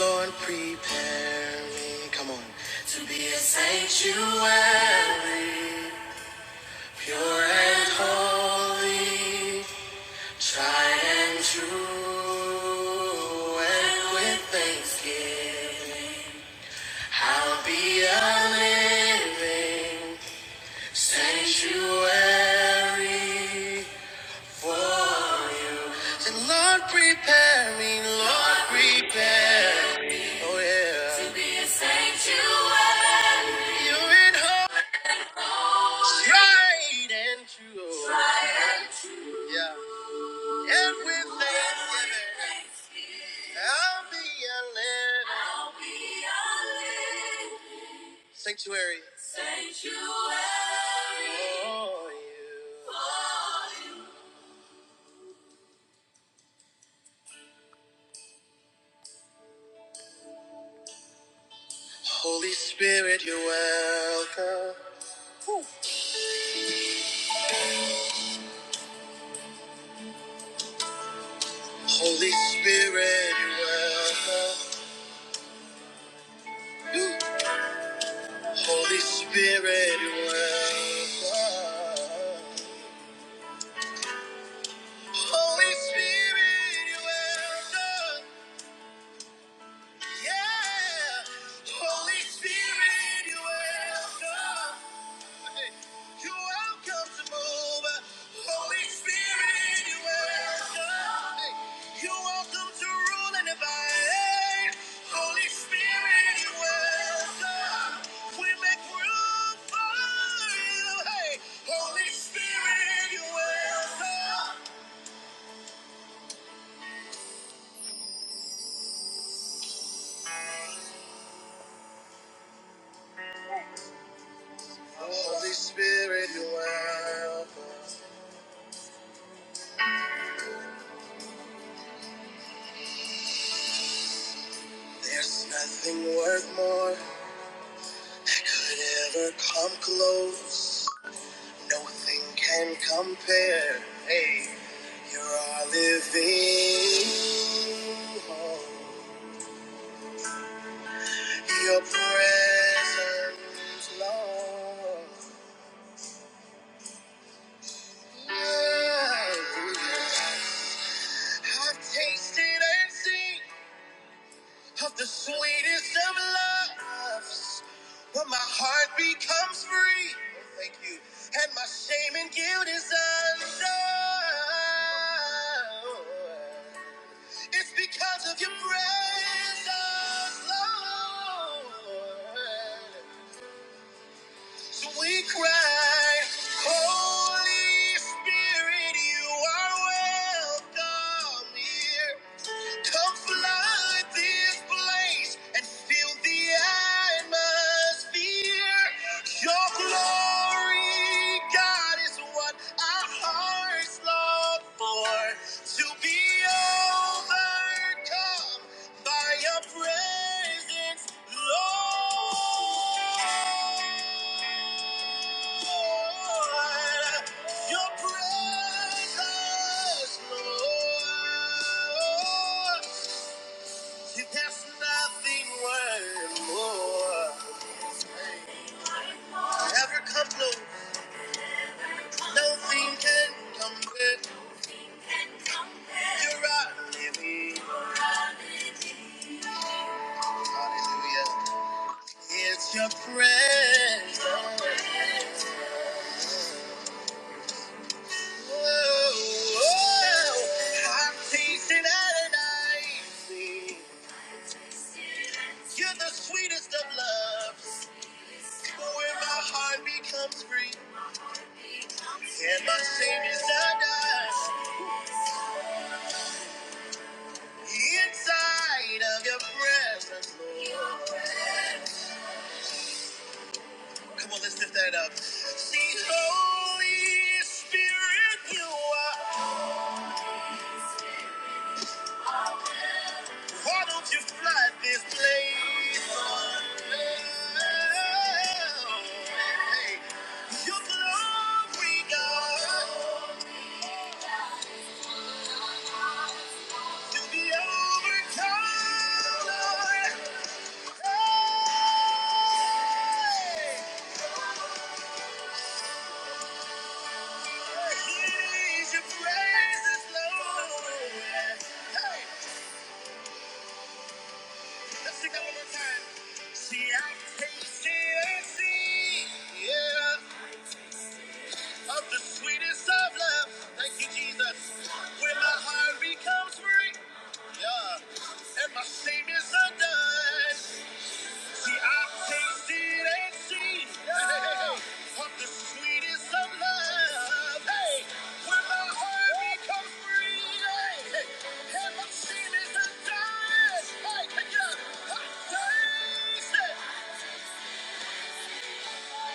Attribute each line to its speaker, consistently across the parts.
Speaker 1: Lord, prepare me, come on, to be a sanctuary, pure and holy, tried and true, and with thanksgiving, I'll be a living sanctuary. Lord, prepare me, Lord, prepare me. Oh, yeah. To be a sanctuary. You in hope, tried and true. oh. Tried and true. Yeah. And with thanksgiving, I'll be a living. I'll be a living. Sanctuary. Sanctuary. For you. for you. Holy Spirit, you're welcome. Holy Spirit, you're welcome. Ooh. Holy Spirit, you're welcome. Holy Spirit, you're welcome. Yeah. Holy Spirit, you're welcome. You're welcome to move. Holy Spirit, you welcome. Hey, You're welcome to rule and divide. Holy Spirit, you welcome. We make room for you. Hey, Holy Spirit, you welcome. Holy Spirit, you welcome. There's nothing worth more that could ever come close. Nothing can compare. Hey, you're our living hope. Your presence, Lord. Yeah, I've tasted and seen. of the sweetest of loves. When my heart becomes free, Oh, thank you, and my shame and guilt is undone. It's because of your presence, Lord. So we cry, Holy Spirit, you are welcome here. Come flood this place and fill the atmosphere. Your glory, God, is what our hearts. Love for to be overcome by your presence, Lord. Your presence, Lord. There's nothing worth more. Ever come close, nothing can compare. You're right with It's your presence. Oh, oh, I'm tasting and I see. You're the sweetest of loves. Where my heart becomes free and my Savior's not Inside of your presence, Lord. Come on, let's lift that up. See, Holy Spirit, you are. Why don't you flood this place? Hey, your glory, God, to be overcome. Lord. Hey, please, your praises, Lord. Hey. Let's sing that one more time. See, I've tasted and seen, yeah, of the sweetest of love. Thank you, Jesus. When my heart becomes free, yeah, and my shame is undone. See, I've tasted and seen, yeah, of the sweetest of love. Hey, when my heart becomes free, hey, and my shame is undone. Hey, pick it up. I've tasted. See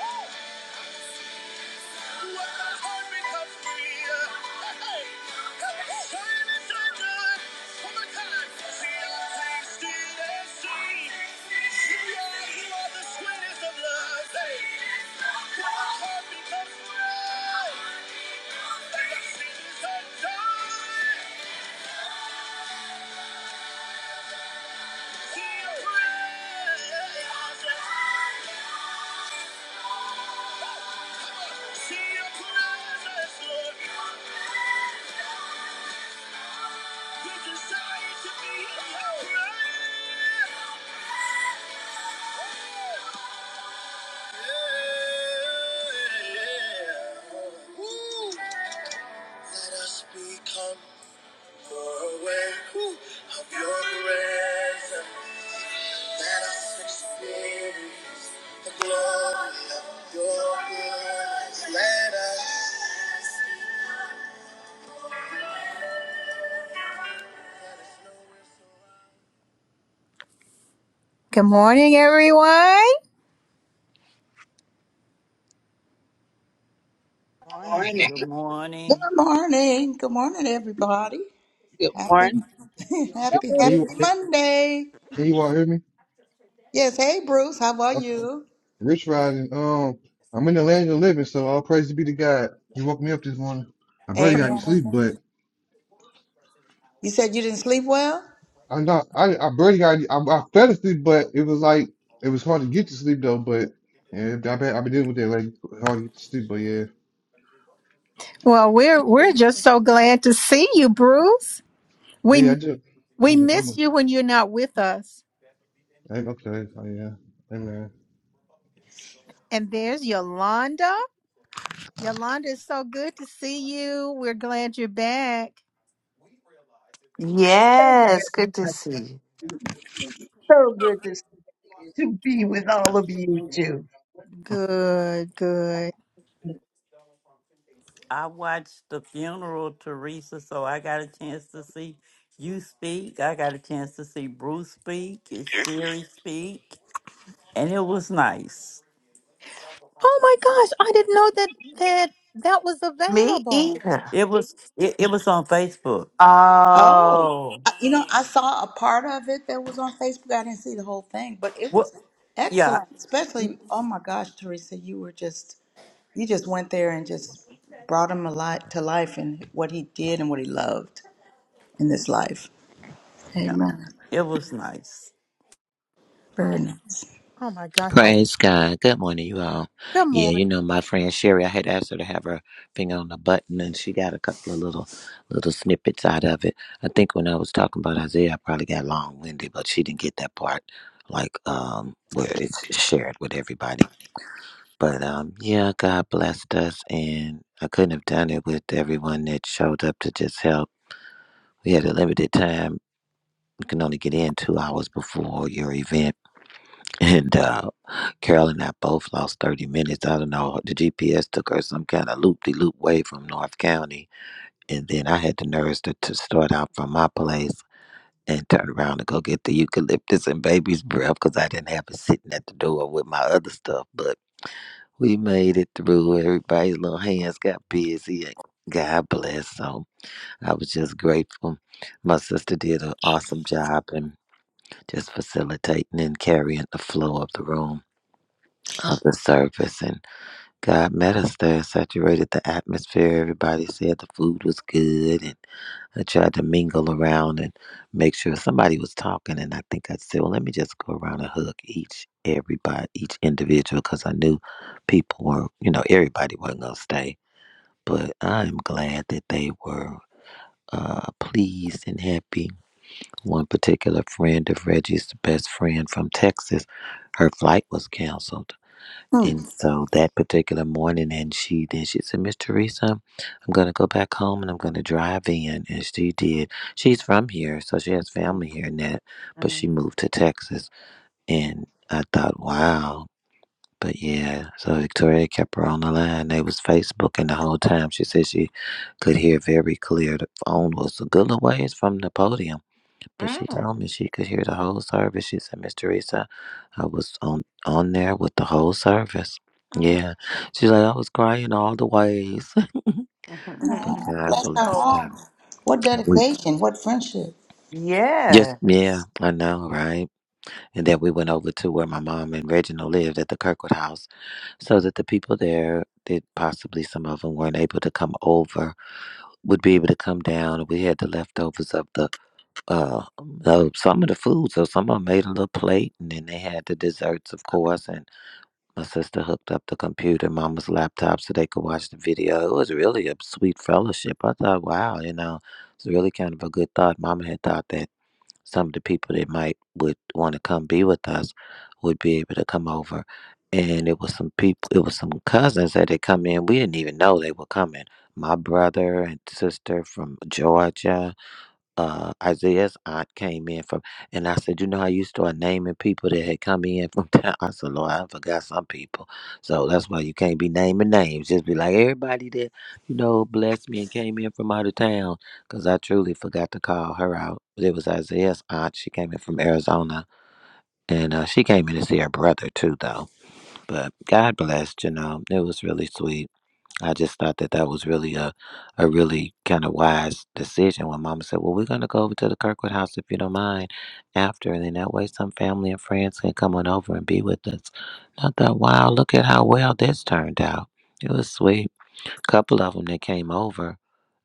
Speaker 1: your presence, Lord. We desire to be in your presence. Good morning, everyone.
Speaker 2: Morning.
Speaker 3: Good
Speaker 4: Good
Speaker 3: morning.
Speaker 4: morning. Good morning, everybody.
Speaker 2: Good
Speaker 4: Happy,
Speaker 2: morning.
Speaker 5: Can,
Speaker 6: That
Speaker 4: happy,
Speaker 5: can you
Speaker 6: was-
Speaker 4: happy
Speaker 5: can,
Speaker 4: Monday.
Speaker 5: can you all hear me?
Speaker 4: Yes. Hey, Bruce. How are
Speaker 5: Uh,
Speaker 4: you?
Speaker 5: Rich riding. Um, I'm in the land of the living, so all praise be to God. He woke me up this morning. I barely got any
Speaker 4: Amen.
Speaker 5: sleep, but
Speaker 4: You said you didn't sleep well?
Speaker 5: I'm not. I I barely got. any- I, I fell asleep, but it was like it was hard to get to sleep though. But yeah, I bet I've been dealing with that like hard to get to sleep. But yeah,
Speaker 1: Well, we're we're just so glad to see you, Bruce.
Speaker 5: oh, yeah, I
Speaker 1: We
Speaker 5: just
Speaker 1: we
Speaker 5: I'm
Speaker 1: miss
Speaker 5: almost
Speaker 1: you when you're not with us.
Speaker 5: okay. Oh yeah, Amen.
Speaker 1: And there's Yolanda. Yolanda, it's so good to see you. We're glad you're back.
Speaker 6: Thank you very
Speaker 7: Yes, good to
Speaker 6: much.
Speaker 7: see you.
Speaker 6: So good to, to be with all of you too.
Speaker 1: Good, good.
Speaker 3: I watched the funeral, Teresa, so I got a chance to see you speak. I got a chance to see Bruce speak, and Sherry speak, and it was nice.
Speaker 1: Oh my gosh, I didn't know that that that was
Speaker 7: Me
Speaker 1: available.
Speaker 7: either.
Speaker 3: It was it, it was on Facebook.
Speaker 4: Oh,
Speaker 7: Oh.
Speaker 4: I- you know, I saw a part of it that was on Facebook. I didn't see the whole thing, but it
Speaker 3: What?
Speaker 4: was
Speaker 3: Yeah,
Speaker 4: excellent. Especially, oh my gosh, Teresa, you were just, you just went there and just brought him alive to life and what he did and what he loved in this life.
Speaker 3: yeah.
Speaker 4: Amen.
Speaker 3: It was nice.
Speaker 4: Very
Speaker 1: Oh,
Speaker 4: nice.
Speaker 1: oh my gosh. I,
Speaker 8: Praise God. Good morning, you all.
Speaker 1: good
Speaker 8: Yeah, you
Speaker 1: morning.
Speaker 8: know, my friend Sherry, I had asked her to have her finger on the button and she got a couple of little little snippets out of it. I think when I was talking about Isaiah, I probably got long winded, but she didn't get that part like um where it's shared with everybody. But um yeah, God blessed us and I couldn't have done it with everyone that showed up to just help. We had a limited time. You can only get in two hours before your event and uh, Carol and I both lost 30 minutes. I don't know. The GPS took her some kind of loop de loop way from North County. And then I had the nerves to, to start out from my place and turn around to go get the eucalyptus and baby's breath because I didn't have it sitting at the door with my other stuff. But we made it through. Everybody's little hands got busy. and God bless. So I was just grateful. My sister did an awesome job and just facilitating and carrying the flow of the room of the service and God met us there and saturated the atmosphere. Everybody said the food was good and I tried to mingle around and make sure somebody was talking and I think I said, Well let me just go around and hug each everybody each individual because I knew people were you know, everybody wasn't gonna stay. But I'm glad that they were uh, pleased and happy. One particular friend of Reggie's, the best friend from Texas, her flight was canceled
Speaker 4: Hmm.
Speaker 8: and so that particular morning, and she then she said, Miss Teresa, I'm gonna go back home and I'm gonna drive in. And she did. She's from here, so she has
Speaker 7: Mm,
Speaker 8: family here and that, but
Speaker 7: mm,
Speaker 8: she moved to Texas.
Speaker 7: mm,
Speaker 8: And I thought, wow. But yeah, so Victoria kept her on the line. They was Facebooking the whole time. She said she could hear very clear. The phone was a good little ways from the podium but she
Speaker 7: mm,
Speaker 8: told me she could hear the whole service. She said, Miss Teresa, I was on on there with the whole service.
Speaker 7: mm,
Speaker 8: Yeah. She's like, I was crying all the ways.
Speaker 7: mm, mm,
Speaker 8: But
Speaker 7: mm.
Speaker 8: God
Speaker 4: Bless her
Speaker 8: blessed
Speaker 7: Oh.
Speaker 8: her.
Speaker 4: heart. What
Speaker 8: And we
Speaker 4: dedication, what friendship.
Speaker 8: just
Speaker 7: Yes.
Speaker 8: yeah, I know, right? And then we went over to where my mom and Reginald lived at the Kirkwood house so that the people there that possibly some of them weren't able to come over would be able to come down. We had the leftovers of the Uh, so some of the food, so someone made a little plate, and then they had the desserts, of course. And my sister hooked up the computer, mama's laptop, so they could watch the video. It was really a sweet fellowship. I thought, wow, you know, it's really kind of a good thought. Mama had thought that some of the people that might would want to come be with us would be able to come over. And it was some people, it was some cousins that had come in. We didn't even know they were coming. My brother and sister from Georgia uh, Isaiah's aunt came in from, and I said, you know how you start naming people that had come in from town. I said, Lord, I forgot some people, so that's why you can't be naming names. Just be like everybody that you know blessed me and came in from out of town, because I truly forgot to call her out. But it was Isaiah's aunt. She came in from Arizona, and uh, she came in to see her brother too, though. But God blessed, you know, it was really sweet. I just thought that that was really a, a really kind of wise decision when Mama said, "Well, we're gonna go over to the Kirkwood house if you don't mind, after, and then that way some family and friends can come on over and be with us." And I thought, "Wow, look at how well this turned out. It was sweet." couple of them that came over,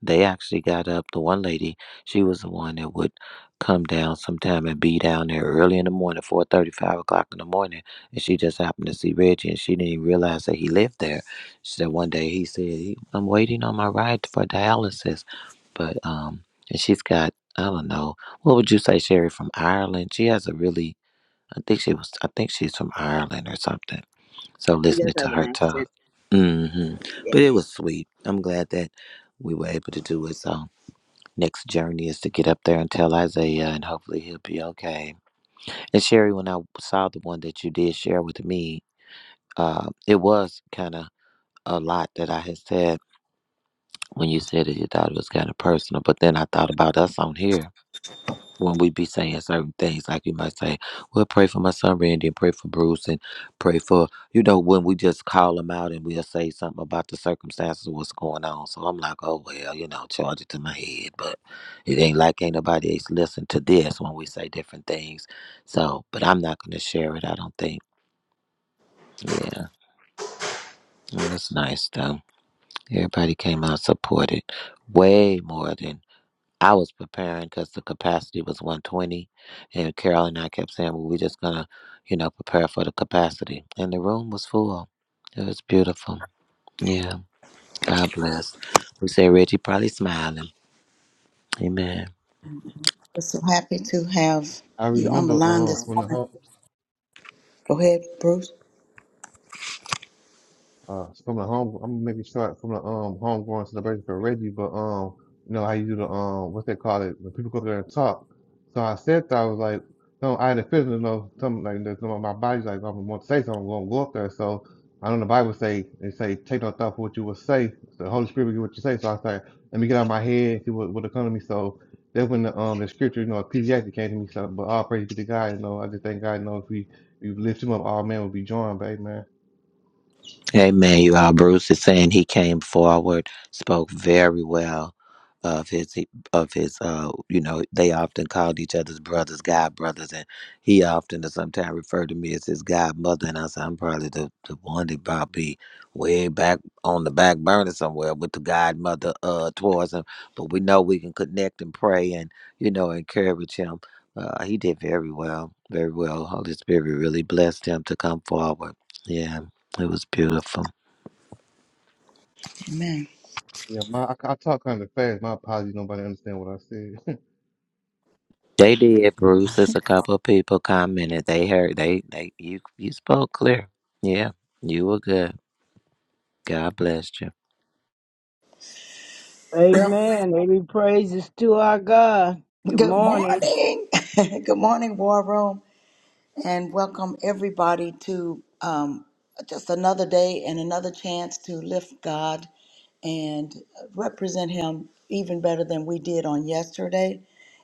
Speaker 8: they actually got up. The one lady, she was the one that would come down sometime and be down there early in the morning, four thirty, five o'clock in the morning. And she just happened to see Reggie and she didn't even realize that he lived there. She said one day he said, "He- I'm waiting on my ride for dialysis. But, um, and she's got, I don't know, what would you say, Sherry, from Ireland? She has a really, I think she was, I think she's from Ireland or something so
Speaker 9: He does
Speaker 8: listening to
Speaker 9: have an
Speaker 8: her
Speaker 9: accent.
Speaker 8: talk. hmm
Speaker 9: Yeah,
Speaker 8: But it was sweet. I'm glad that we were able to do it. So next journey is to get up there and tell Isaiah and hopefully he'll be okay. And Sherry, when I saw the one that you did share with me, uh, it was kind of a lot that I had said when you said it, you thought it was kind of personal. But then I thought about us on here when we be saying certain things, like you might say, well, pray for my son Randy and pray for Bruce and pray for, you know, when we just call them out and we'll say something about the circumstances of what's going on. So I'm like, oh, well, you know, charge it to my head. But it ain't like ain't nobody else listen to this when we say different things. So, but I'm not going to share it, I don't think. Yeah, Mm, it's nice though. Everybody came out supported way more than I was preparing because the capacity was 120, and Carol and I kept saying, "Well, we're just gonna, you know, prepare for the capacity." And the room was full. It was beautiful. Yeah, God bless. We say Reggie probably smiling. Amen.
Speaker 4: We're so happy to have
Speaker 5: I
Speaker 4: you on the
Speaker 5: remember
Speaker 4: line
Speaker 5: uh
Speaker 4: this
Speaker 5: from the
Speaker 4: morning.
Speaker 5: home.
Speaker 4: Go ahead, Bruce.
Speaker 5: uh it's from the home I'm making sure it's from the um homegrown celebration for Reggie, but um you know how you do the um what's they call it when people go up there and talk. So I said that I was like no, I had a feeling you know something like this. You know, my body's like i want to say something, I'm gonna go up there. So I know the Bible say they say take no thought for what you will say. The Holy Spirit will give what you say. So I said, let me get out of my head, see what what'll come to me. So that's when the um the scripture, you know, Ecclesiastes came to me. So but all praise be to God, you know, I just thank God, you know, if we, we lift him up, all men will be joined, baby man.
Speaker 8: Amen. You all, Bruce is saying he came forward, spoke very well of his of his uh you know they often called each other's brothers god brothers and he often or sometimes referred to me as his godmother and i said i'm probably the, the one that probably way back on the back burner somewhere with the godmother uh towards him but we know we can connect and pray and you know encourage him uh he did very well very well holy spirit really blessed him to come forward yeah it was beautiful.
Speaker 4: Amen.
Speaker 5: Yeah, my I, I talk kind of fast. My apologies. Nobody understand what I said.
Speaker 8: They did, Bruce. There's a couple of people commented. They heard they they you you spoke clear. Yeah, you were good. God bless you.
Speaker 4: Well,
Speaker 10: Amen. Every praise is to our God. Good
Speaker 4: good
Speaker 10: morning.
Speaker 4: morning. good morning, War Room. and welcome everybody to um, just another day and another chance to lift God and represent Him even better than we did on yesterday,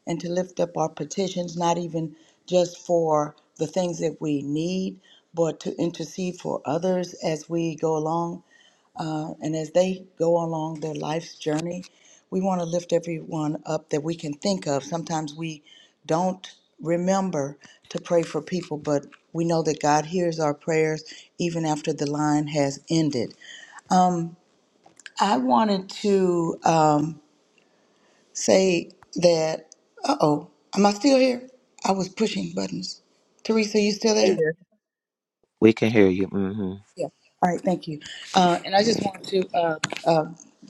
Speaker 4: and to lift up our petitions, not even just for the things that we need, but to intercede for others as we go along. And as they go along their life's journey, we want to lift everyone up that we can think of. Sometimes we don't remember to pray for people, but we know that God hears our prayers even after the line has ended. I wanted to um, say that, uh oh, am I still here? I was pushing buttons. Teresa, you still there?
Speaker 8: We can hear you. hmm
Speaker 4: Yeah. All right, thank you. Uh, and I just want to uh, uh,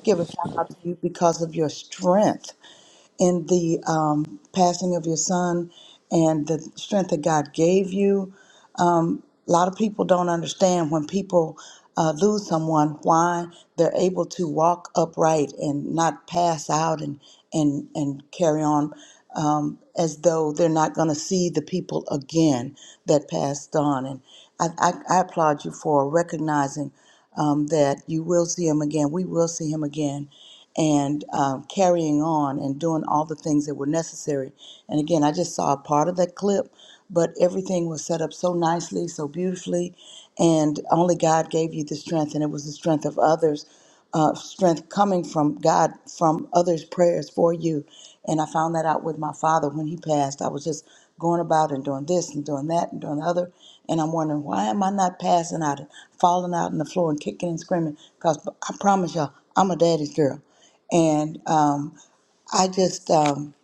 Speaker 4: give a shout out to you because of your strength in the um, passing of your son and the strength that God gave you. A lot of people don't understand when people uh, lose someone why they're able to walk upright and not pass out and and and carry on um, as though they're not going to see the people again that passed on. And I, I, I applaud you for recognizing um, that you will see him again. We will see him again, and um, carrying on and doing all the things that were necessary. And again, I just saw a part of that clip, but everything was set up so nicely, so beautifully, and only God gave you the strength, and it was the strength of others uh, strength coming from God, from others' prayers for you. And I found that out with my father when he passed. I was just going about and doing this and doing that and doing the other. And I'm wondering, why am I not passing out and falling out on the floor and kicking and screaming? Because I promise y'all, I'm a daddy's girl. And um, I just um,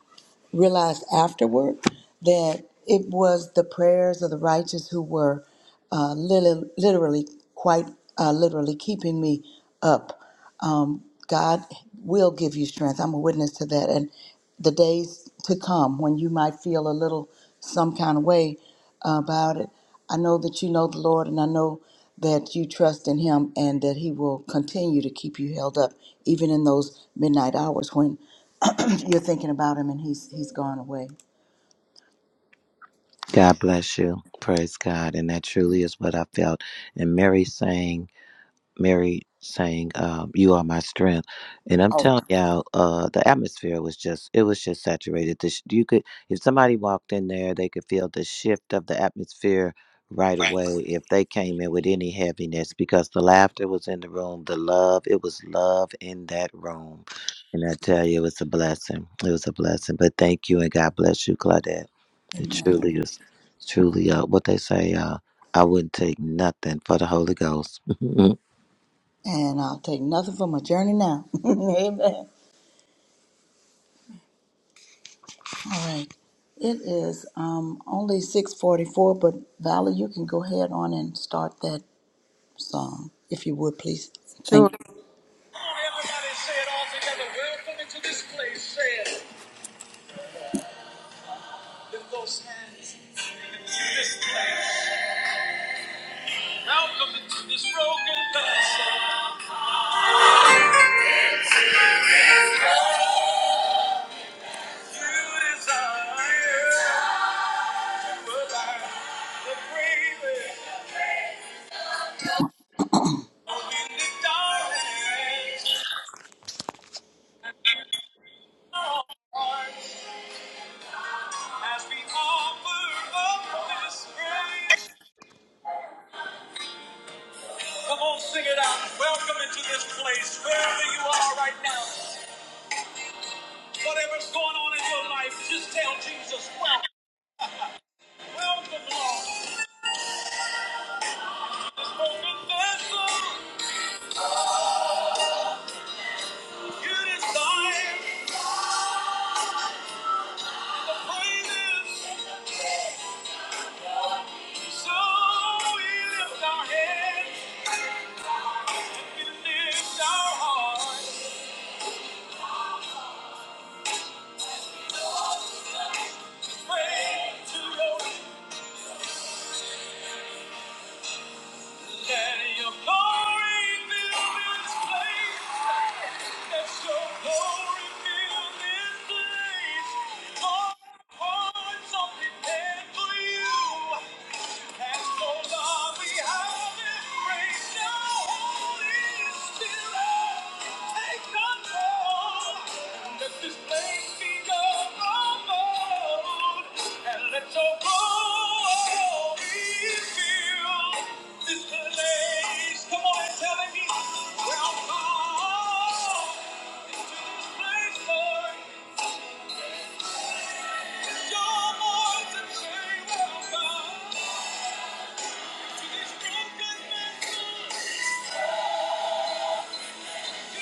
Speaker 4: realized afterward that it was the prayers of the righteous who were uh, literally, literally, quite uh, literally keeping me up um, God will give you strength. I'm a witness to that. And the days to come when you might feel a little some kind of way about it, I know that you know the Lord and I know that you trust in Him and that He will continue to keep you held up, even in those midnight hours when you're thinking about Him and He's, he's gone away.
Speaker 8: God bless you. Praise God. And that truly is what I felt. And Mary sang. Mary saying, um, "You are my strength," and I'm telling y'all, uh, the atmosphere was just—it was just saturated. This you could, if somebody walked in there, they could feel the shift of the atmosphere right away. If they came in with any heaviness, because the laughter was in the room, the love—it was love in that room, and I tell you, it was a blessing. It was a blessing. But thank you, and God bless you, Claudette. It
Speaker 4: Amen.
Speaker 8: truly is, truly uh, what they say. Uh, I wouldn't take nothing for the Holy Ghost.
Speaker 4: And I'll take nothing for my journey now. Amen. All right. It is um, only 6:44, but Valerie, you can go ahead on and start that song if you would, please. Thank
Speaker 1: Sure.
Speaker 4: you.
Speaker 1: Everybody say it all together. Welcome into this place. Say it. Lift those hands into this place. Welcome into this broken vessel. You desire to abide the bravest. Come on, sing it out. Welcome into this place, wherever you are right now. Whatever's going on in your life, just tell Jesus, welcome. Welcome, Lord. This broken vessel, you desire the praises. So we lift our heads, we lift our hearts, praise to your Let your glory fill this place. Let your glory fill this place. All hearts are prepared for you. Thank you.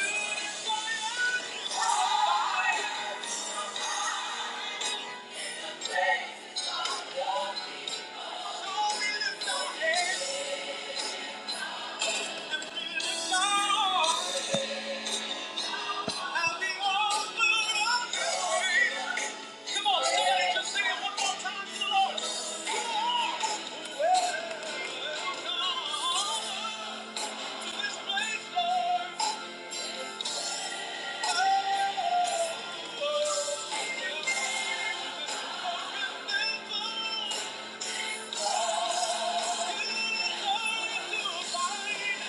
Speaker 1: Thank you.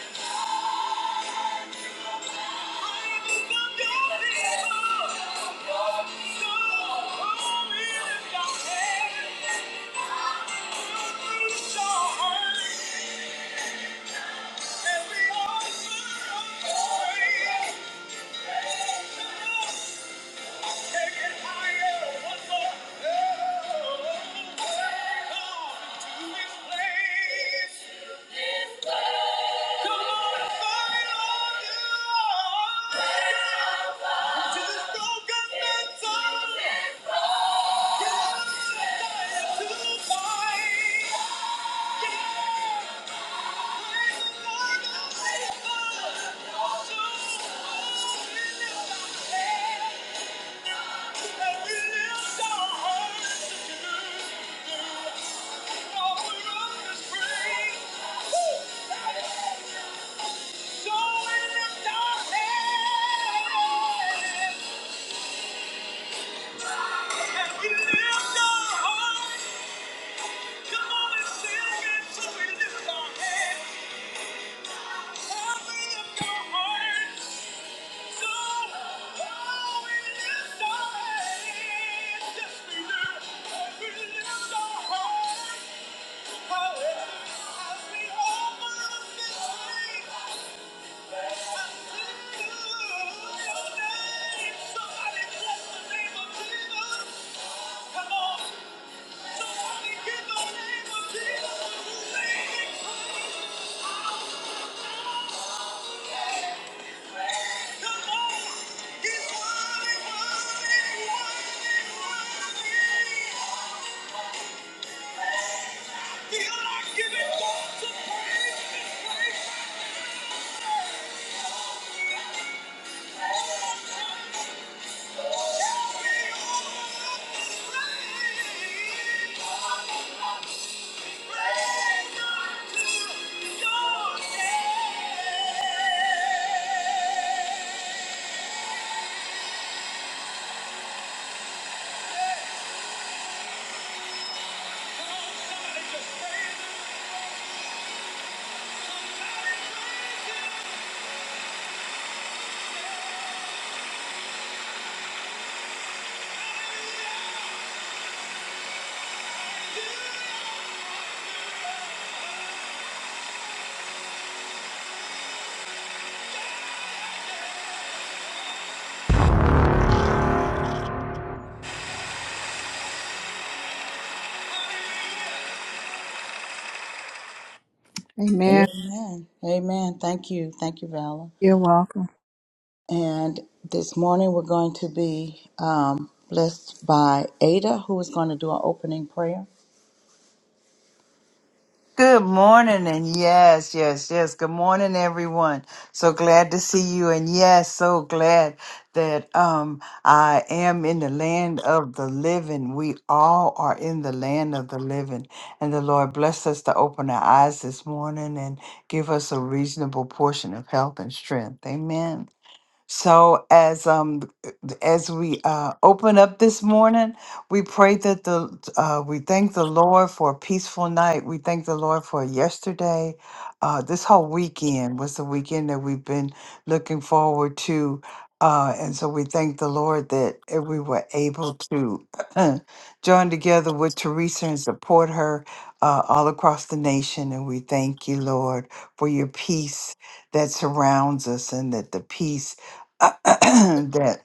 Speaker 1: Come on, fire! Come on and sing it so we lift our hands. Come on, somebody give the name of Jesus. Amen.
Speaker 4: Amen. Amen. Thank you. Thank you, Valor.
Speaker 1: You're welcome.
Speaker 4: And this morning we're going to be um, blessed by Ada, who is going to do our opening prayer.
Speaker 7: Good morning, and yes, yes, yes. Good morning, everyone. So glad to see you, and yes, so glad that um I am in the land of the living. We all are in the land of the living, and the Lord bless us to open our eyes this morning and give us a reasonable portion of health and strength. Amen. So as um as we uh, open up this morning, we pray that the uh, we thank the Lord for a peaceful night. We thank the Lord for yesterday. Uh, this whole weekend was the weekend that we've been looking forward to, uh, and so we thank the Lord that uh, we were able to join together with Teresa and support her uh, all across the nation. And we thank you, Lord, for your peace that surrounds us, and that the peace that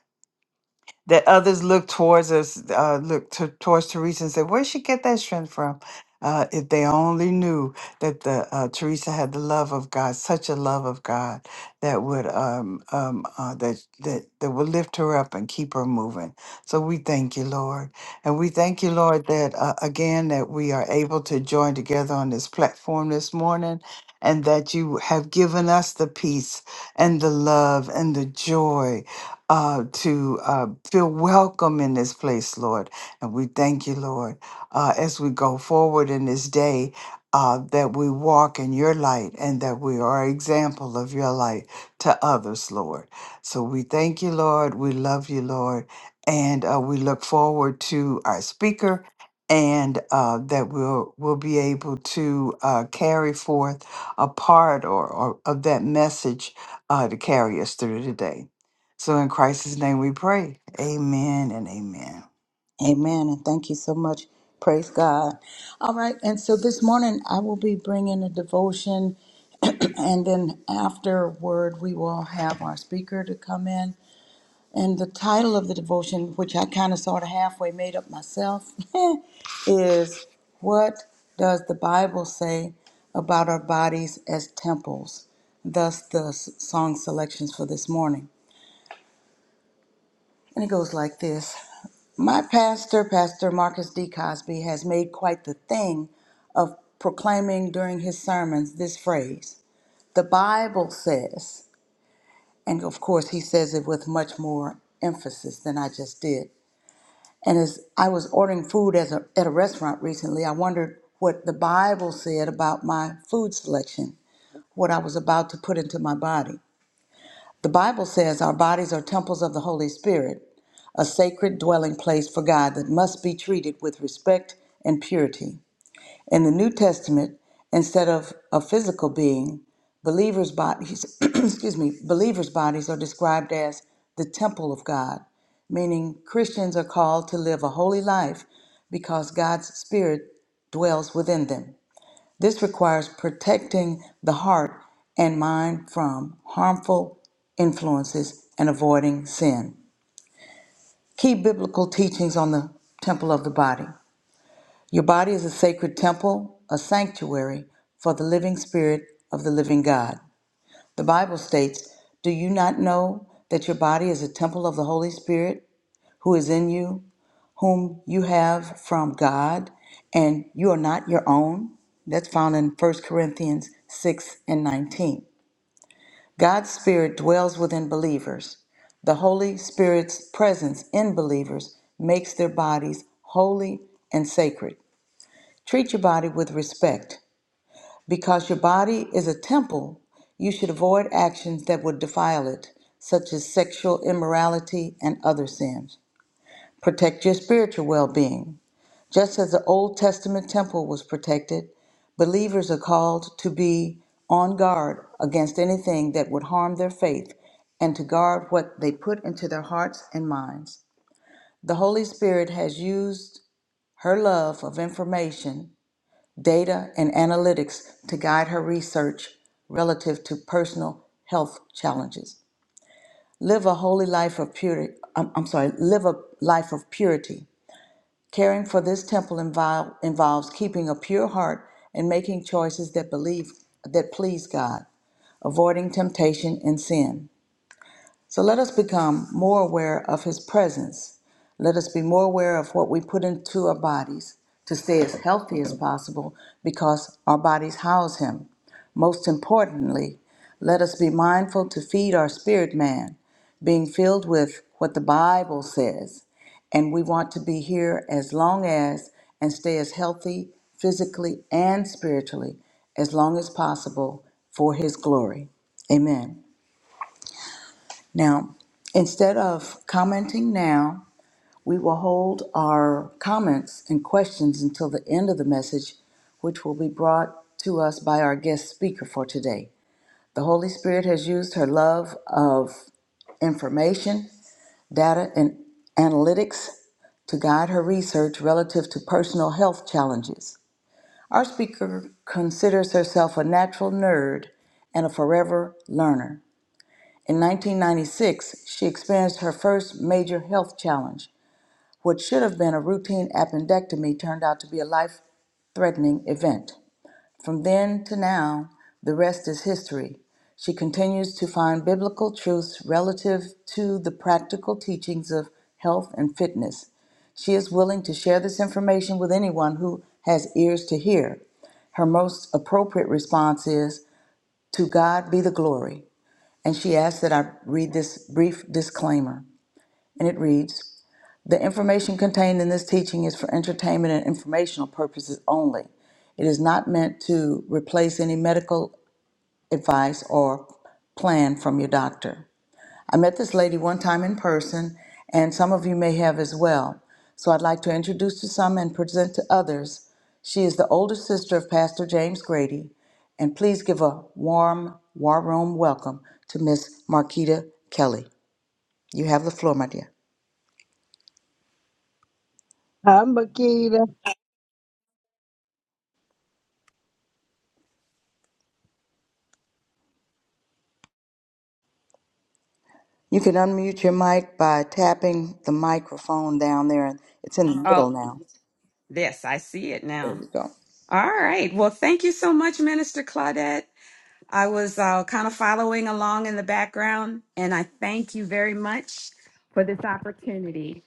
Speaker 7: that others look towards us, uh, look to, towards Teresa and say, "Where would she get that strength from?" Uh, if they only knew that the uh, Teresa had the love of God, such a love of God that would um, um, uh, that that that would lift her up and keep her moving. So we thank you, Lord, and we thank you, Lord, that uh, again that we are able to join together on this platform this morning, and that you have given us the peace and the love and the joy uh, to uh, feel welcome in this place, Lord. And we thank you, Lord, uh, as we go forward in this day. Uh, that we walk in your light and that we are an example of your light to others, Lord. So we thank you, Lord. We love you, Lord. And uh, we look forward to our speaker and uh, that we'll, we'll be able to uh, carry forth a part or, or of that message uh, to carry us through today. So in Christ's name we pray. Amen and amen.
Speaker 4: Amen. And thank you so much. Praise God. All right. And so this morning I will be bringing a devotion. And then afterward, we will have our speaker to come in. And the title of the devotion, which I kind of sort of halfway made up myself, is What Does the Bible Say About Our Bodies as Temples? Thus, the s- song selections for this morning. And it goes like this My pastor, Pastor Marcus D. Cosby, has made quite the thing of proclaiming during his sermons this phrase The Bible says, and of course, he says it with much more emphasis than I just did. And as I was ordering food as a, at a restaurant recently, I wondered what the Bible said about my food selection, what I was about to put into my body. The Bible says our bodies are temples of the Holy Spirit, a sacred dwelling place for God that must be treated with respect and purity. In the New Testament, instead of a physical being, believers' bodies, excuse me, believers' bodies are described as the temple of God, meaning Christians are called to live a holy life because God's spirit dwells within them. This requires protecting the heart and mind from harmful influences and avoiding sin. Key biblical teachings on the temple of the body. Your body is a sacred temple, a sanctuary for the living spirit of the living God. The Bible states, Do you not know that your body is a temple of the Holy Spirit who is in you, whom you have from God, and you are not your own? That's found in First Corinthians 6 and 19. God's Spirit dwells within believers. The Holy Spirit's presence in believers makes their bodies holy and sacred. Treat your body with respect. Because your body is a temple, you should avoid actions that would defile it, such as sexual immorality and other sins. Protect your spiritual well being. Just as the Old Testament temple was protected, believers are called to be on guard against anything that would harm their faith and to guard what they put into their hearts and minds. The Holy Spirit has used her love of information data, and analytics to guide her research relative to personal health challenges. Live a holy life of purity. I'm, I'm sorry, live a life of purity. Caring for this temple invol- involves keeping a pure heart and making choices that believe that please God, avoiding temptation and sin. So let us become more aware of His presence. Let us be more aware of what we put into our bodies to stay as healthy as possible because our bodies house Him. Most importantly, let us be mindful to feed our spirit man, being filled with what the Bible says. And we want to be here as long as and stay as healthy physically and spiritually as long as possible for His glory. Amen. Now, instead of commenting now, we will hold our comments and questions until the end of the message, which will be brought to us by our guest speaker for today. The Holy Spirit has used her love of information, data, and analytics to guide her research relative to personal health challenges. Our speaker considers herself a natural nerd and a forever learner. In 1996, she experienced her first major health challenge. What should have been a routine appendectomy turned out to be a life threatening event. From then to now, the rest is history. She continues to find biblical truths relative to the practical teachings of health and fitness. She is willing to share this information with anyone who has ears to hear. Her most appropriate response is, To God be the glory and she asked that I read this brief disclaimer. And it reads The information contained in this teaching is for entertainment and informational purposes only. It is not meant to replace any medical advice or plan from your doctor. I met this lady one time in person, and some of you may have as well. So I'd like to introduce to some and present to others. She is the older sister of Pastor James Grady, and please give a warm, war room welcome to Miss Marquita Kelly. You have the floor, my dear.
Speaker 10: Hi, Makita.
Speaker 4: You can unmute your mic by tapping the microphone down there. It's in the middle
Speaker 11: Oh,
Speaker 4: now.
Speaker 11: Yes, I see it
Speaker 4: There
Speaker 11: now.
Speaker 4: we go.
Speaker 11: All right. Well, thank you so much, Minister Claudette. I was uh, kind of following along in the background, and I thank you very much for this opportunity.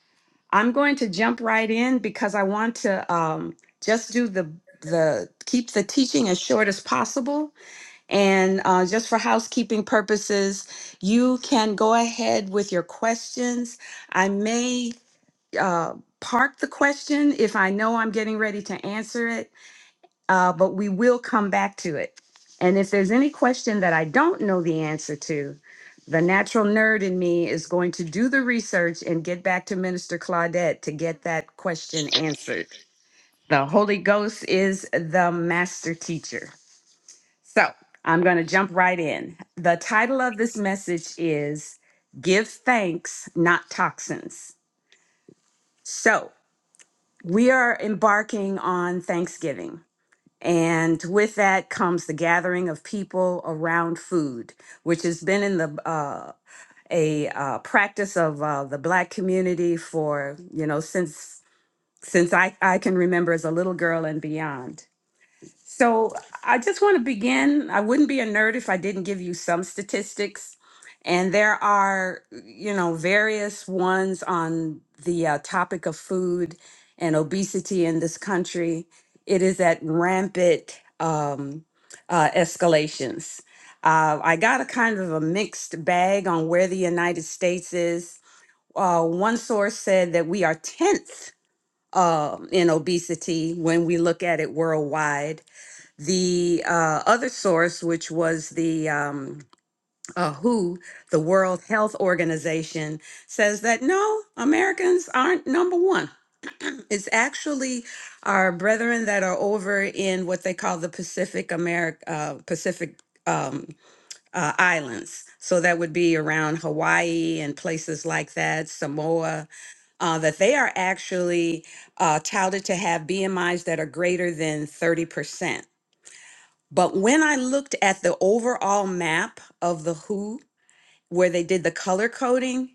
Speaker 11: I'm going to jump right in because I want to um, just do the the keep the teaching as short as possible and uh, just for housekeeping purposes you can go ahead with your questions i may uh, park the question if I know I'm getting ready to answer it, uh, but we will come back to it. And if there's any question that I don't know the answer to, the natural nerd in me is going to do the research and get back to Minister Claudette to get that question answered. The Holy Ghost is the master teacher. So I'm going to jump right in. The title of this message is Give Thanks, Not Toxins. So We are embarking on Thanksgiving, and with that comes the gathering of people around food, which has been in the uh, a uh, practice of uh, the Black community for you know since since I, I can remember as a little girl and beyond. So I just want to begin. I wouldn't be a nerd if I didn't give you some statistics. And there are, you know, various ones on the uh, topic of food and obesity in this country. It is at rampant um, uh, escalations. Uh, I got a kind of a mixed bag on where the United States is. Uh, one source said that we are 10th um in obesity when we look at it worldwide the uh, other source, which was the um, uh, WHO, the World Health Organization, says that no, Americans aren't number one. It's actually our brethren that are over in what they call the Pacific America, uh, Pacific um, uh, islands. So that would be around Hawaii and places like that, Samoa, uh, that they are actually uh, touted to have BMIs that are greater than 30%. But when I looked at the overall map of the WHO, where they did the color coding,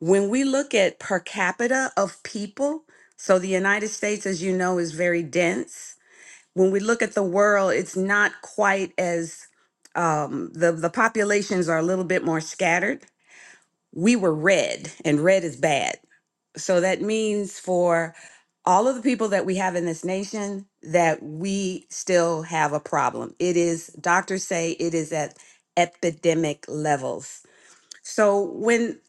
Speaker 11: when we look at per capita of people, so the United States, as you know, is very dense. When we look at the world, it's not quite as um, the the populations are a little bit more scattered. We were red, and red is bad. So that means for all of the people that we have in this nation that we still have a problem. It is doctors say it is at epidemic levels. So when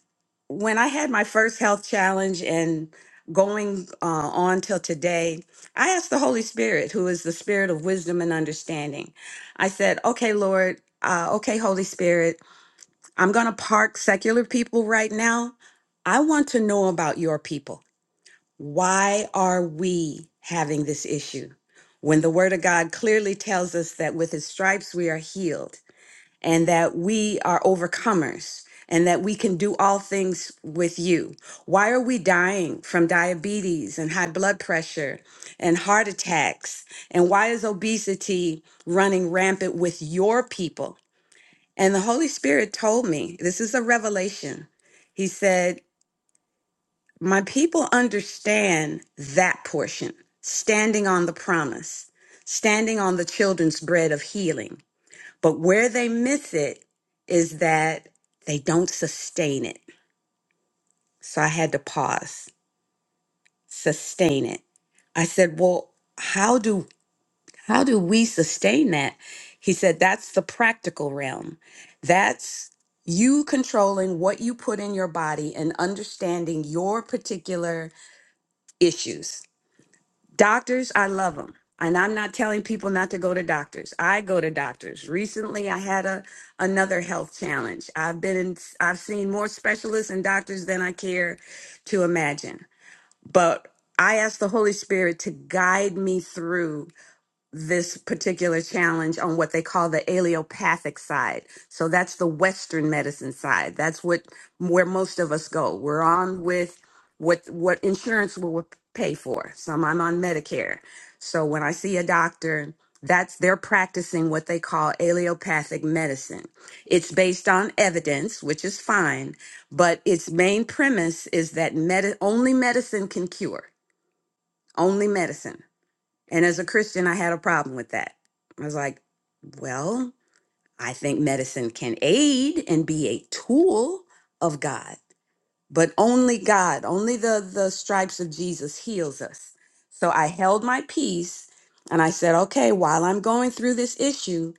Speaker 11: when I had my first health challenge and going uh, on till today, I asked the Holy Spirit, who is the spirit of wisdom and understanding. I said, "Okay, Lord, uh, okay, Holy Spirit, I'm going to park secular people right now. I want to know about your people. Why are we having this issue when the Word of God clearly tells us that with His stripes we are healed and that we are overcomers and that we can do all things with you? Why are we dying from diabetes and high blood pressure and heart attacks? And why is obesity running rampant with your people? And the Holy Spirit told me this is a revelation. He said, my people understand that portion, standing on the promise, standing on the children's bread of healing. But where they miss it is that they don't sustain it. So I had to pause, sustain it. I said, "Well, how do how do we sustain that?" He said, "That's the practical realm. That's you controlling what you put in your body and understanding your particular issues Doctors, I love them. And I'm not telling people not to go to doctors. I go to doctors. Recently, I had a another health challenge. I've been in, I've seen more specialists and doctors than I care to imagine. But I asked the Holy Spirit to guide me through this particular challenge on what they call the allopathic side. So that's the Western medicine side. That's what where most of us go. We're on with what what insurance will pay for. Some I'm on Medicare. So when I see a doctor, that's they're practicing what they call allopathic medicine. It's based on evidence, which is fine, but its main premise is that med- only medicine can cure. Only medicine. And as a Christian, I had a problem with that. I was like, well, I think medicine can aid and be a tool of God, but only God, only the, the stripes of Jesus heals us. So I held my peace and I said, okay, while I'm going through this issue,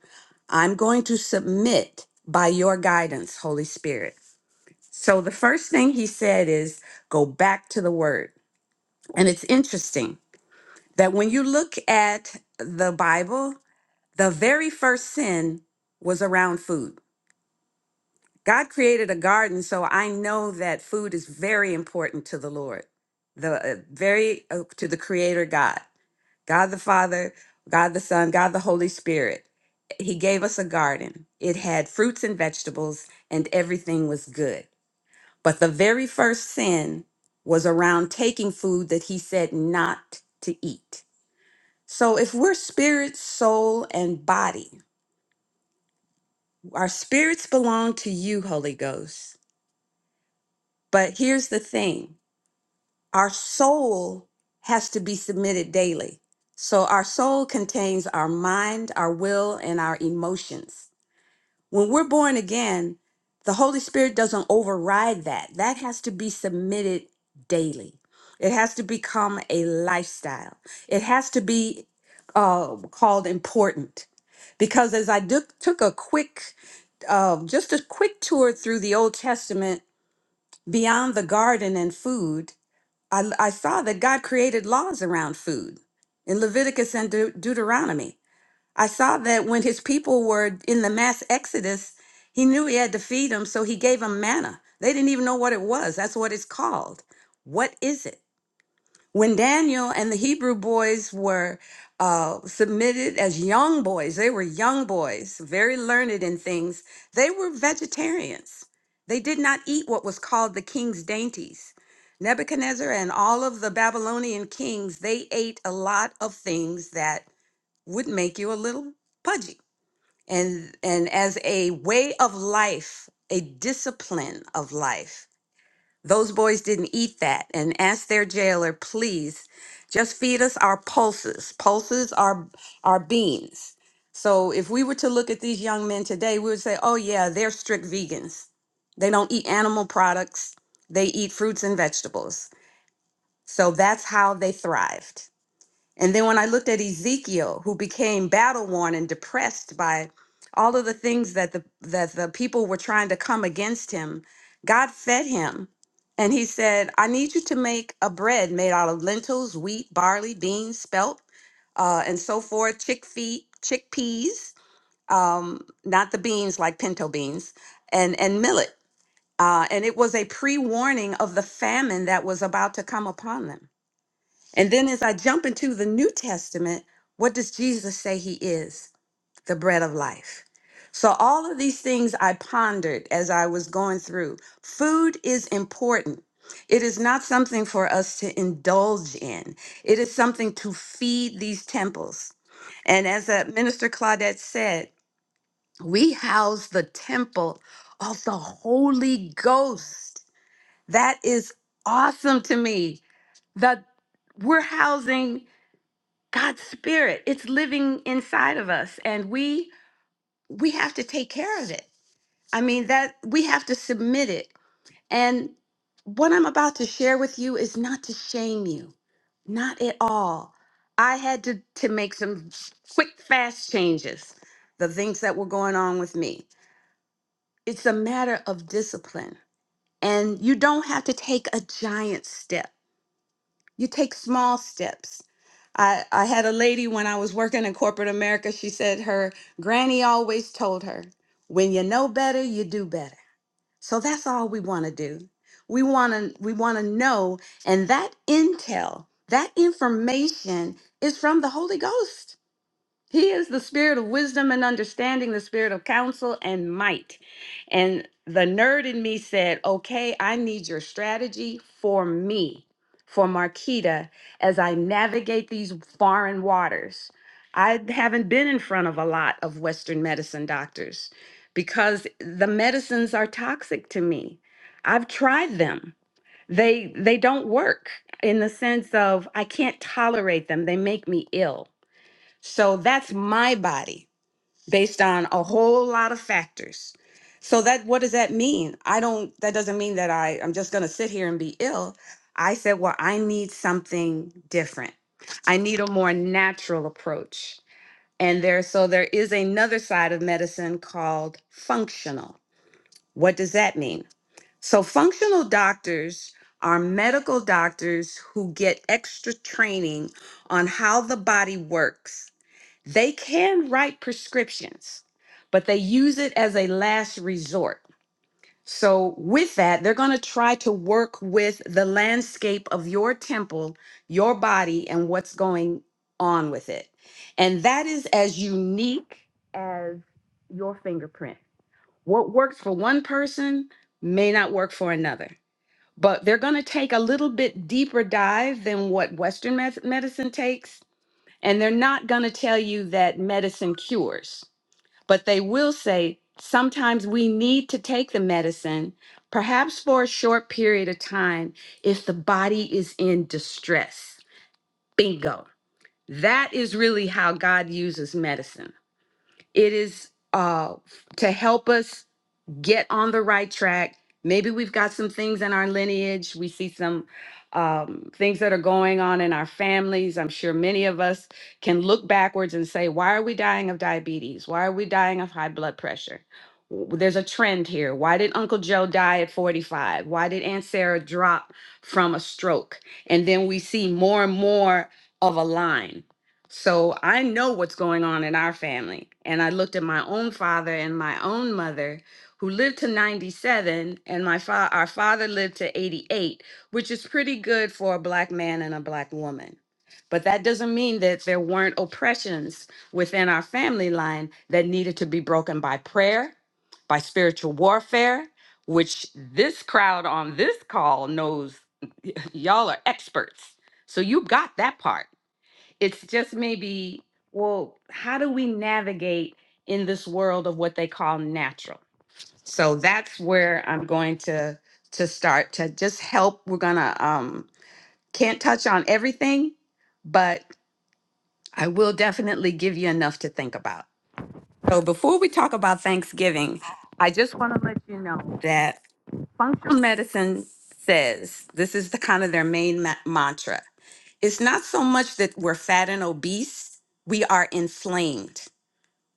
Speaker 11: I'm going to submit by your guidance, Holy Spirit. So the first thing he said is go back to the word. And it's interesting that when you look at the Bible, the very first sin was around food. God created a garden, so I know that food is very important to the Lord, the uh, very uh, to the Creator God, God the Father, God the Son, God the Holy Spirit. He gave us a garden. It had fruits and vegetables, and everything was good. But the very first sin was around taking food that He said not to eat. So if we're spirit, soul, and body Our spirits belong to you, Holy Ghost. But here's the thing our soul has to be submitted daily. So our soul contains our mind, our will, and our emotions. When we're born again, the Holy Spirit doesn't override that. That has to be submitted daily. It has to become a lifestyle. It has to be uh, called important. Because as I duk- took a quick uh, just a quick tour through the Old Testament beyond the garden and food, I, I saw that God created laws around food in Leviticus and De- Deuteronomy. I saw that when his people were in the mass exodus, he knew he had to feed them, so he gave them manna. They didn't even know what it was. That's what it's called. What is it? when Daniel and the Hebrew boys were uh, submitted as young boys, they were young boys, very learned in things, they were vegetarians. They did not eat what was called the king's dainties. Nebuchadnezzar and all of the Babylonian kings, they ate a lot of things that would make you a little pudgy. And, and as a way of life, a discipline of life, those boys didn't eat that and asked their jailer, please just feed us our pulses. Pulses are our beans. So if we were to look at these young men today, we would say, oh, yeah, they're strict vegans. They don't eat animal products, they eat fruits and vegetables. So that's how they thrived. And then when I looked at Ezekiel, who became battle worn and depressed by all of the things that the that the people were trying to come against him, God fed him. And he said, I need you to make a bread made out of lentils, wheat, barley, beans, spelt, uh, and so forth, chickpea, chickpeas, um, not the beans like pinto beans, and, and millet. Uh, and it was a pre warning of the famine that was about to come upon them. And then as I jump into the New Testament, what does Jesus say he is? The bread of life. So, all of these things I pondered as I was going through. Food is important. It is not something for us to indulge in, it is something to feed these temples. And as uh, Minister Claudette said, we house the temple of the Holy Ghost. That is awesome to me. That we're housing God's spirit. It's living inside of us and we we have to take care of it. I mean that we have to submit it. And what I'm about to share with you is not to shame you. Not at all. I had to to make some quick fast changes. The things that were going on with me. It's a matter of discipline. And you don't have to take a giant step. you take small steps. I, I had a lady when I was working in corporate America, she said her granny always told her, when you know better, you do better. So that's all we want to do. We want to we want to know and that intel, that information is from the Holy Ghost. He is the spirit of wisdom and understanding, the spirit of counsel and might. And the nerd in me said, Okay, I need your strategy for me, for Marquita, as I navigate these foreign waters. I haven't been in front of a lot of Western medicine doctors because the medicines are toxic to me. I've tried them. They they don't work in the sense of I can't tolerate them. They make me ill. So that's my body based on a whole lot of factors. So that what does that mean? I don't that doesn't mean that I I'm just going to sit here and be ill. I said, "Well, I need something different. I need a more natural approach." And there so there is another side of medicine called functional. What does that mean? So functional doctors are medical doctors who get extra training on how the body works they can write prescriptions, but they use it as a last resort. So, with that, they're going to try to work with the landscape of your temple, your body, and what's going on with it. And that is as unique as your fingerprint. What works for one person may not work for another. But they're going to take a little bit deeper dive than what Western med- medicine takes and they're not going to tell you that medicine cures, but they will say sometimes we need to take the medicine, perhaps for a short period of time, if the body is in distress. Bingo. That is really how God uses medicine. It is uh, to help us get on the right track. Maybe we've got some things in our lineage. We see some um, things that are going on in our families. I'm sure many of us can look backwards and say, why are we dying of diabetes? Why are we dying of high blood pressure? W- There's a trend here. Why did Uncle Joe die at 45? Why did Aunt Sarah drop from a stroke? And then we see more and more of a line. So I know what's going on in our family. And I looked at my own father and my own mother who lived to 97 and my fa- our father lived to 88 which is pretty good for a black man and a black woman but that doesn't mean that there weren't oppressions within our family line that needed to be broken by prayer by spiritual warfare which this crowd on this call knows y'all are experts so you got that part it's just maybe well how do we navigate in this world of what they call natural so that's where I'm going to to start to just help. We're gonna um can't touch on everything, but I will definitely give you enough to think about. So before we talk about Thanksgiving, I just want to let you know that functional medicine says this is the kind of their main ma- mantra. It's not so much that we're fat and obese, we are inflamed.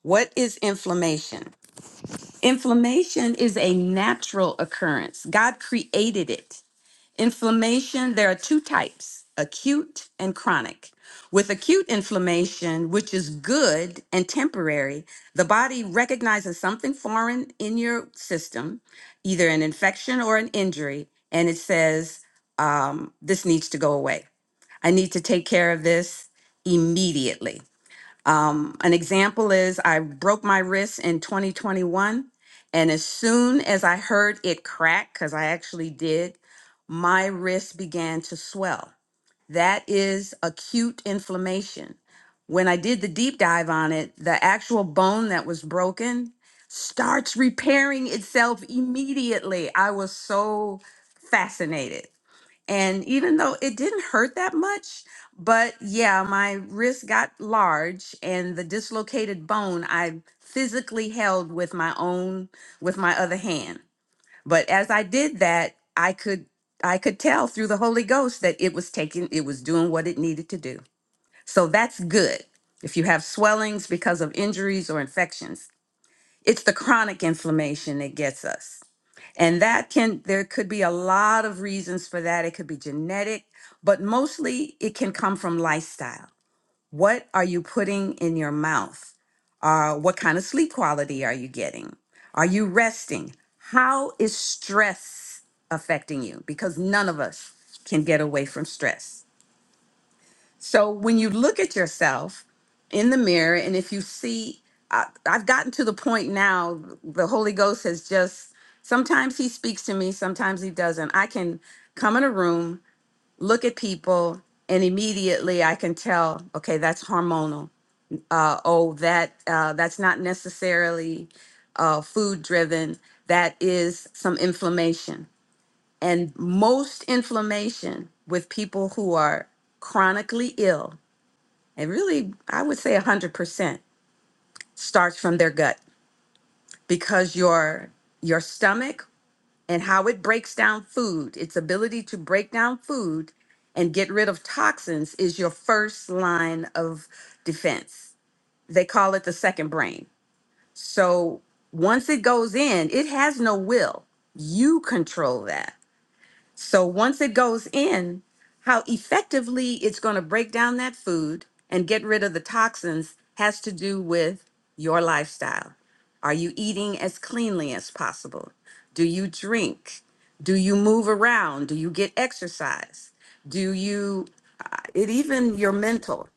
Speaker 11: What is inflammation? Inflammation is a natural occurrence. God created it. Inflammation, there are two types acute and chronic. With acute inflammation, which is good and temporary, the body recognizes something foreign in your system, either an infection or an injury, and it says, um, This needs to go away. I need to take care of this immediately. Um, an example is I broke my wrist in 2021, and as soon as I heard it crack, because I actually did, my wrist began to swell. That is acute inflammation. When I did the deep dive on it, the actual bone that was broken starts repairing itself immediately. I was so fascinated. And even though it didn't hurt that much, but yeah, my wrist got large and the dislocated bone I physically held with my own with my other hand. But as I did that, I could I could tell through the Holy Ghost that it was taking it was doing what it needed to do. So that's good. If you have swellings because of injuries or infections, it's the chronic inflammation that gets us. And that can, there could be a lot of reasons for that. It could be genetic, but mostly it can come from lifestyle. What are you putting in your mouth? Uh, what kind of sleep quality are you getting? Are you resting? How is stress affecting you? Because none of us can get away from stress. So when you look at yourself in the mirror, and if you see, I, I've gotten to the point now, the Holy Ghost has just, sometimes he speaks to me, sometimes he doesn't. I can come in a room, look at people, and immediately I can tell, okay, that's hormonal. Uh, oh, that uh, that's not necessarily uh, food driven. That is some inflammation. And most inflammation with people who are chronically ill it really i would say 100% starts from their gut because your your stomach and how it breaks down food its ability to break down food and get rid of toxins is your first line of defense they call it the second brain so once it goes in it has no will you control that So once it goes in, how effectively it's going to break down that food and get rid of the toxins has to do with your lifestyle. Are you eating as cleanly as possible? Do you drink? Do you move around? Do you get exercise? Do you, uh, it even your mental?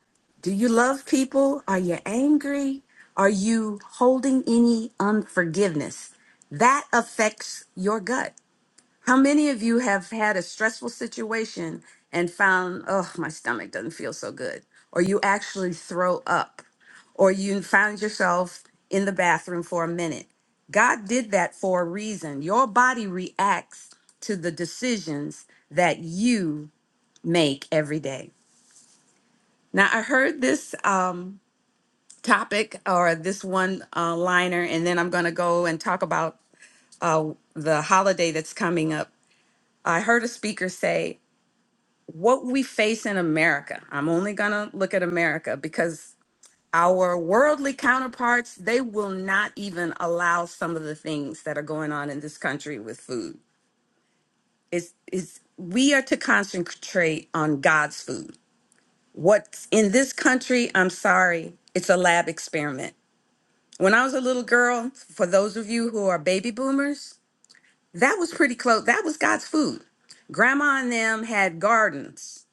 Speaker 11: Do you love people? Are you angry? Are you holding any unforgiveness? That affects your gut. How many of you have had a stressful situation and found, oh, my stomach doesn't feel so good? Or you actually throw up, or you found yourself in the bathroom for a minute. God did that for a reason. Your body reacts to the decisions that you make every day. Now, I heard this um, topic or this one uh, liner, and then I'm going to go and talk about uh, the holiday that's coming up. I heard a speaker say, what we face in America. I'm only going to look at America because our worldly counterparts, they will not even allow some of the things that are going on in this country with food. It's, it's, we are to concentrate on God's food. What's in this country, I'm sorry, it's a lab experiment. When I was a little girl, for those of you who are baby boomers, That was pretty close. That was God's food. Grandma and them had gardens,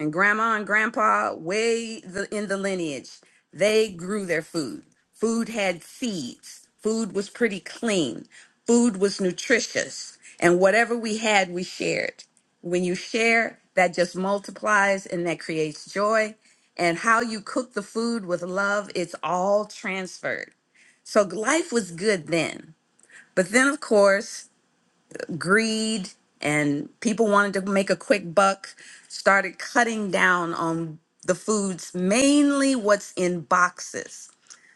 Speaker 11: and grandma and grandpa, way the, in the lineage, they grew their food. Food had seeds. Food was pretty clean. Food was nutritious. And whatever we had, we shared. When you share, that just multiplies and that creates joy. And how you cook the food with love, it's all transferred. So life was good then. But then, of course, greed and people wanted to make a quick buck started cutting down on the foods mainly what's in boxes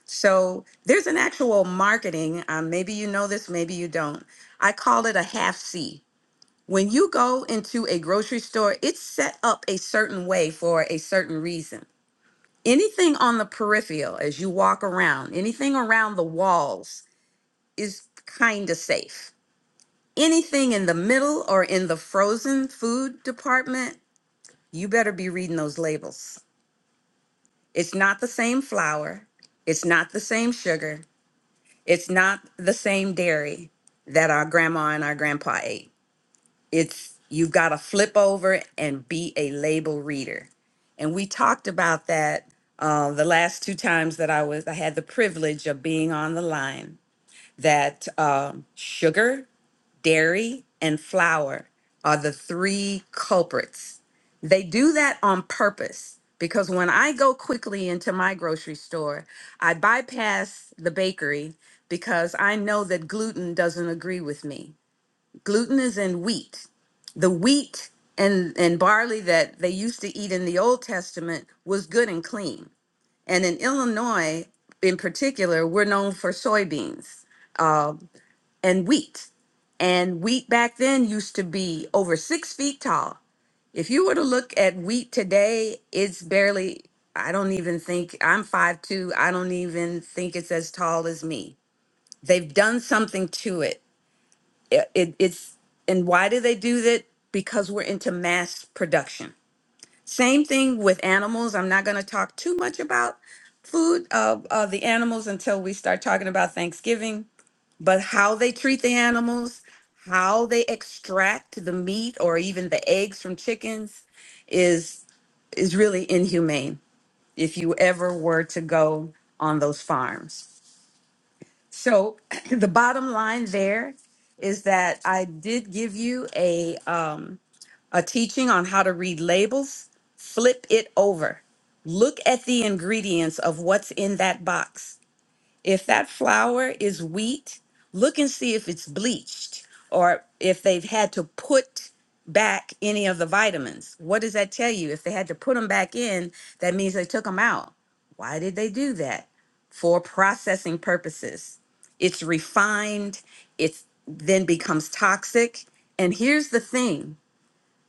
Speaker 11: so there's an actual marketing um, maybe you know this maybe you don't i call it a half c when you go into a grocery store it's set up a certain way for a certain reason anything on the peripheral as you walk around anything around the walls is kind of safe anything in the middle or in the frozen food department, you better be reading those labels. It's not the same flour, it's not the same sugar, it's not the same dairy that our grandma and our grandpa ate. It's you've got to flip over and be a label reader. And we talked about that uh, the last two times that I was I had the privilege of being on the line that um, sugar dairy, and flour are the three culprits. They do that on purpose because when I go quickly into my grocery store, I bypass the bakery because I know that gluten doesn't agree with me. Gluten is in wheat. The wheat and, and barley that they used to eat in the Old Testament was good and clean. And in Illinois, in particular, we're known for soybeans Uh, and wheat. And wheat back then used to be over six feet tall. If you were to look at wheat today, it's barely, I don't even think, I'm 5 2 I don't even think it's as tall as me. They've done something to it. it, it- it's, and why do they do that? Because we're into mass production. Same thing with animals. I'm not going to talk too much about food of uh, the animals until we start talking about Thanksgiving but how they treat the animals, how they extract the meat or even the eggs from chickens is is really inhumane if you ever were to go on those farms. So the bottom line there is that I did give you a um, a teaching on how to read labels. Flip it over. Look at the ingredients of what's in that box if that flour is wheat, look and see if it's bleached or if they've had to put back any of the vitamins. What does that tell you? If they had to put them back in, that means they took them out. Why did they do that? For processing purposes. It's refined, it then becomes toxic. And here's the thing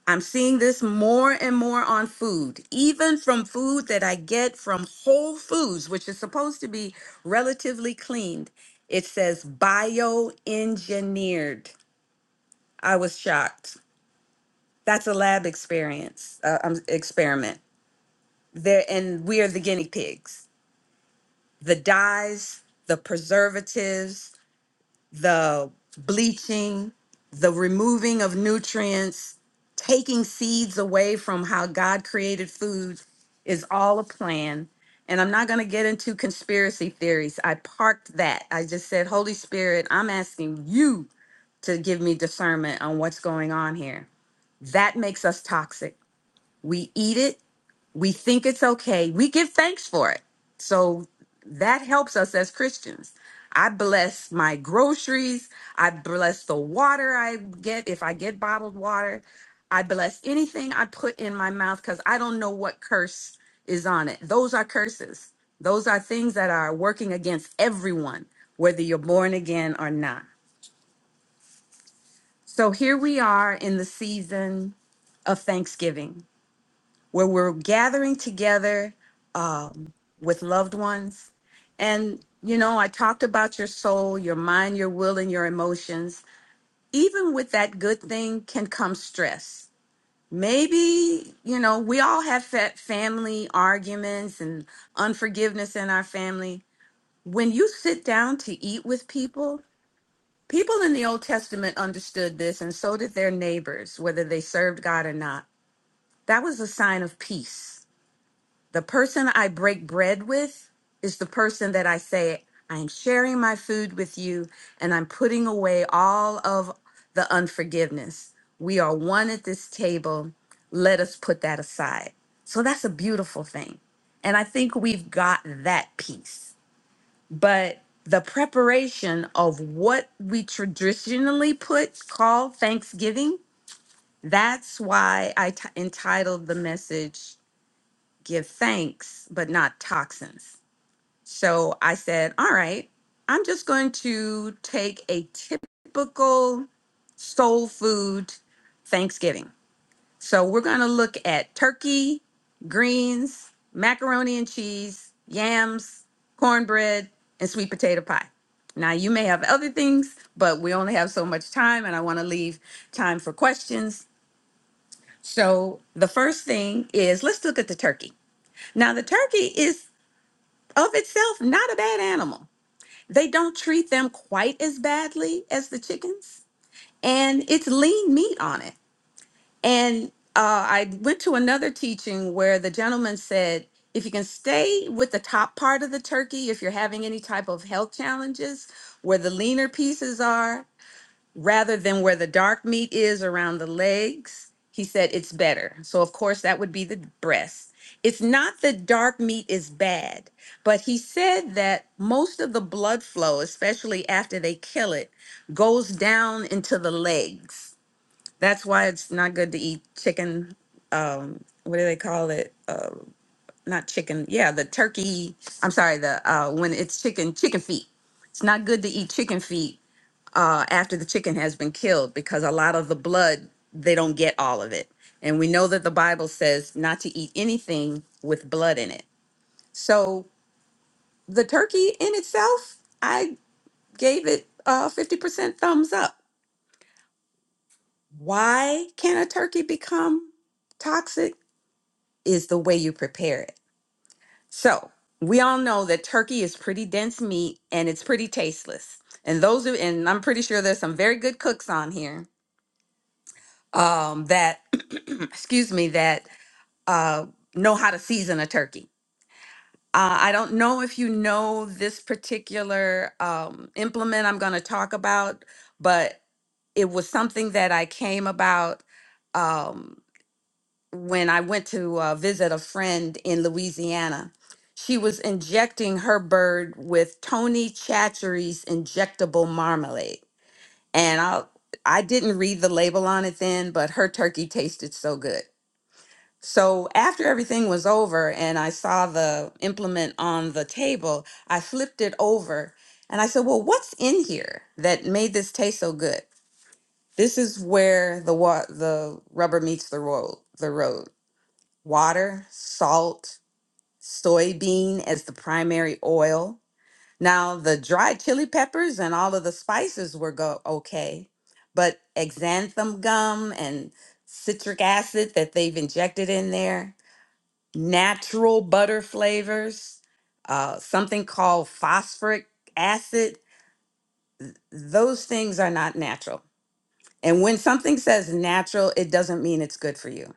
Speaker 11: I'm seeing this more and more on food, even from food that I get from Whole Foods, which is supposed to be relatively cleaned. It says bioengineered. I was shocked. That's a lab experience, uh, um, experiment. There, and we are the guinea pigs. The dyes, the preservatives, the bleaching, the removing of nutrients, taking seeds away from how God created food is all a plan. And I'm not going to get into conspiracy theories. I parked that. I just said, Holy Spirit, I'm asking you to give me discernment on what's going on here. That makes us toxic. We eat it we think it's okay. We give thanks for it. So that helps us as Christians. I bless my groceries. I bless the water I get if I get bottled water. I bless anything I put in my mouth because I don't know what curse is on it. Those are curses. Those are things that are working against everyone, whether you're born again or not. So here we are in the season of Thanksgiving where we're gathering together um, with loved ones. And, you know, I talked about your soul, your mind, your will, and your emotions. Even with that good thing can come stress. Maybe, you know, we all have fa- family arguments and unforgiveness in our family. When you sit down to eat with people, people in the Old Testament understood this, and so did their neighbors, whether they served God or not. That was a sign of peace The person I break bread with is the person that I say, I'm sharing my food with you and I'm putting away all of the unforgiveness. We are one at this table. Let us put that aside. So that's a beautiful thing. And I think we've got that piece. But the preparation of what we traditionally put call Thanksgiving, that's why I t- entitled the message give thanks, but not toxins. So I said, all right, I'm just going to take a typical soul food Thanksgiving. So we're going to look at turkey, greens, macaroni and cheese, yams, cornbread, and sweet potato pie. Now, you may have other things, but we only have so much time, and I want to leave time for questions. So, the first thing is let's look at the turkey. Now, the turkey is of itself not a bad animal. They don't treat them quite as badly as the chickens, and it's lean meat on it. And uh, I went to another teaching where the gentleman said, if you can stay with the top part of the turkey, if you're having any type of health challenges, where the leaner pieces are rather than where the dark meat is around the legs, he said it's better. So, of course, that would be the breast. It's not that dark meat is bad, but he said that most of the blood flow, especially after they kill it, goes down into the legs. That's why it's not good to eat chicken. Um, what do they call it? Uh, not chicken. Yeah, the turkey. I'm sorry. The uh, when it's chicken, chicken feet. It's not good to eat chicken feet uh, after the chicken has been killed because a lot of the blood, they don't get all of it. And we know that the Bible says not to eat anything with blood in it. So the turkey in itself, I gave it a 50% thumbs up. Why can a turkey become toxic? Is the way you prepare it. So we all know that turkey is pretty dense meat and it's pretty tasteless. And those who, and I'm pretty sure there's some very good cooks on here um, that excuse me that uh, know how to season a turkey. Uh, I don't know if you know this particular um, implement I'm going to talk about, but it was something that I came about um, when I went to uh, visit a friend in Louisiana. She was injecting her bird with Tony Chachery's injectable marmalade, and I I didn't read the label on it then, but her turkey tasted so good. So after everything was over and I saw the implement on the table, I flipped it over and I said, "Well, what's in here that made this taste so good?" This is where the wa- the rubber meets the road. The road. Water, salt, soybean as the primary oil. Now, the dried chili peppers and all of the spices were go okay, but xanthan gum and citric acid that they've injected in there natural butter flavors, uh, something called phosphoric acid. Those things are not natural. And when something says natural, it doesn't mean it's good for you.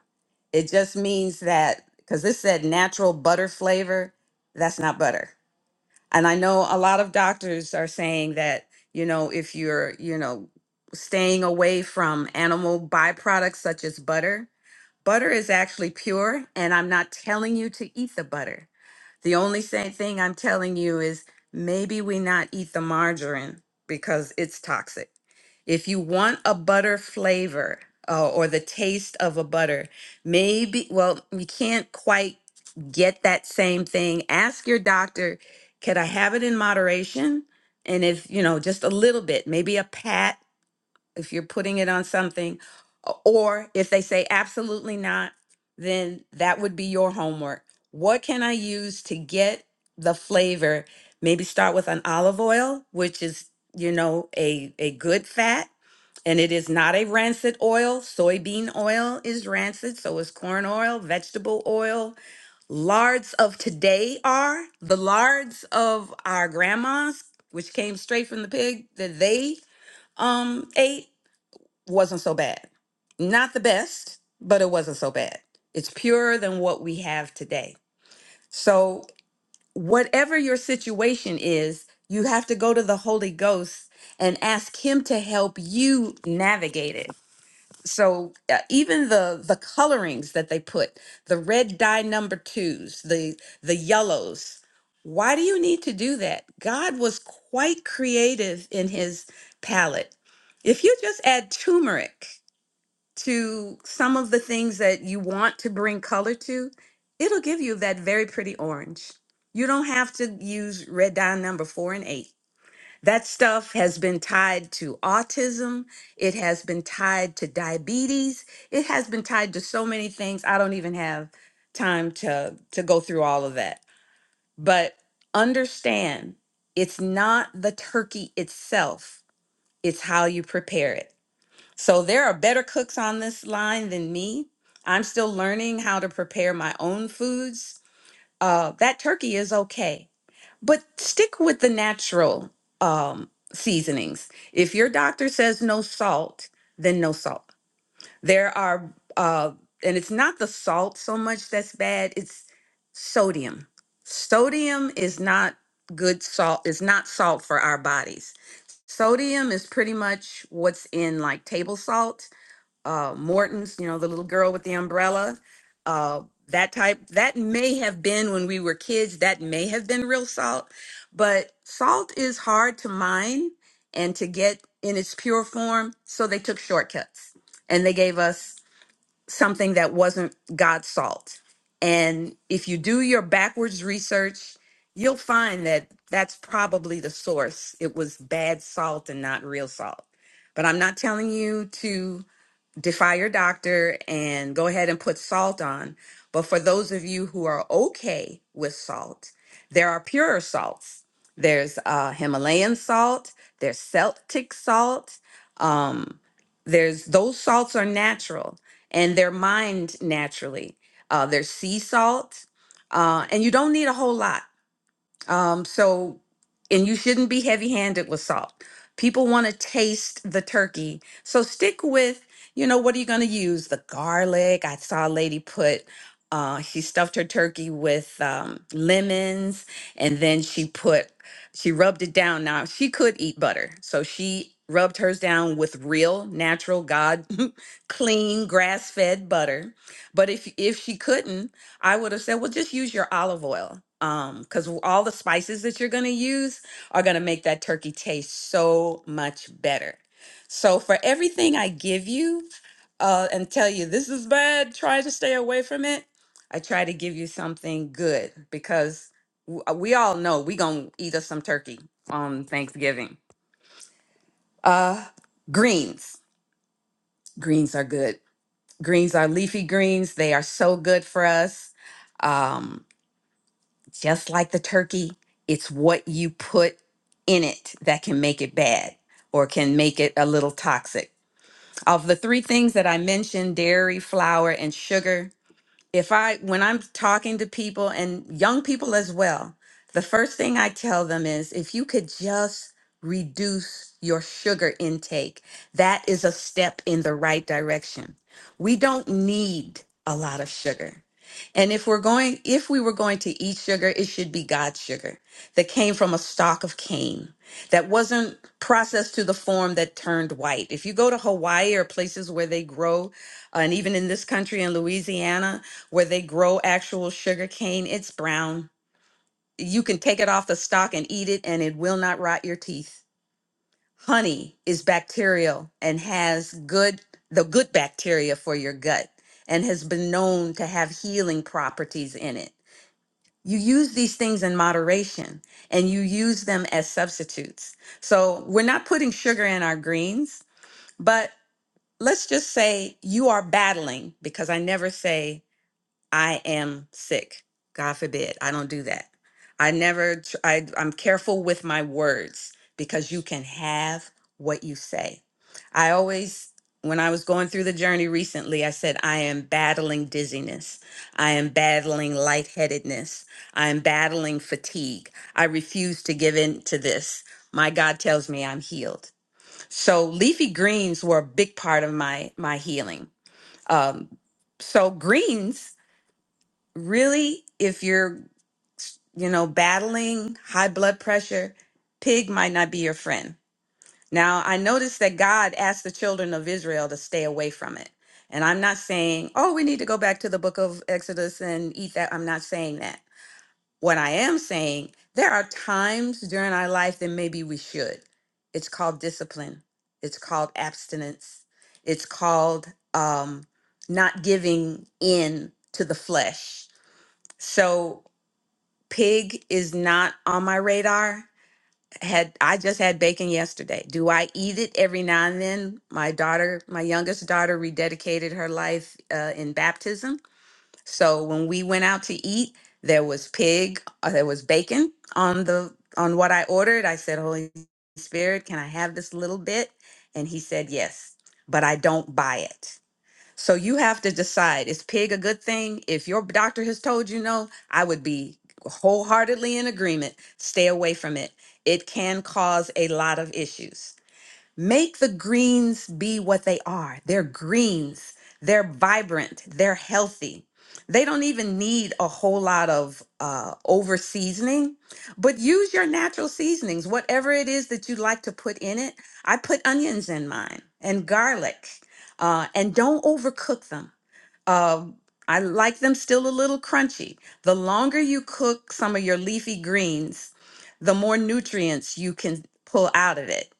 Speaker 11: It just means that, because this said natural butter flavor, that's not butter. And I know a lot of doctors are saying that, you know, if you're, you know, staying away from animal byproducts such as butter, Butter is actually pure, and I'm not telling you to eat the butter. The only same thing I'm telling you is maybe we not eat the margarine because it's toxic. If you want a butter flavor uh, or the taste of a butter, maybe, well, you can't quite get that same thing. Ask your doctor, could I have it in moderation? And if, you know, just a little bit, maybe a pat if you're putting it on something, or if they say absolutely not, then that would be your homework. What can I use to get the flavor? Maybe start with an olive oil, which is, you know, a, a good fat, and it is not a rancid oil. Soybean oil is rancid, so is corn oil, vegetable oil. Lards of today are the lards of our grandmas, which came straight from the pig that they um ate wasn't so bad. Not the best, but it wasn't so bad. It's purer than what we have today. So, whatever your situation is, you have to go to the Holy Ghost and ask him to help you navigate it. So, uh, even the the colorings that they put, the red dye number 2s, the the yellows, why do you need to do that? God was quite creative in his palette. If you just add turmeric to some of the things that you want to bring color to, it'll give you that very pretty orange. You don't have to use red dye number four and eight. That stuff has been tied to autism. It has been tied to diabetes. It has been tied to so many things. I don't even have time to, to go through all of that. But understand it's not the turkey itself, it's how you prepare it. So there are better cooks on this line than me. I'm still learning how to prepare my own foods. Uh, that turkey is okay, but stick with the natural um, seasonings. If your doctor says no salt, then no salt. There are, uh, and it's not the salt so much that's bad, it's sodium. Sodium is not good salt, is not salt for our bodies. Sodium is pretty much what's in like table salt uh, Morton's, you know, the little girl with the umbrella, uh, that type. That may have been when we were kids, that may have been real salt, but salt is hard to mine and to get in its pure form. So they took shortcuts and they gave us something that wasn't God's salt. And if you do your backwards research, you'll find that that's probably the source. It was bad salt and not real salt. But I'm not telling you to defy your doctor and go ahead and put salt on. But for those of you who are okay with salt, there are purer salts. There's uh, Himalayan salt, there's Celtic salt. Um, there's those salts are natural and they're mined naturally. Uh, there's sea salt, uh, and you don't need a whole lot. Um, so, and you shouldn't be heavy handed with salt. People want to taste the turkey. So stick with, you know, what are you going to use? The garlic. I saw a lady put, uh, she stuffed her turkey with um, lemons and then she put, she rubbed it down. Now, she could eat butter. So she rubbed hers down with real, natural, God, clean, grass fed butter. But if, if she couldn't, I would have said, well, just use your olive oil. Um, because all the spices that you're gonna use are gonna make that turkey taste so much better. So for everything I give you, uh, and tell you this is bad, try to stay away from it. I try to give you something good because w- uh, we all know we gonna eat us some turkey on Thanksgiving. Uh, greens. Greens are good. Greens are leafy greens. They are so good for us. Um, just like the turkey, it's what you put in it that can make it bad or can make it a little toxic. Of the three things that I mentioned dairy, flour, and sugar if I, when I'm talking to people and young people as well, the first thing I tell them is if you could just reduce your sugar intake, that is a step in the right direction. We don't need a lot of sugar. And if we're going, if we were going to eat sugar, it should be God's sugar that came from a stalk of cane that wasn't processed to the form that turned white. If you go to Hawaii or places where they grow, and even in this country in Louisiana, where they grow actual sugar cane. It's brown. You can take it off the stalk and eat it, and it will not rot your teeth. Honey is bacterial and has good the good bacteria for your gut and has been known to have healing properties in it. You use these things in moderation and you use them as substitutes. So, we're not putting sugar in our greens, but let's just say you are battling because I never say I am sick. God forbid. I don't do that. I never, tr- I, I'm careful with my words because you can have what you say. I always, when I was going through the journey recently, I said, I am battling dizziness. I am battling lightheadedness. I am battling fatigue. I refuse to give in to this. My God tells me I'm healed. So leafy greens were a big part of my my healing. Um, so greens really, if you're, you know, battling high blood pressure, pig might not be your friend. Now, I noticed that God asked the children of Israel to stay away from it. And I'm not saying, oh, we need to go back to the book of Exodus and eat that. I'm not saying that. What I am saying, there are times during our life that maybe we should. It's called discipline, it's called abstinence, it's called um, not giving in to the flesh. So Pig is not on my radar. Had I just had bacon yesterday. Do I eat it every now and then? My daughter, my youngest daughter rededicated her life uh, in baptism. So when we went out to eat, there was pig, uh, there was bacon on the on what I ordered. I said, "Holy Spirit, can I have this little bit?" And he said, "Yes." But I don't buy it. So you have to decide is pig a good thing? If your doctor has told you no, I would be wholeheartedly in agreement. Stay away from it. It can cause a lot of issues. Make the greens be what they are. They're greens, they're vibrant, they're healthy. They don't even need a whole lot of uh, over seasoning, but use your natural seasonings, whatever it is that you like to put in it. I put onions in mine and garlic, uh, and don't overcook them um, I like them still a little crunchy. The longer you cook some of your leafy greens, the more nutrients you can pull out of it.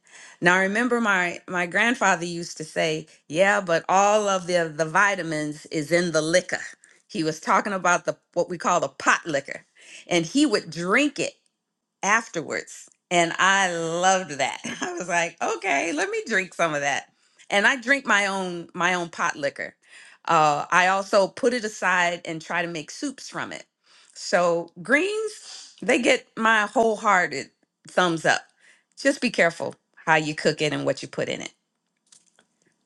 Speaker 11: Now, I remember my my grandfather used to say, "Yeah, but all of the the vitamins is in the liquor." He was talking about the what we call the pot liquor, and he would drink it afterwards. And I loved that. I was like, okay, let me drink some of that. And I drink my own my own pot liquor. Uh, I also put it aside and try to make soups from it. So greens, they get my wholehearted thumbs up. Just be careful how you cook it and what you put in it.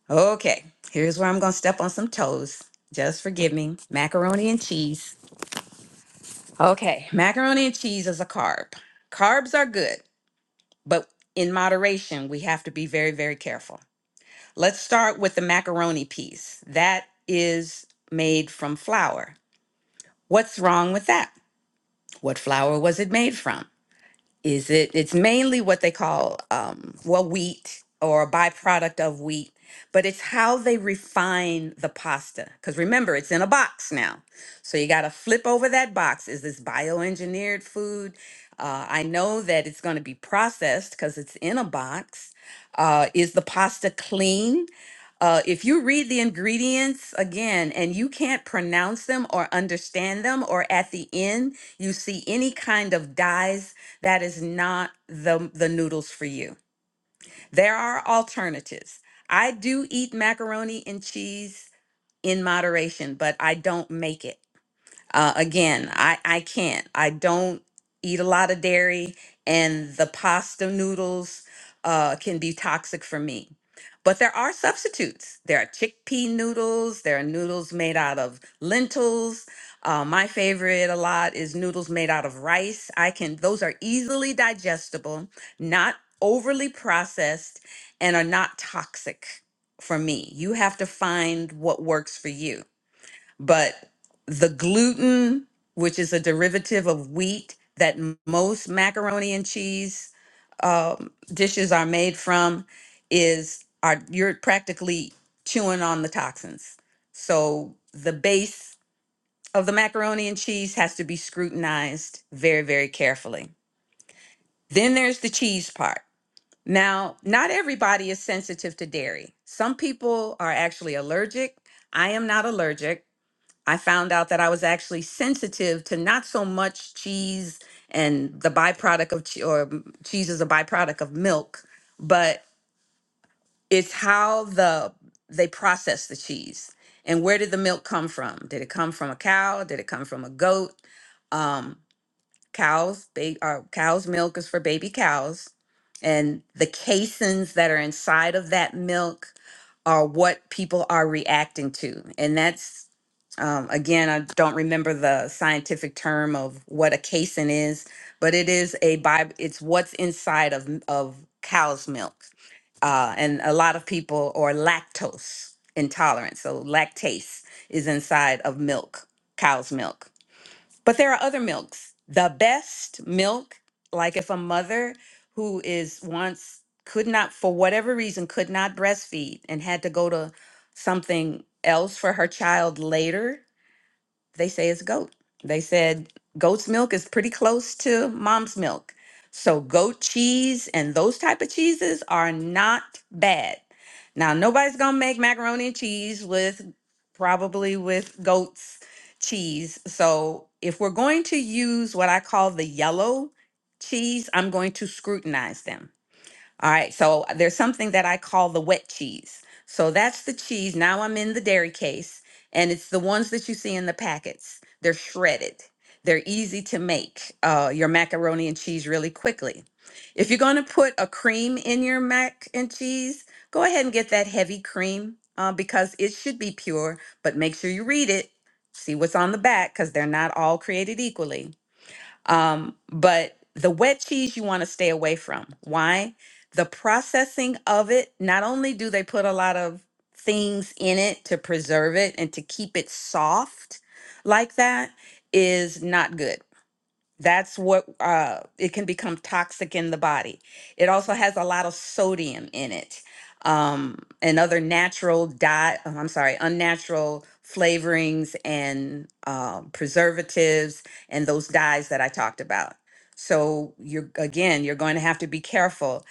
Speaker 11: Okay, here's where I'm gonna step on some toes. Just forgive me. Macaroni and cheese. Okay, macaroni and cheese is a carb. Carbs are good. but in moderation, we have to be very, very careful. Let's start with the macaroni piece. That is made from flour. What's wrong with that? What flour was it made from? is it it's mainly what they call um, well wheat or a byproduct of wheat but it's how they refine the pasta because remember it's in a box now so you got to flip over that box is this bioengineered food uh, i know that it's going to be processed because it's in a box uh, is the pasta clean uh, if you read the ingredients again and you can't pronounce them or understand them, or at the end you see any kind of dyes that is not the the noodles for you. There are alternatives. I do eat macaroni and cheese in moderation, but I don't make it. Uh, again, I, I can't. I don't eat a lot of dairy, and the pasta noodles uh, can be toxic for me. But there are substitutes. There are chickpea noodles, there are noodles made out of lentils. Uh, my favorite a lot is noodles made out of rice. I can, those are easily digestible, not overly processed, and are not toxic for me. You have to find what works for you but the gluten, which is a derivative of wheat that m- most macaroni and cheese um, dishes are made from, is are you're practically chewing on the toxins. So the base of the macaroni and cheese has to be scrutinized very, very carefully. Then there's the cheese part. Now, not everybody is sensitive to dairy. Some people are actually allergic. I am not allergic. I found out that I was actually sensitive to not so much cheese and the byproduct of che- or mm, cheese is a byproduct of milk, but it's how the they process the cheese and where did the milk come from? Did it come from a cow? Did it come from a goat? Um, cows, they are cows' milk is for baby cows, and the caseins that are inside of that milk are what people are reacting to. And that's, um, again, I don't remember the scientific term of what a casein is, but it is a bi- it's what's inside of, m- of cow's milk. Uh, and a lot of people are lactose intolerant. So lactase is inside of milk, cow's milk. But there are other milks. The best milk, like if a mother who is once could not, for whatever reason, could not breastfeed and had to go to something else for her child later, they say it's goat. They said goat's milk is pretty close to mom's milk. So goat cheese and those type of cheeses are not bad. Now nobody's gonna make macaroni and cheese with probably with goat's cheese. So if we're going to use what I call the yellow cheese, I'm going to scrutinize them. All right, so uh, there's something that I call the wet cheese. So that's the cheese. Now I'm in the dairy case, and it's the ones that you see in the packets. They're shredded, they're easy to make uh, your macaroni and cheese really quickly. If you're going to put a cream in your mac and cheese, go ahead and get that heavy cream uh, because it should be pure, but make sure you read it, see what's on the back because they're not all created equally. Um, but the wet cheese you want to stay away from. Why? The processing of it, not only do they put a lot of things in it to preserve it and to keep it soft like that, is not good. That's what uh, it can become toxic in the body. It also has a lot of sodium in it um, and other natural dye. oh, I'm sorry, unnatural flavorings and uh, preservatives and those dyes that I talked about. So you're again, you're going to have to be careful.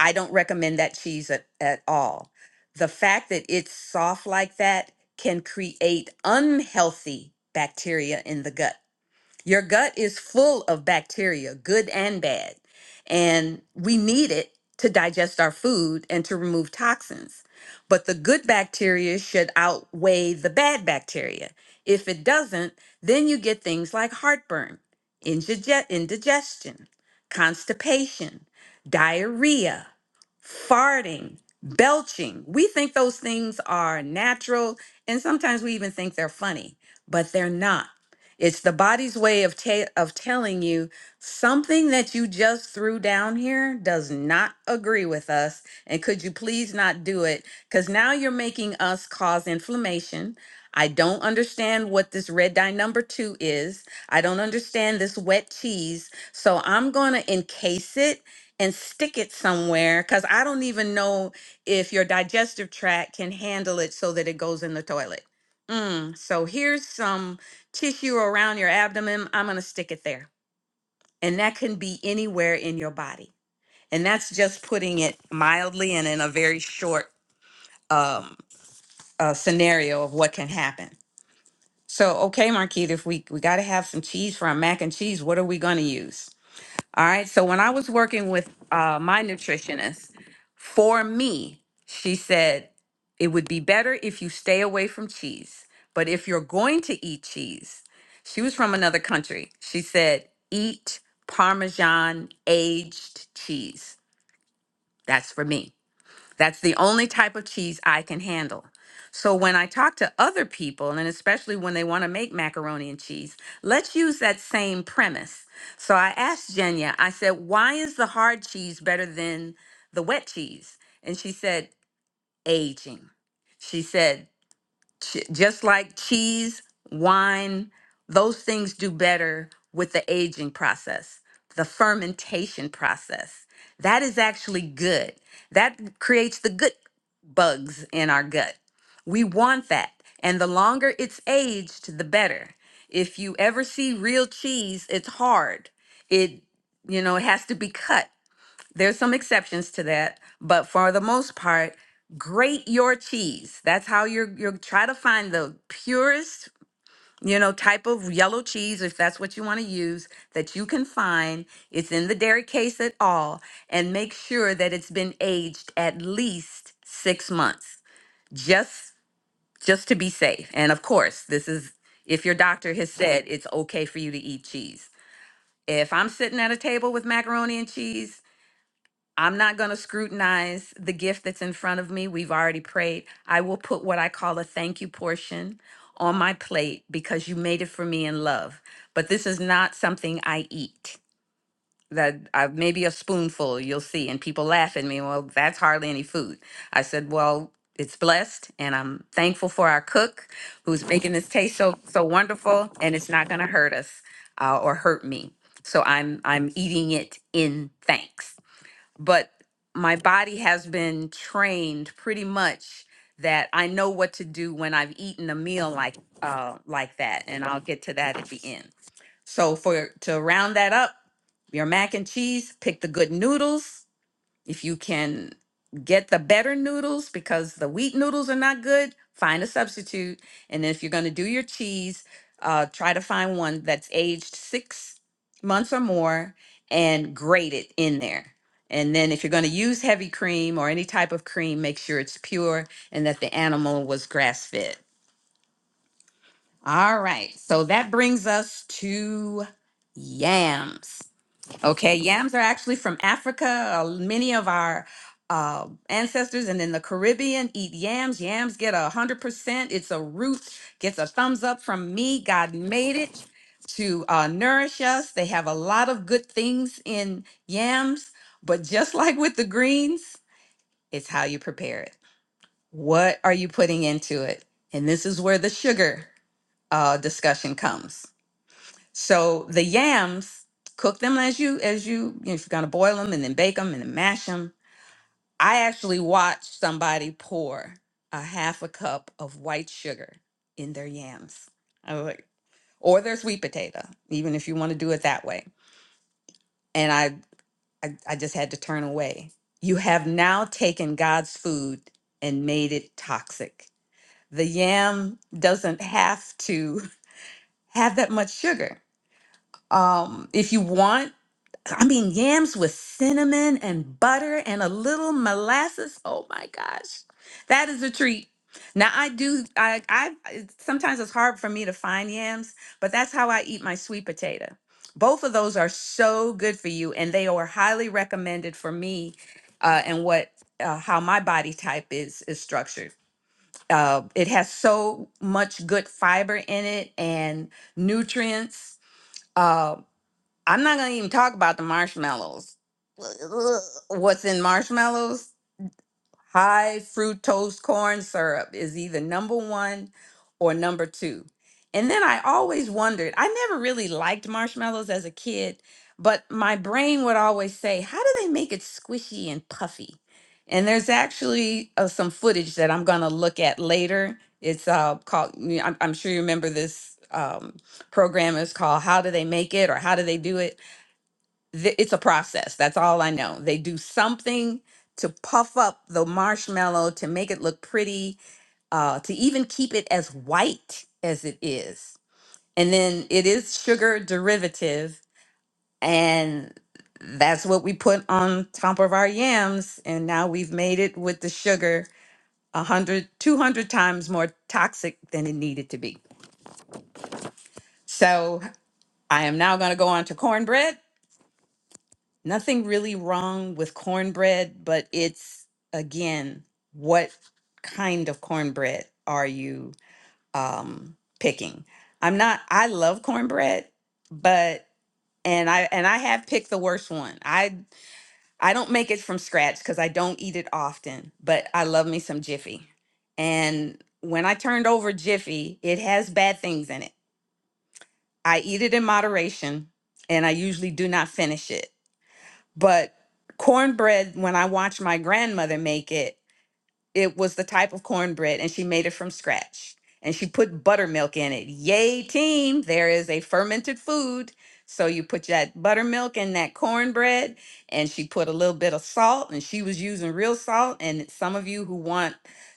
Speaker 11: I don't recommend that cheese at, at all. The fact that it's soft like that can create unhealthy bacteria in the gut your gut is full of bacteria, good and bad, and we need it to digest our food and to remove toxins. But the good bacteria should outweigh the bad bacteria. If it doesn't, then you get things like heartburn, indige- indigestion, constipation, diarrhea, farting, belching. We think those things are natural, and sometimes we even think they're funny, but they're not. It's the body's way of ta- of telling you something that you just threw down here does not agree with us, and could you please not do it? Because now you're making us cause inflammation. I don't understand what this red dye number two is. I don't understand this wet cheese. So I'm gonna encase it and stick it somewhere because I don't even know if your digestive tract can handle it so that it goes in the toilet. Mm, so here's some tissue around your abdomen, I'm going to stick it there. And that can be anywhere in your body. And that's just putting it mildly and in a very short um, uh, scenario of what can happen. So, okay, Marquita, if we, we got to have some cheese for our mac and cheese, what are we going to use? All right. So when I was working with uh, my nutritionist, for me, she said it would be better if you stay away from cheese. But if you're going to eat cheese, she was from another country. She said, eat Parmesan aged cheese. That's for me. That's the only type of cheese I can handle. So when I talk to other people, and especially when they want to make macaroni and cheese, let's use that same premise. So I asked Jenya, I said, why is the hard cheese better than the wet cheese? And she said, aging. She said, Ch- just like cheese, wine, those things do better with the aging process, the fermentation process. That is actually good. That creates the good bugs in our gut. We want that. And the longer it's aged, the better. If you ever see real cheese, it's hard. It, you know, it has to be cut there's some exceptions to that, but for the most part, grate your cheese. That's how you're you're try to find the purest, you know, type of yellow cheese if that's what you want to use that you can find. It's in the dairy case at all and make sure that it's been aged at least 6 months. Just just to be safe. And of course, this is if your doctor has said it's okay for you to eat cheese. If I'm sitting at a table with macaroni and cheese, I'm not going to scrutinize the gift that's in front of me. We've already prayed. I will put what I call a thank you portion on my plate because you made it for me in love. But this is not something I eat. That I, maybe a spoonful you'll see, and people laugh at me. Well, that's hardly any food. I said, well, it's blessed, and I'm thankful for our cook who's making this taste so so wonderful, and it's not going to hurt us uh, or hurt me. So I'm I'm eating it in thanks but my body has been trained pretty much that I know what to do when I've eaten a meal like uh like that and I'll get to that at the end. So for to round that up, your mac and cheese, pick the good noodles, if you can get the better noodles because the wheat noodles are not good, find a substitute. And if you're going to do your cheese, uh, try to find one that's aged six months or more and grate it in there. And then if you're going to use heavy cream or any type of cream, make sure it's pure and that the animal was grass fed. All right. So that brings us to yams. Okay, yams are actually from Africa. Uh, many of our uh, ancestors and in the Caribbean eat yams. Yams get a hundred percent. It's a root. Gets a thumbs up from me. God made it to uh, nourish us. They have a lot of good things in yams, but just like with the greens, it's how you prepare it. What are you putting into it? And this is where the sugar uh, discussion comes. So the yams, cook them as you as you you know, if you're gonna boil them and then bake them and then mash them. I actually watched somebody pour a half a cup of white sugar in their yams. I was like, or their sweet potato, even if you want to do it that way. And I, I I just had to turn away. You have now taken God's food and made it toxic. The yam doesn't have to have that much sugar. Um, if you want I mean, yams with cinnamon and butter and a little molasses. Oh my gosh, that is a treat. Now I do. I, I it's- sometimes it's hard for me to find yams, but that's how I eat my sweet potato. Both of those are so good for you, and they are highly recommended for me, uh, and what uh, how my body type is is structured. Uh, it has so much good fiber in it and nutrients. uh, I'm not gonna even talk about the marshmallows. What's in marshmallows? High fructose corn syrup is either number one or number two. And then I always wondered, I never really liked marshmallows as a kid, but my brain would always say, how do they make it squishy and puffy? And there's actually uh, some footage that I'm gonna look at later. It's uh, called, I'm, I'm sure you remember this um, program is called How Do They Make It or How Do They Do It? th- it's a process. That's all I know. They do something to puff up the marshmallow to make it look pretty, uh, to even keep it as white as it is. And then it is sugar derivative, and that's what we put on top of our yams. And now we've made it with the sugar a hundred, two hundred times more toxic than it needed to be. So I am now going to go on to cornbread. nothing really wrong with cornbread, but it's again, what kind of cornbread are you um, picking? I'm not. I love cornbread, but and I and I have picked the worst one. I I don't make it from scratch because I don't eat it often, but I love me some Jiffy. And when I turned over Jiffy, it has bad things in it. I eat it in moderation, and I usually do not finish it but cornbread, when I watched my grandmother make it, it was the type of cornbread, and she made it from scratch. And she put buttermilk in it. Yay, team! There is a fermented food. So you put that buttermilk in that cornbread, and she put a little bit of salt, and she was using real salt. And some of you who want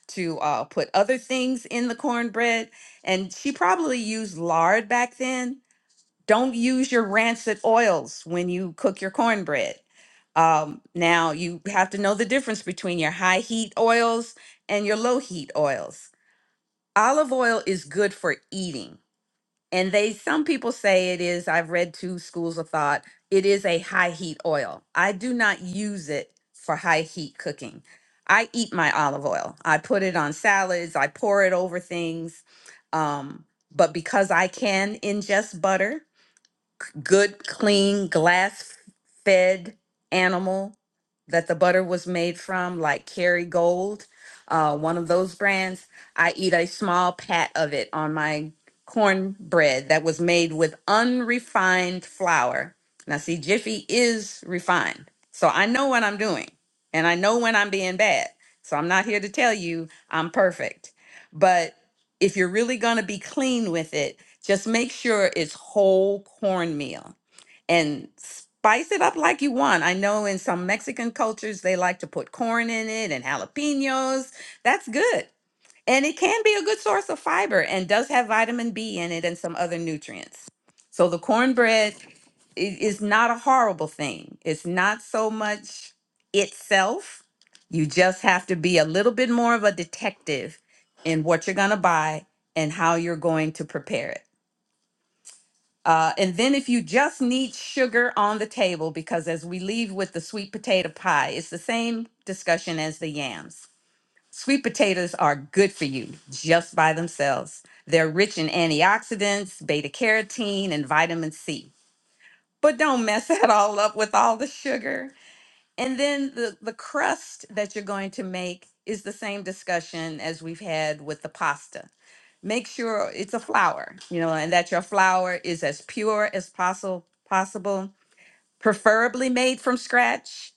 Speaker 11: to uh, put other things in the cornbread, and she probably used lard back then don't use your rancid oils when you cook your cornbread. Um, now you have to know the difference between your high heat oils and your low heat oils. Olive oil is good for eating, and they some people say it is. I've read two schools of thought. It is a high heat oil. I do not use it for high heat cooking. I eat my olive oil. I put it on salads. I pour it over things. Um, but because I can ingest butter, good, clean, glass fed animal that the butter was made from, like Kerrygold, uh, one of those brands. I eat a small pat of it on my cornbread that was made with unrefined flour. Now, see, Jiffy is refined. So I know what I'm doing and I know when I'm being bad. So I'm not here to tell you I'm perfect. But if you're really going to be clean with it, just make sure it's whole cornmeal and spice it up like you want. I know in some Mexican cultures, they like to put corn in it and jalapenos. That's good. And it can be a good source of fiber and does have vitamin B in it and some other nutrients. So the cornbread i- is not a horrible thing. It's not so much itself. You just have to be a little bit more of a detective in what you're going to buy and how you're going to prepare it. Uh, and then if you just need sugar on the table, because as we leave with the sweet potato pie, it's the same discussion as the yams. Sweet potatoes are good for you just by themselves. They're rich in antioxidants, beta carotene, and vitamin C. But don't mess that all up with all the sugar. And then the, the crust that you're going to make is the same discussion as we've had with the pasta make sure it's a flower, you know, and that your flower is as pure as possible, possible, preferably made from scratch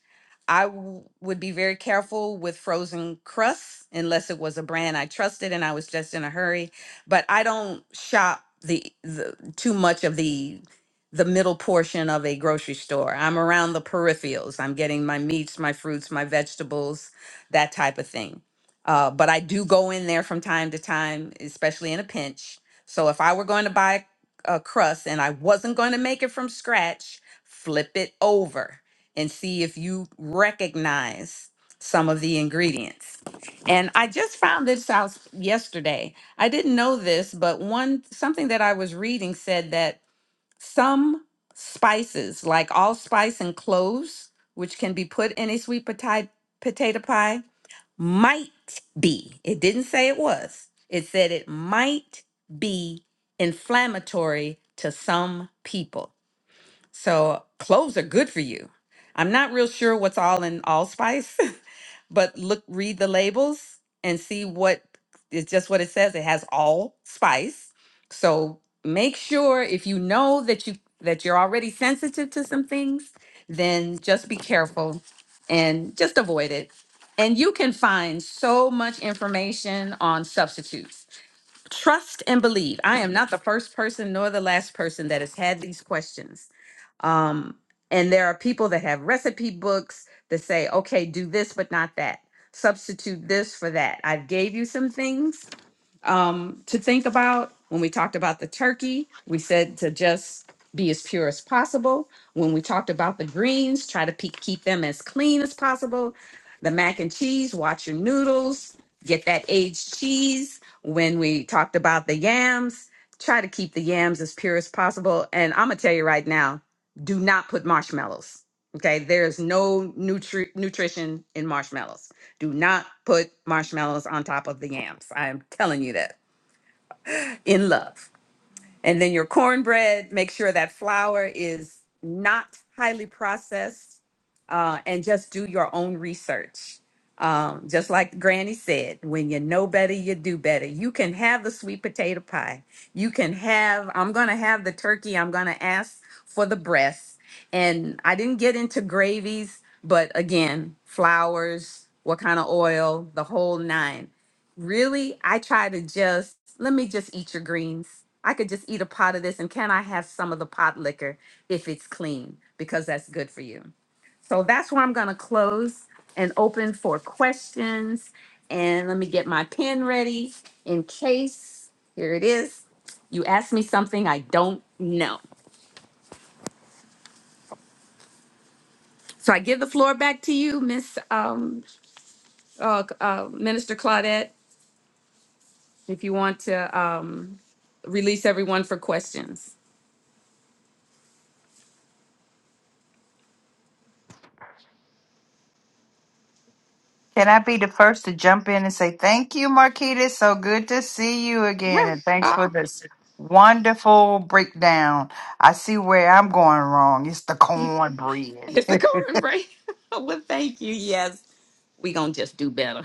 Speaker 11: I w- would be very careful with frozen crusts unless it was a brand I trusted and I was just in a hurry. But I don't shop the, the too much of the the middle portion of a grocery store. I'm around the peripherals. I'm getting my meats, my fruits, my vegetables, that type of thing. Uh, but I do go in there from time to time, especially in a pinch. So if I were going to buy a crust and I wasn't going to make it from scratch, flip it over and see if you recognize some of the ingredients. And I just found this out yesterday. I didn't know this, but one something that I was reading said that some spices, like allspice and cloves, which can be put in a sweet potato potato pie, might be. It didn't say it was. It said it might be inflammatory to some people. So cloves are good for you. I'm not real sure what's all in allspice, but look, read the labels and see what it's just what it says. It has all spice. So make sure if you know that you that you're already sensitive to some things, then just be careful and just avoid it. And you can find so much information on substitutes. Trust and believe. I am not the first person nor the last person that has had these questions um, and there are people that have recipe books that say, okay, do this, but not that. Substitute this for that. I gave you some things um, to think about. When we talked about the turkey, we said to just be as pure as possible. When we talked about the greens, try to pe- keep them as clean as possible. The mac and cheese, watch your noodles, get that aged cheese. When we talked about the yams, try to keep the yams as pure as possible. And I'm going to tell you right now do not put marshmallows. Okay, there's no nutri- nutrition in marshmallows. Do not put marshmallows on top of the yams. I am telling you that in love. And then your cornbread, make sure that flour is not highly processed uh, and just do your own research. Um, just like Granny said, when you know better, you do better. You can have the sweet potato pie. You can have, I'm going to have the turkey. I'm going to ask for the breast. And I didn't get into gravies, but again, flours, what kind of oil, the whole nine really i try to just let me just eat your greens i could just eat a pot of this and can i have some of the pot liquor if it's clean because that's good for you so that's where i'm going to close and open for questions and let me get my pen ready in case here it is you ask me something i don't know so i give the floor back to you miss um, uh, uh, minister claudette if you want to um, release everyone for questions
Speaker 7: Can I be the first to jump in and say thank you, Marquita? So good to see you again, and thanks for
Speaker 11: Ah,
Speaker 7: this wonderful breakdown. I see where I'm going wrong. It's the cornbread.
Speaker 11: it's a cornbread. well, thank you. Yes, we gonna just do better.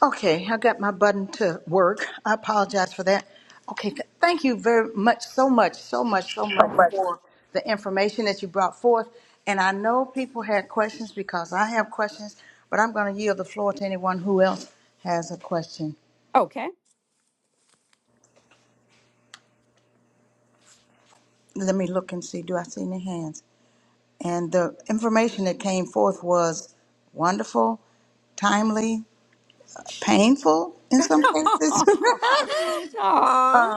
Speaker 4: Okay, I got my button to work. I apologize for that. Okay, th- thank you very much, so much, so much, so
Speaker 11: So
Speaker 4: much
Speaker 11: much.
Speaker 4: for the information that you brought forth. And I know people had questions because I have questions, but I'm going to yield the floor to anyone who else has a question.
Speaker 11: Okay.
Speaker 4: Let me look and see. Do I see any hands? And the information that came forth was wonderful, timely, painful in some cases.
Speaker 11: Aw.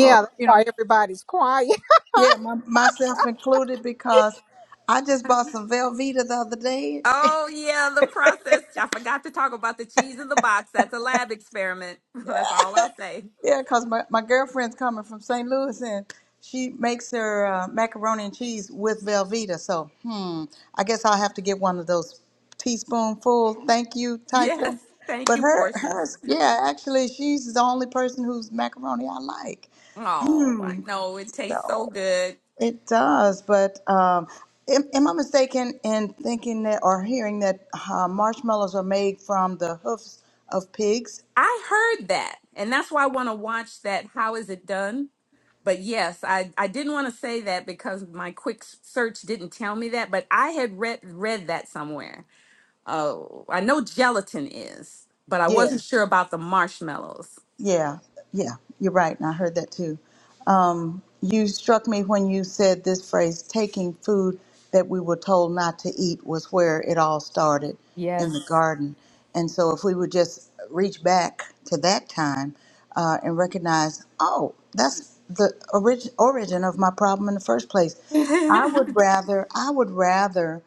Speaker 4: Or,
Speaker 1: that's
Speaker 4: you know.
Speaker 1: why everybody's quiet.
Speaker 4: Yeah, my, myself included because I just bought some Velveeta the other day.
Speaker 11: Oh yeah, the process. I forgot to talk about the cheese in the box. That's a lab experiment. That's all I'll say.
Speaker 4: Yeah, because my, my girlfriend's coming from St. Louis and she makes her uh, macaroni and cheese with Velveeta. So, hmm, I guess I'll have to get one of those teaspoonful thank you type
Speaker 11: Yes,
Speaker 4: things.
Speaker 11: thank
Speaker 4: But
Speaker 11: you,
Speaker 4: her,
Speaker 11: portions.
Speaker 4: hers, yeah, actually, she's the only person whose macaroni I like.
Speaker 11: Oh, I
Speaker 4: Hmm,
Speaker 11: know it tastes so
Speaker 4: so.
Speaker 11: good.
Speaker 4: It does, but um, am, am I mistaken in thinking that or hearing that uh, marshmallows are made from the hoofs of pigs?
Speaker 11: I heard that, and that's why I want to watch that. How is it done? but yes, I, I didn't want to say that because my quick s- search didn't tell me that, but I had read read that somewhere. Oh, I know gelatin is, but I
Speaker 4: Yeah.
Speaker 11: wasn't sure about the marshmallows.
Speaker 4: Yeah, yeah, you're right. And I heard that too. Um, you struck me when you said this phrase taking food that we were told not to eat was where it all started in the
Speaker 11: Yes.
Speaker 4: garden. And so, if we would just reach back to that time uh, and recognize, oh, that's the orig- origin of my problem in the first place. I would rather, I would rather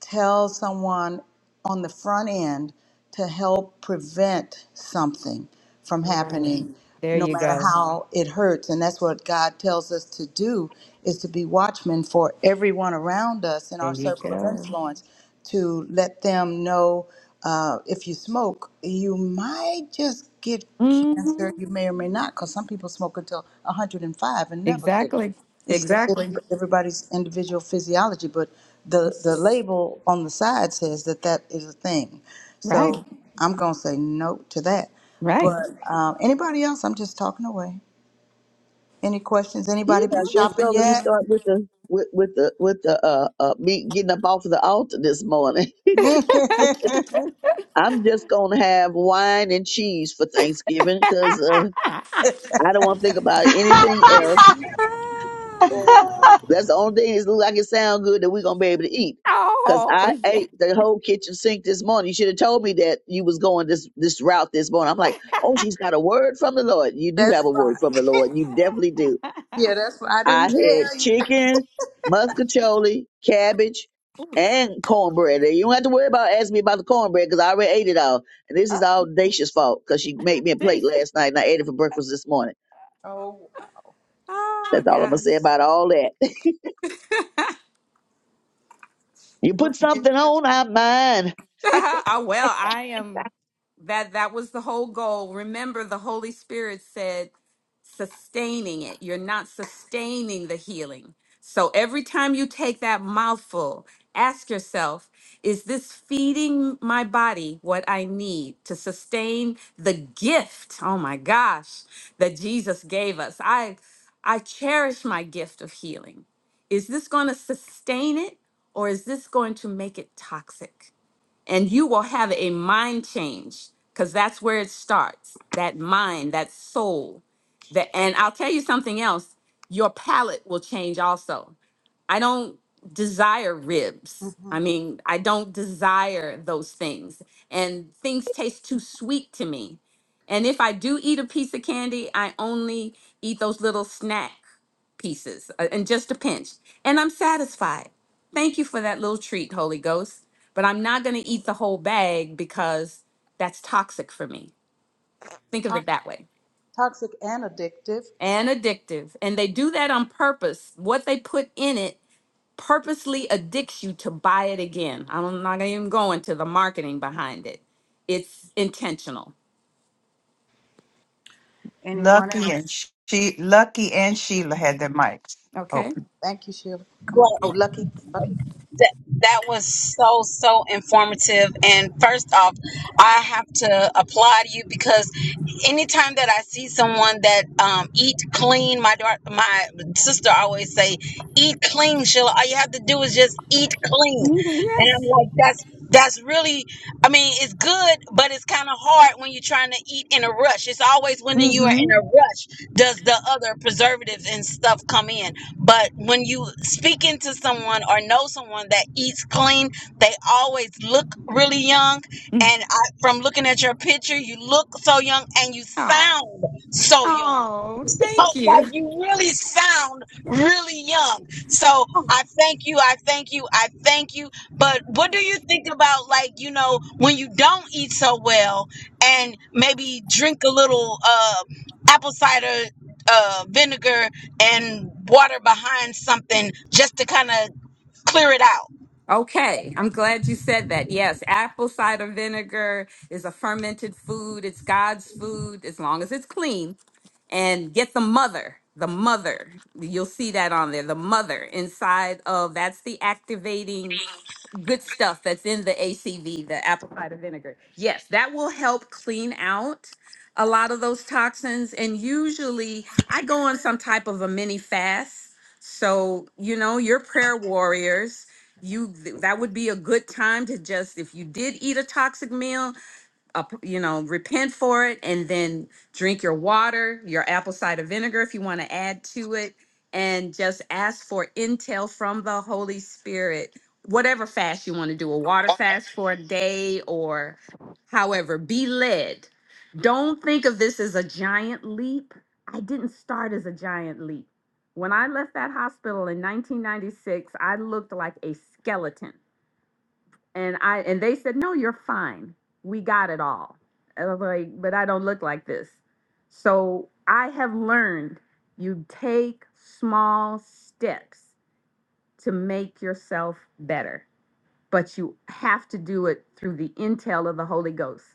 Speaker 4: tell someone on the front end to help prevent something from
Speaker 11: Right.
Speaker 4: happening
Speaker 11: There
Speaker 4: no
Speaker 11: you
Speaker 4: matter
Speaker 11: go.
Speaker 4: how it hurts and that's what god tells us to do is to be watchmen for everyone around us in
Speaker 11: There
Speaker 4: our
Speaker 11: you
Speaker 4: circle of
Speaker 11: go.
Speaker 4: influence to let them know uh, if you smoke, you might just get cancer.
Speaker 11: hmm
Speaker 4: You may or may not, because some people smoke until 105 and five and never get it.
Speaker 11: Exactly.
Speaker 4: It's the,
Speaker 11: exactly.
Speaker 4: everybody's individual physiology, but the, the label on the side says that that is a thing.
Speaker 11: Right.
Speaker 4: So I'm going to say no to that.
Speaker 11: Right.
Speaker 4: But um, anybody else, I'm just talking away. Any questions?
Speaker 9: yeah,
Speaker 4: Anybody been
Speaker 9: I guess so.
Speaker 4: shopping
Speaker 9: Let me
Speaker 4: yet?
Speaker 9: start with the with with the with the uh, uh me getting up off of the altar this morning.
Speaker 4: that's
Speaker 9: I'm just gonna have wine and cheese for Thanksgiving because uh, I don't want to think about anything else. That's the only thing that look like it sound good that we're gonna be able to eat. Cause I
Speaker 11: oh, yeah.
Speaker 9: ate the whole kitchen sink this morning. You should have told me that you was going this this route this morning. I'm like, oh, she's got a word from the Lord. You do have a
Speaker 4: fine.
Speaker 9: word from the Lord. You definitely do
Speaker 4: Yeah, that's why I
Speaker 9: I
Speaker 4: didn't
Speaker 9: had
Speaker 4: tell you.
Speaker 9: chicken, muscatoli, cabbage,
Speaker 11: Oof.
Speaker 9: and cornbread. You don't have to worry about asking me about the cornbread because I already ate it all. And this
Speaker 11: Oh,
Speaker 9: is all Dacia's fault because she made me a
Speaker 11: they
Speaker 9: plate last night and I ate it for breakfast this morning.
Speaker 4: Oh.
Speaker 11: Oh
Speaker 9: That's all I'm gonna say
Speaker 11: gosh.
Speaker 9: about all that. You
Speaker 4: Well,
Speaker 9: put
Speaker 4: you can
Speaker 9: something
Speaker 4: test
Speaker 9: on, I mind.
Speaker 11: I well, I am that that was the whole goal. Remember the Holy Spirit said sustaining it. You're not sustaining the healing. So every time you take that mouthful, ask yourself, is this feeding my body what I need to sustain the gift? Oh my gosh, that Jesus gave us. I I cherish my gift of healing. Is this going to sustain it or is this going to make it toxic? and you will have a mind change because that's where it starts that mind that soul that and i'll tell you something else your palate will change also I don't desire ribs. I mean, I don't desire those things. And things taste too sweet to me. And if I do eat a piece of candy, I only eat those little snack pieces uh, and just a pinch. And I'm satisfied. Thank you for that little treat, Holy Ghost. But I'm not going to eat the whole bag because that's toxic for me. Think of
Speaker 4: to-
Speaker 11: it that way
Speaker 4: toxic and addictive.
Speaker 11: and addictive. And they do that on purpose. What they put in it purposely addicts you to buy it again. I'm not even gonna the marketing behind it. It's intentional.
Speaker 4: Anyone
Speaker 7: Lucky
Speaker 4: else?
Speaker 7: and she, Lucky and Sheila had their mics
Speaker 11: Okay.
Speaker 7: open.
Speaker 4: Thank you, Sheila. Come on.
Speaker 12: Well,
Speaker 4: Oh, Lucky. Lucky.
Speaker 12: that that was so so informative. And first off, I have to applaud you because anytime that I see someone that um, eat clean, my daughter, my sister always say, "Eat clean, Sheila. All you have to do is just eat clean."
Speaker 11: Mm,
Speaker 12: And I'm
Speaker 11: Yes.
Speaker 12: like, that's that's really, I mean, it's good, but it's kind of hard when you're trying to eat in a rush. It's always when you are in
Speaker 11: Mm-hmm.
Speaker 12: a rush does the other preservatives and stuff come in. But when you speak into someone or know someone that eats clean, they always look really young. And I, from looking at your picture, you look so young and you
Speaker 11: Oh.
Speaker 12: sound so young.
Speaker 11: Oh,
Speaker 12: So,
Speaker 11: thank
Speaker 12: like
Speaker 11: you.
Speaker 12: you really sound really young. So
Speaker 11: Oh.
Speaker 12: I thank you, I thank you, I thank you. But what do you think about like, you know, when you don't eat so well and maybe drink a little uh apple cider uh vinegar and water behind something just to kind of clear it out.
Speaker 11: Okay, I'm glad you said that. Yes, apple cider vinegar is a fermented food. It's God's food as long as it's clean. And get the mother, the mother. You'll see that on there. The mother inside of that's the activating good stuff that's in the ACV, the apple cider vinegar. Yes, that will help clean out a lot of those toxins. And usually I go on some type of a mini fast. So, you know, your prayer warriors. You th- that would be a good time to just if you did eat a toxic meal, up- you know, repent for it and then drink your water, your apple cider vinegar if you want to add to it, and just ask for intel from the Holy Spirit. Whatever fast you want to do, a water fast for a day or however, be led. Don't think of this as a giant leap. I didn't start as a giant leap. When I left that hospital in 1996, I looked like a skeleton and I and they said, "No, you're fine. We got it all." And I was like, "But I don't look like this." So I have learned you take small steps to make yourself better, but you have to do it through the intel of the Holy Ghost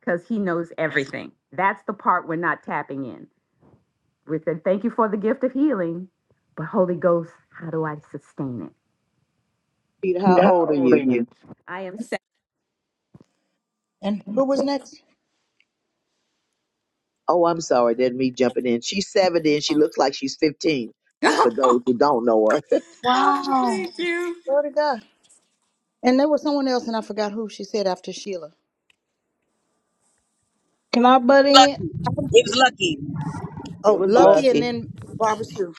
Speaker 11: because He knows everything. That's the part we're not tapping in. We said, "Thank you for the gift of healing," but Holy Ghost, how do I sustain it?
Speaker 9: Peter, how old are
Speaker 11: How old are
Speaker 9: you?
Speaker 11: you? I am. Sa-
Speaker 4: And who was next?
Speaker 9: Oh, I'm sorry, that's me jumping in. She's 70 and she looks like she's 15. For those who don't know her,
Speaker 11: oh,
Speaker 4: wow.
Speaker 11: thank you.
Speaker 4: Glory to God. And there was someone else, and I forgot who she said after Sheila.
Speaker 10: Can I butt
Speaker 12: Luck,
Speaker 10: in?
Speaker 12: it was lucky.
Speaker 9: it
Speaker 4: Oh,
Speaker 9: was
Speaker 10: Oh,
Speaker 4: Lucky, and
Speaker 9: lucky.
Speaker 4: then Barbara Sue.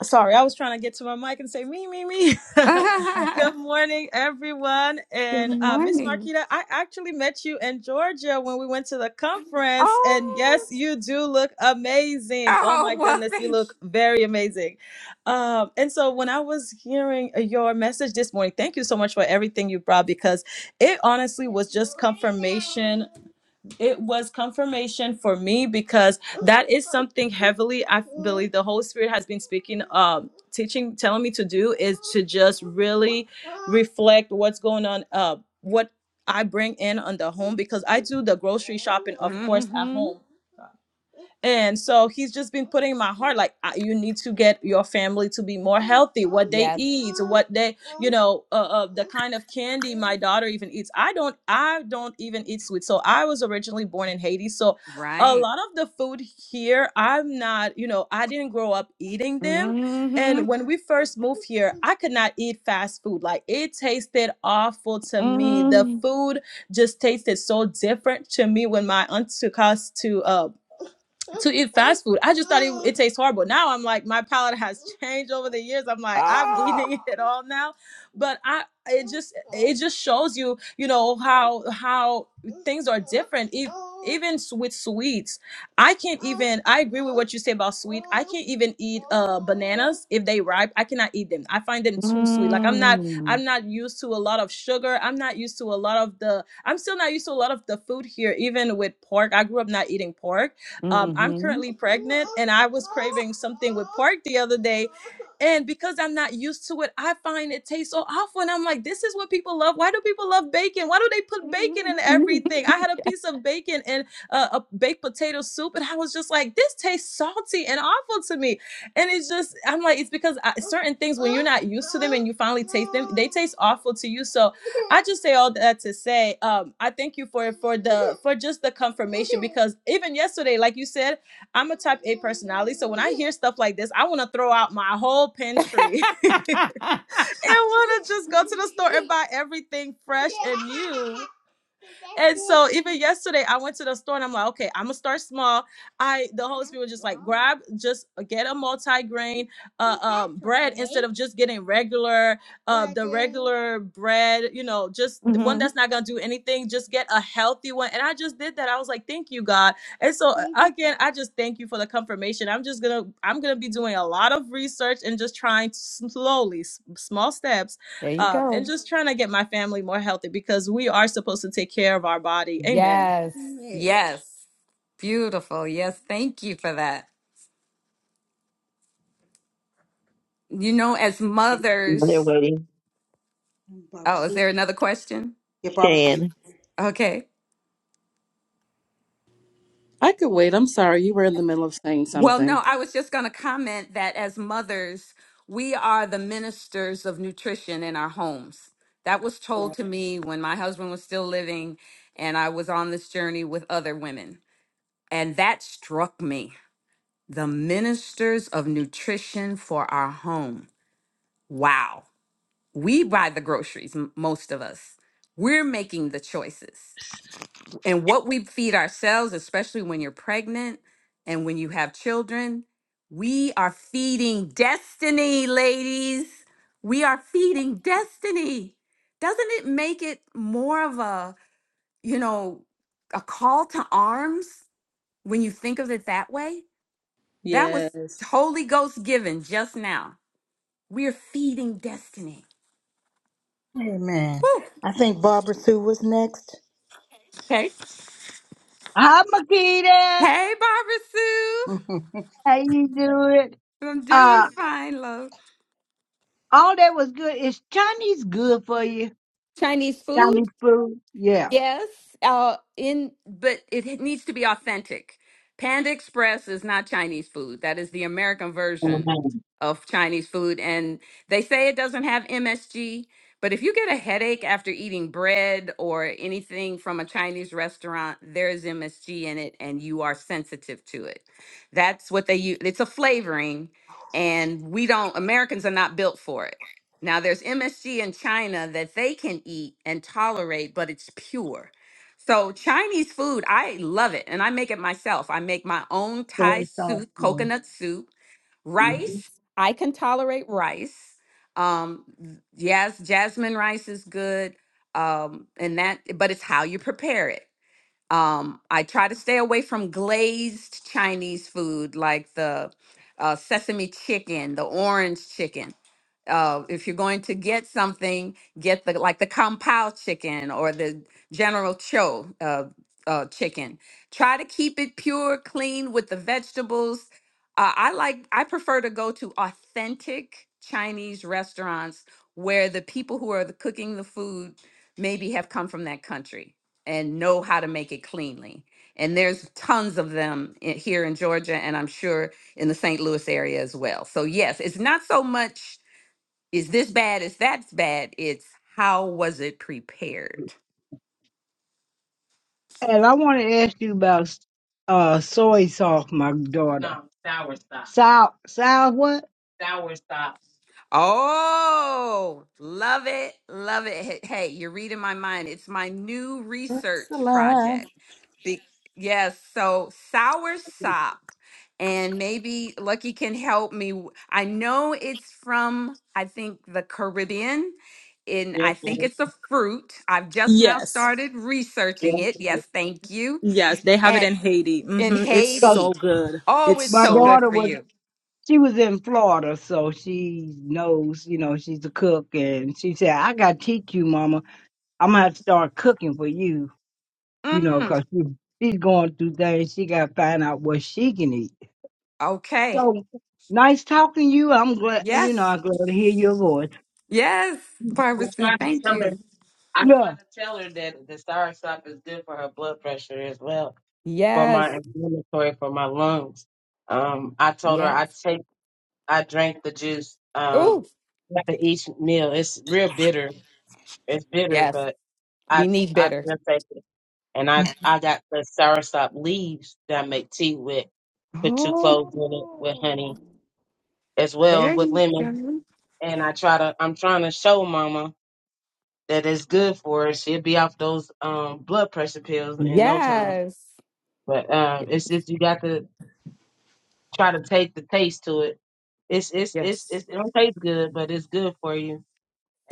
Speaker 13: Sorry, I was trying to get to my mic and say me, me, me. Good morning, everyone.
Speaker 11: Good
Speaker 13: And uh, Miss
Speaker 11: morning.
Speaker 13: Marquita, I actually met you in Georgia when we went to the conference. And
Speaker 11: Oh,
Speaker 13: yes, you do look amazing. Oh my
Speaker 11: oh, well,
Speaker 13: goodness, you
Speaker 11: thank
Speaker 13: look very amazing. Um, and so when I was hearing your message this morning, thank you so much for everything you brought because it honestly was just confirmation it was confirmation for me because that is something heavily I believe the Holy Spirit has been speaking, um, teaching, telling me to do is to just really reflect what's going on, uh, what I bring in on the home because I do the grocery shopping,
Speaker 11: you.
Speaker 13: of course, at
Speaker 11: hmm
Speaker 13: home. And so he's just been putting in my heart, like, I- you need to get your family to be more healthy, what they
Speaker 11: Yes.
Speaker 13: eat, what they, you know, uh, uh, the kind of candy my daughter even eats. I don't, I don't even eat sweets. So I was originally born in Haiti. So a
Speaker 11: Right.
Speaker 13: lot of the food here, I'm not, you know, I didn't grow up eating them.
Speaker 11: hmm
Speaker 13: And when we first moved here, I could not eat fast food. Like it tasted awful to me. The
Speaker 11: hmm
Speaker 13: food just tasted so different to me when my aunt took us to, uh, to eat fast food. I just thought it, it tastes horrible. Now I'm like, my palate has changed over the years. I'm like, I'm
Speaker 11: Oh,
Speaker 13: eating it all now, but I it just it just shows you, you know, how how things are different. If, even s- with sweets, I can't even. I agree with what you say about sweet. I can't even eat uh bananas if they ripe. I cannot eat them. I find them too sweet. Like I'm not I'm not used to a lot of sugar. I'm not used to a lot of the. I'm still not used to a lot of the food here, even with pork. I grew up not eating pork um, I'm currently pregnant and I was craving something with pork the other day. And because I'm not used to it, I find it tastes so awful. And I'm like, this is what people love. Why do people love bacon? Why do they put bacon in everything? I had a piece of bacon in a, a baked potato soup and I was just like, this tastes salty and awful to me. And it's just, I'm like, it's because I, certain things, when you're not used to them and you finally taste them, they taste awful to you. So I just say all that to say, um, I thank you for for the for just the confirmation because even yesterday, like you said, I'm a type A personality. So when I hear stuff like this, I want to throw out my whole pantry and want to just go to the store and buy everything fresh and new. And so even yesterday, I went to the store and I'm like, okay, I'm gonna start small. I the Holy Spirit was just like, grab, just uh, get a multi-grain uh, um, bread instead of just getting regular, uh, the regular bread. You know, just one that's not gonna do anything. Just get a healthy one. And I just did that. I was like, thank you, God. And so uh, again, I just thank you for the confirmation. I'm just gonna, I'm gonna be doing a lot of research and just trying to slowly, s- small steps
Speaker 11: There you
Speaker 13: um,
Speaker 11: go.
Speaker 13: and just trying to get my family more healthy because we are supposed to take care of our body. Amen.
Speaker 11: Yes. yes. Beautiful. Yes. Thank you for that. You know, as
Speaker 9: They're
Speaker 11: mothers,
Speaker 9: waiting.
Speaker 4: Barbara
Speaker 11: oh, is
Speaker 4: Sue.
Speaker 11: there another question?
Speaker 4: Yeah, Barbara Sue.
Speaker 9: Shan.
Speaker 11: Okay.
Speaker 14: I could wait. I'm sorry. You were in the middle of saying
Speaker 11: Well,
Speaker 14: something.
Speaker 11: no, I was just going to comment that as mothers, we are the ministers of nutrition in our homes. That was told to me when my husband was still living and I was on this journey with other women. And that struck me. The ministers of nutrition for our home. Wow. We buy the groceries, m- most of us. We're making the choices and what we feed ourselves, especially when you're pregnant and when you have children, we are feeding destiny, ladies. We are feeding destiny. Doesn't it make it more of a, you know, a call to arms when you think of it that way? That was
Speaker 13: Yes.
Speaker 11: Holy Ghost given just now. We're feeding destiny.
Speaker 4: Amen.
Speaker 11: Whew.
Speaker 4: I think Barbara Sue was next.
Speaker 11: Okay.
Speaker 10: hi, Makita.
Speaker 11: Hey, Barbara Sue.
Speaker 10: How you doing?
Speaker 11: I'm doing
Speaker 10: Uh,
Speaker 11: fine, love.
Speaker 10: all that was good. Is Chinese good for you?
Speaker 11: Chinese food?
Speaker 10: Chinese food? Yeah.
Speaker 11: Yes, uh, in but it h- needs to be authentic. Panda Express is not Chinese food. That is the American version
Speaker 10: Amen.
Speaker 11: of Chinese food, and they say it doesn't have MSG. But if you get a headache after eating bread or anything from a Chinese restaurant, there is MSG in it, and you are sensitive to it. That's what they use. It's a flavoring, and we don't. Americans are not built for it now, there's MSG in China that they can eat and tolerate, but it's pure. So, Chinese food, I love it and I make it myself. I make my own Thai
Speaker 10: Soy sauce.
Speaker 11: soup,
Speaker 10: yeah.
Speaker 11: coconut soup,
Speaker 10: Mhm.
Speaker 11: rice. I can tolerate rice. Um, yes, jasmine rice is good. Um, and that, but it's how you prepare it. Um, I try to stay away from glazed Chinese food like the uh, sesame chicken, the orange chicken. Uh, if you're going to get something, get the like the compound chicken or the General Cho uh, uh, chicken. Try to keep it pure, clean with the vegetables. Uh, I like. I prefer to go to authentic Chinese restaurants where the people who are the, cooking the food maybe have come from that country and know how to make it cleanly. And there's tons of them i- here in Georgia, and I'm sure in the St. Louis area as well. So yes, it's not so much is this bad? Is that's bad? It's how was it prepared?
Speaker 10: And I want to ask you about uh soy sauce, my daughter. No, sour sauce. Sour, sour what? Sour sauce.
Speaker 11: Oh, love it. Love it. Hey, hey, you're reading my mind. It's my new research
Speaker 4: Excellent.
Speaker 11: project. Be- yes. So, sour sop. And maybe Lucky can help me. w- I know it's from, I think, the Caribbean. And
Speaker 10: Yes,
Speaker 11: I think
Speaker 10: Lord.
Speaker 11: it's a fruit. I've just now
Speaker 13: Yes.
Speaker 11: started
Speaker 10: Yes.
Speaker 11: researching it. Yes, thank you.
Speaker 13: Yes. They have it in Haiti.
Speaker 11: in
Speaker 13: hmm It's
Speaker 10: So
Speaker 11: Haiti.
Speaker 13: so good.
Speaker 11: Oh,
Speaker 13: It's
Speaker 11: it's
Speaker 10: my
Speaker 11: so
Speaker 13: so
Speaker 11: good
Speaker 13: good.
Speaker 10: daughter
Speaker 11: for
Speaker 10: was
Speaker 11: you.
Speaker 10: she was in Florida, so she knows, you know, she's a cook. And she said, I got to teach you, Mama. I'm going to have to start cooking for you, you know,
Speaker 11: Mm,
Speaker 10: 'cause she, she's going through things. She got to find out what she can eat.
Speaker 11: okay.
Speaker 10: So nice talking to you. I'm glad, you know,
Speaker 11: Yes.
Speaker 10: I'm glad to hear your voice.
Speaker 11: Yes.
Speaker 10: I'm
Speaker 11: Barbara Sue,
Speaker 10: trying to
Speaker 11: thank
Speaker 10: tell her.
Speaker 11: you.
Speaker 10: I'm Yeah. trying to tell her that the sour sop is good for her blood pressure as well, for
Speaker 11: Yes.
Speaker 10: my inflammatory, for my lungs. Um, I told her
Speaker 11: Yes.
Speaker 10: I take. I drank the juice um
Speaker 11: Oh,
Speaker 10: after each meal. It's real bitter. It's bitter,
Speaker 11: yes.
Speaker 10: but I
Speaker 11: We need
Speaker 10: I
Speaker 11: better.
Speaker 10: still take it. And I I got the soursop leaves that I make tea with. Put two cloves in it with honey as well with lemon. And I try to I'm trying to show Mama that it's good for her. She'll be off those um blood pressure pills in
Speaker 11: Yes.
Speaker 10: no time. But um
Speaker 11: Yes.
Speaker 10: it's just you got to try to take the taste to it. It's it's it's,
Speaker 11: Yes.
Speaker 10: it's it don't taste good, but it's good for you.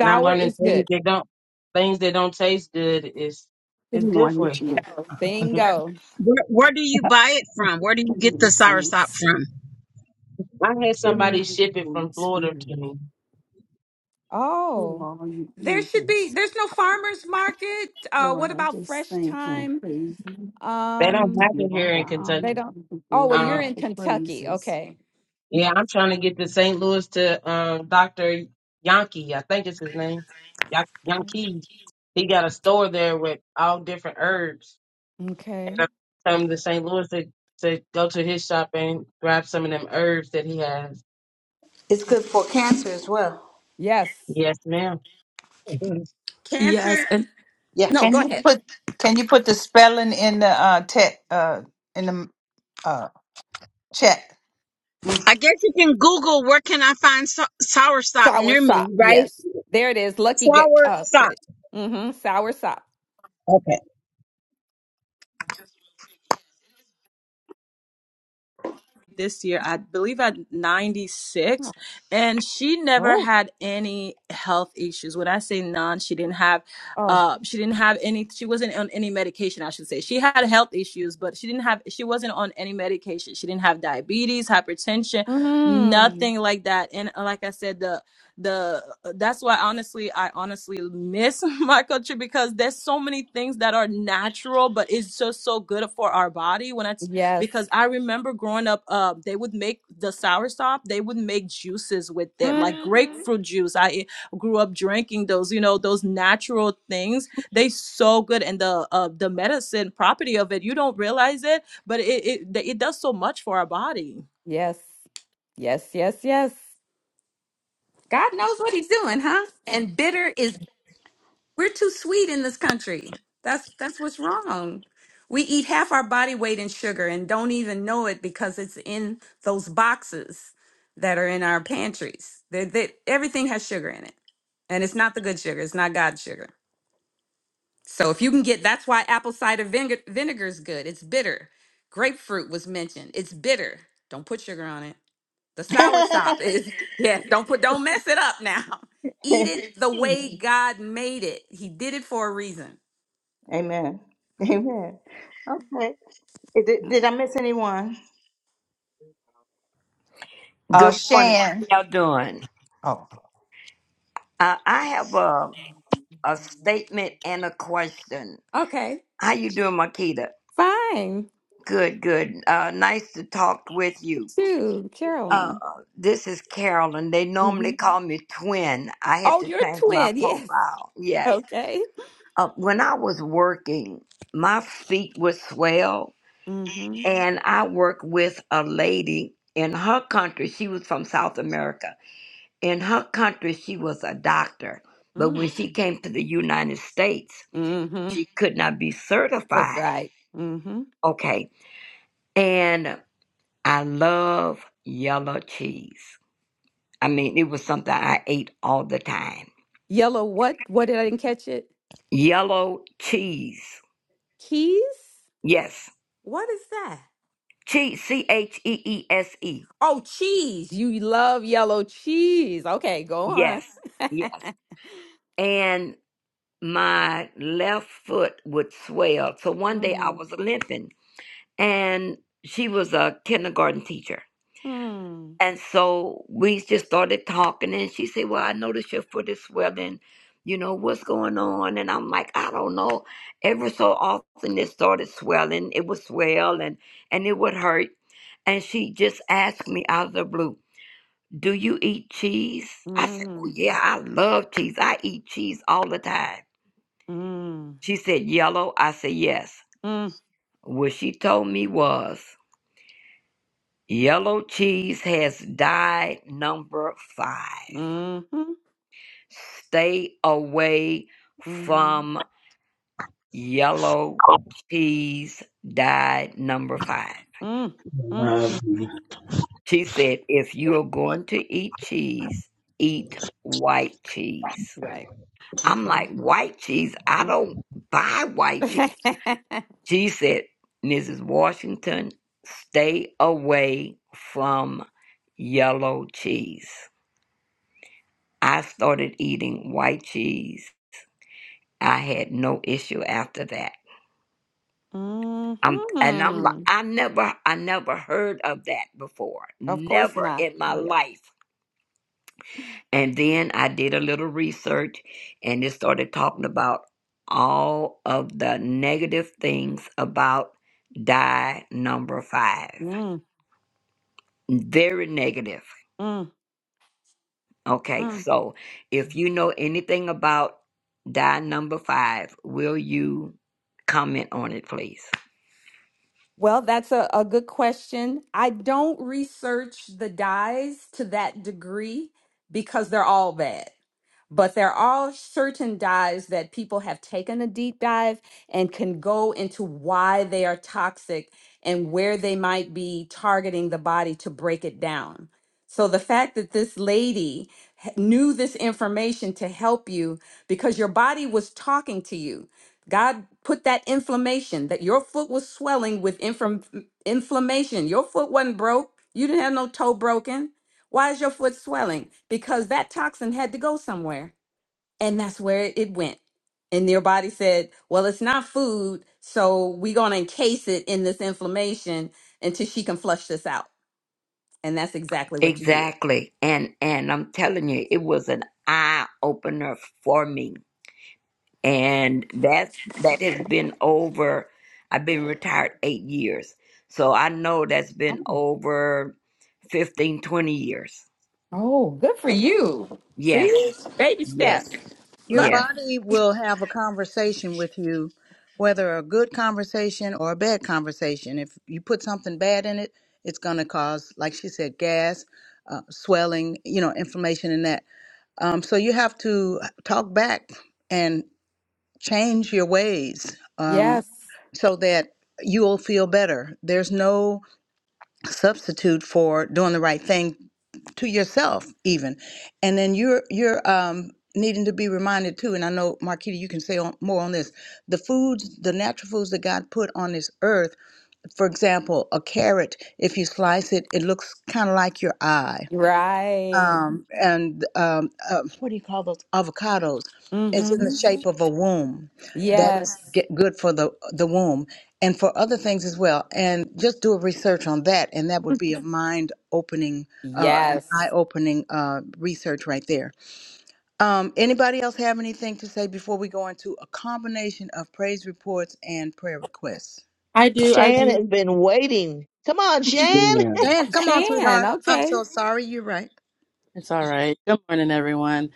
Speaker 10: and I'm learning things
Speaker 11: it.
Speaker 10: that don't things that don't taste good is
Speaker 15: Good
Speaker 10: is good for
Speaker 15: morning, Jesus.
Speaker 10: you.
Speaker 15: Good
Speaker 11: Bingo.
Speaker 12: Where, where do you buy it from? Where do you get the
Speaker 15: morning,
Speaker 12: soursop
Speaker 15: saints.
Speaker 12: from?
Speaker 10: I had
Speaker 15: Good
Speaker 10: somebody
Speaker 15: morning,
Speaker 10: ship it
Speaker 15: Holy
Speaker 10: from Florida to
Speaker 15: Spirit.
Speaker 10: me.
Speaker 11: Oh,
Speaker 15: Hello, you
Speaker 11: There should be,
Speaker 15: angels.
Speaker 11: there's no farmer's market. Uh, what
Speaker 15: Lord, I
Speaker 11: about? about
Speaker 15: just
Speaker 11: fresh
Speaker 15: thank and
Speaker 11: time?
Speaker 15: praise you.
Speaker 10: They
Speaker 15: I
Speaker 10: don't
Speaker 15: give
Speaker 11: Um,
Speaker 10: have
Speaker 15: you
Speaker 10: it here
Speaker 15: all the
Speaker 10: in
Speaker 15: honor,
Speaker 11: they
Speaker 10: Kentucky.
Speaker 11: don't.
Speaker 15: all the
Speaker 11: Oh, well,
Speaker 15: glory,
Speaker 10: Um,
Speaker 11: you're
Speaker 15: all
Speaker 11: in
Speaker 15: the
Speaker 11: Kentucky.
Speaker 15: praises.
Speaker 11: Okay.
Speaker 10: yeah, I'm trying to get to St. Louis to um, Doctor Yankee, I think is his name. Ya- Yankees. He got a store there with all different herbs, and
Speaker 11: Okay.
Speaker 10: I'm coming to St. Louis to, to go to his shop and grab some of them herbs that he has.
Speaker 4: It's good for cancer as well.
Speaker 11: Yes.
Speaker 10: Yes, ma'am.
Speaker 11: Ca-
Speaker 13: Yes. And
Speaker 4: Yeah.
Speaker 11: No, go
Speaker 7: Can you
Speaker 11: ahead.
Speaker 7: put Can you put the spelling in the uh, te- uh in the uh, chat?
Speaker 4: Mm.
Speaker 12: I guess you can Google where can I find sou- soursop
Speaker 11: Sour
Speaker 12: near
Speaker 11: sop.
Speaker 12: me, right?
Speaker 11: Yes. There it is. Lucky get uh
Speaker 12: Soursop.
Speaker 11: put it. Mm-hmm. Sour sop.
Speaker 12: Okay.
Speaker 13: this year, I believe at 96,
Speaker 11: Oh.
Speaker 13: and she never
Speaker 11: Oh.
Speaker 13: had any health issues. When I say none, she didn't have,
Speaker 11: oh.
Speaker 13: uh, she didn't have any. She wasn't on any medication, I should say. She had health issues, but she didn't have. She wasn't on any medication. She didn't have diabetes, hypertension,
Speaker 11: Mm-hmm.
Speaker 13: nothing like that. And uh, like I said, the the that's why honestly i honestly miss my country because there's so many things that are natural but it's just so good for our body when I
Speaker 11: Yes.
Speaker 13: because I remember growing up, um, they would make the sour stop. They would make juices with them, like
Speaker 11: Mm-hmm.
Speaker 13: grapefruit juice. I grew up drinking those, you know, those natural things. They so good, and the uh, the medicine property of it, you don't realize it, but it it, it does so much for our body.
Speaker 11: Yes. Yes. Yes. Yes. God knows what he's doing, huh? And bitter is we're too sweet in this country. That's that's what's wrong. We eat half our body weight in sugar and don't even know it because it's in those boxes that are in our pantries. They, they, everything has sugar in it, and it's not the good sugar. It's not God's sugar. So if you can get, that's why apple cider vinegar vinegar is good. It's bitter. Grapefruit was mentioned. It's bitter. Don't put sugar on it. The sour top is yes. Don't put. Don't mess it up now. Eat it the way God made it. He did it for a reason.
Speaker 4: Amen. Amen. Okay. Did, did I miss anyone?
Speaker 7: Uh,
Speaker 16: Good morning.
Speaker 7: Shan.
Speaker 16: How y'all doing?
Speaker 7: Oh,
Speaker 16: Uh, I have a a statement and a question.
Speaker 11: Okay,
Speaker 16: How you doing, Makita?
Speaker 11: fine.
Speaker 16: Good, good. Uh, nice to talk with you.
Speaker 11: Two,
Speaker 16: Uh,
Speaker 11: Carolyn.
Speaker 16: this is Carolyn. They normally
Speaker 11: hmm
Speaker 16: call me Twin. I had
Speaker 11: Oh,
Speaker 16: to
Speaker 11: you're a
Speaker 16: change my
Speaker 11: twin. Yes.
Speaker 16: profile. Yes.
Speaker 11: Okay.
Speaker 16: Uh, when I was working, my feet would swell,
Speaker 11: Mm-hmm.
Speaker 16: and I worked with a lady in her country. She was from South America In her country, she was a doctor, but when
Speaker 11: Mm.
Speaker 16: she came to the United States,
Speaker 11: Mm-hmm.
Speaker 16: she could not be
Speaker 11: That's
Speaker 16: certified.
Speaker 11: right. Mm-hmm.
Speaker 16: Okay, and I love yellow cheese. I mean, it was something I ate all the time.
Speaker 11: Yellow. What? What did I didn't catch it?
Speaker 16: Yellow cheese.
Speaker 11: Keys.
Speaker 16: Yes.
Speaker 11: What is that?
Speaker 16: Cheese, C H E E S E.
Speaker 11: Oh, cheese. You love yellow cheese. Okay, go on.
Speaker 16: Yes. Yes. And my left foot would swell. So one day I
Speaker 11: Mm,
Speaker 16: was limping, and she was a kindergarten teacher
Speaker 11: mm,
Speaker 16: And so we just started talking, and she said, Well, I noticed your foot is swelling. You know, what's going on? And I'm like, I don't know. Ever so often, it started swelling. It would swell and, and it would hurt. And she just asked me out of the blue, Do you eat cheese? I said, Oh,
Speaker 11: mm,
Speaker 16: yeah, I love cheese. I eat cheese all the time.
Speaker 11: mm,
Speaker 16: She said, Yellow? I said, Yes.
Speaker 11: mm,
Speaker 16: What she told me was, Yellow cheese has died number five.
Speaker 11: mhm,
Speaker 16: Stay away
Speaker 11: mhm,
Speaker 16: from yellow cheese dyed number five.
Speaker 11: mm, mm.
Speaker 17: Mavitu
Speaker 16: She said, if you are going to eat cheese, eat white cheese.
Speaker 11: Right.
Speaker 16: I'm
Speaker 11: Okay.
Speaker 16: like, white cheese? I don't buy white cheese. She said, Mrs. Washington, stay away from yellow cheese. I started eating white cheese. I had no issue after that.
Speaker 11: mm-hmm.
Speaker 16: Um, and I'm like, I never, I never heard of that before,
Speaker 11: Of course
Speaker 16: never
Speaker 11: not.
Speaker 16: in my
Speaker 11: Yeah.
Speaker 16: life. And then I did a little research, and it started talking about all of the negative things about die number five.
Speaker 11: Mm,
Speaker 16: Very negative.
Speaker 11: mm,
Speaker 16: Okay,
Speaker 11: mm.
Speaker 16: so if you know anything about die number five, will you comment on it, please?
Speaker 11: Well, that's a, a good question. I don't research the dyes to that degree because they're all bad. but there are certain dyes that people have taken a deep dive and can go into why they are toxic and where they might be targeting the body to break it down. So the fact that this lady h- knew this information to help you because your body was talking to you. God put that inflammation that your foot was swelling with inflam- inflammation. Your foot wasn't broke. You didn't have no toe broken why is your foot swelling? Because that toxin had to go somewhere, and that's where it went. And your body said, Well, it's not food, so we're going to encase it in this inflammation until she can flush this out. And that's exactly what you did.
Speaker 16: Exactly. And and I'm telling you, it was an eye opener for me. And that that has been over I've been retired 8 years. So I know that's been over 15, 20 years.
Speaker 11: Oh, good for you. See
Speaker 16: Yes.
Speaker 11: this? Baby step.
Speaker 16: Yes.
Speaker 4: Your
Speaker 16: Yes.
Speaker 4: body will have a conversation with you, whether a good conversation or a bad conversation. If you put something bad in it, it's going to cause, like she said, gas, uh, swelling, you know, inflammation and that. Um, so you have to talk back and change your ways um,
Speaker 11: Yes.
Speaker 4: so that you will feel better. There's no substitute for doing the right thing to yourself even and then you're you're um needing to be reminded too and i know marquita you can say on, more on this the foods the natural foods that god put on this earth for example a carrot if you slice it it looks kind of like your eye
Speaker 11: Right.
Speaker 4: um, and um, uh, what do you call those avocados? It's in the
Speaker 11: Mm-hmm.
Speaker 4: shape of a womb. That's
Speaker 11: Yes.
Speaker 4: get good for the the womb and for other things as well. And just do a research on that, and that would be a mind opening, uh, eye
Speaker 11: Yes.
Speaker 4: opening uh, research right there. Um, anybody else have anything to say before we go into a combination of praise reports and prayer requests?
Speaker 14: I do. I
Speaker 9: Shan
Speaker 14: do.
Speaker 9: has been waiting. Come on, Shan.
Speaker 4: Dan, come on,
Speaker 11: Shan,
Speaker 4: sweetheart. I'm
Speaker 11: okay.
Speaker 4: so sorry. You're right.
Speaker 14: It's all right. Good morning, everyone.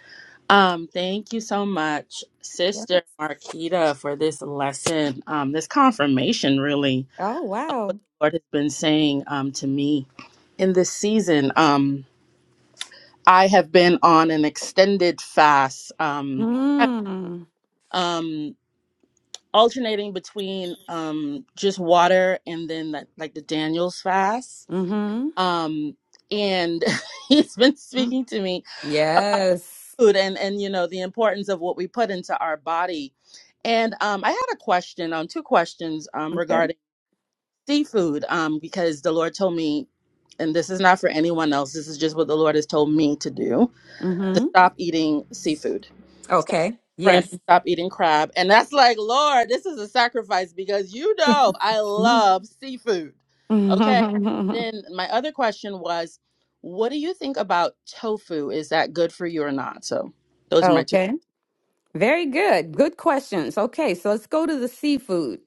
Speaker 14: Um, thank you so much,
Speaker 11: Yes.
Speaker 14: Sister Marquita, for this lesson, um, this confirmation, really,
Speaker 11: Oh,
Speaker 14: of what
Speaker 11: wow.
Speaker 14: the Lord has been saying um, to me in this season. Um, I have been on an extended fast, um,
Speaker 11: Mm-hmm.
Speaker 14: um, alternating between um, just water and then like like the Daniel's fast
Speaker 11: Mm-hmm.
Speaker 14: um and he's been speaking to me
Speaker 11: Yes.
Speaker 14: food and and you know the importance of what we put into our body and um i had a question um two questions um
Speaker 11: Okay.
Speaker 14: regarding seafood um because the lord told me and this is not for anyone else this is just what the lord has told me to do to
Speaker 11: Mm-hmm.
Speaker 14: stop eating seafood, stop
Speaker 11: Okay.
Speaker 14: shrimp,
Speaker 11: Yes.
Speaker 14: stop eating crab. And that's like, Lord, this is a sacrifice because you know I love seafood. Okay. Then my other question was, what do you think about tofu? Is that good for you or not? So those are my two.
Speaker 11: okay. Very good. Good questions. Okay, so let's go to the seafood.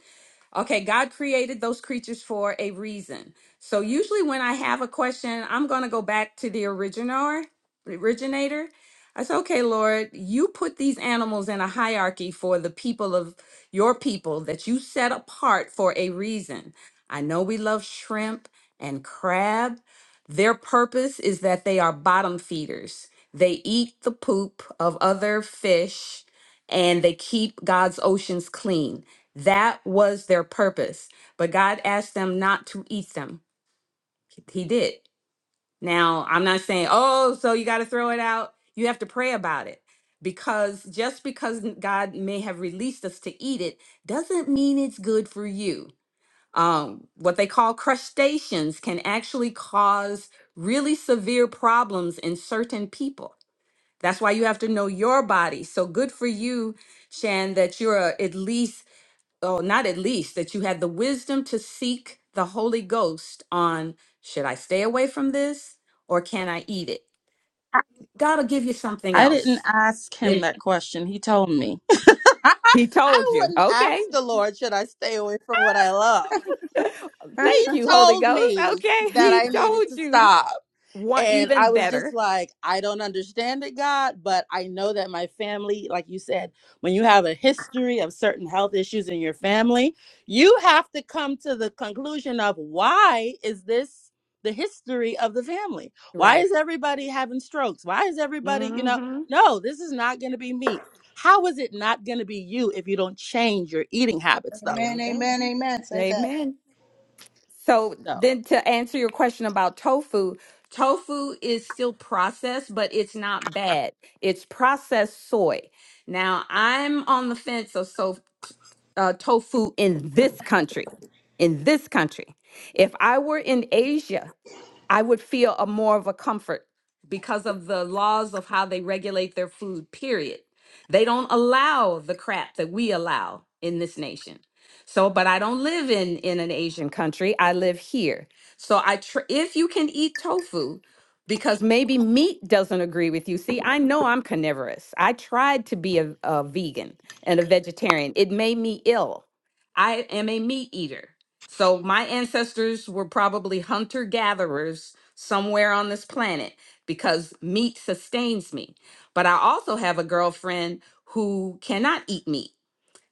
Speaker 11: Okay, God created those creatures for a reason. So usually when I have a question, I'm going to go back to the original originator. I say, "Okay, Lord, you put these animals in a hierarchy for the people of your people that you set apart for a reason. I know we love shrimp and crab. Their purpose is that they are bottom feeders. They eat the poop of other fish and they keep God's oceans clean. That was their purpose. But God asked them not to eat them. He did. Now, I'm not saying, oh, so you got to throw it out. You have to pray about it. Because just because n- God may have released us to eat it doesn't mean it's good for you. Um, what they call crustaceans can actually cause really severe problems in certain people. That's why you have to know your body. So good for you, Shan, that you're a, at least oh, not at least, that you had the wisdom to seek the Holy Ghost on should I stay away from this or can I eat it?
Speaker 14: I
Speaker 11: God will give you something
Speaker 14: I
Speaker 11: else.
Speaker 14: didn't ask him
Speaker 11: He
Speaker 14: that question. He told me.
Speaker 11: he
Speaker 14: I
Speaker 11: told you.
Speaker 14: wouldn't
Speaker 11: Okay.
Speaker 14: ask the Lord, should I stay away from what I love? He
Speaker 11: Thank you, Holy
Speaker 14: told
Speaker 11: Ghost.
Speaker 14: me
Speaker 11: Okay.
Speaker 14: that
Speaker 11: He
Speaker 14: I needed
Speaker 11: told
Speaker 14: to
Speaker 11: you.
Speaker 14: stop.
Speaker 11: What
Speaker 14: And I
Speaker 11: even
Speaker 14: was just
Speaker 11: better.
Speaker 14: like, I don't understand it, God, but I know that my family, like you said, when you have a history of certain health issues in your family, you have to come to the conclusion of why is this the history of the family? Why
Speaker 11: Right.
Speaker 14: is everybody having strokes? Why is everybody, you know,
Speaker 11: hmm
Speaker 14: no, this is not going to be me. How is it not going to be you if you don't change your eating habits,
Speaker 11: There
Speaker 14: though?
Speaker 11: you
Speaker 4: Amen.
Speaker 11: go.
Speaker 4: Amen. Amen. Say that.
Speaker 11: Amen. So
Speaker 14: So,
Speaker 11: then to answer your question about tofu, tofu is still processed, but it's not bad. It's processed soy. Now I'm on the fence of so uh, tofu in this country. In this country. If I were in Asia, I would feel a more of a comfort because of the laws of how they regulate their food, period. They don't allow the crap that we allow in this nation. So, but I don't live in in an Asian country. I live here. So I tr- if you can eat tofu because maybe meat doesn't agree with you. See, I know I'm carnivorous. I tried to be a, a vegan and a vegetarian. It made me ill. I am a meat eater. So my ancestors were probably hunter gatherers somewhere on this planet because meat sustains me. But I also have a girlfriend who cannot eat meat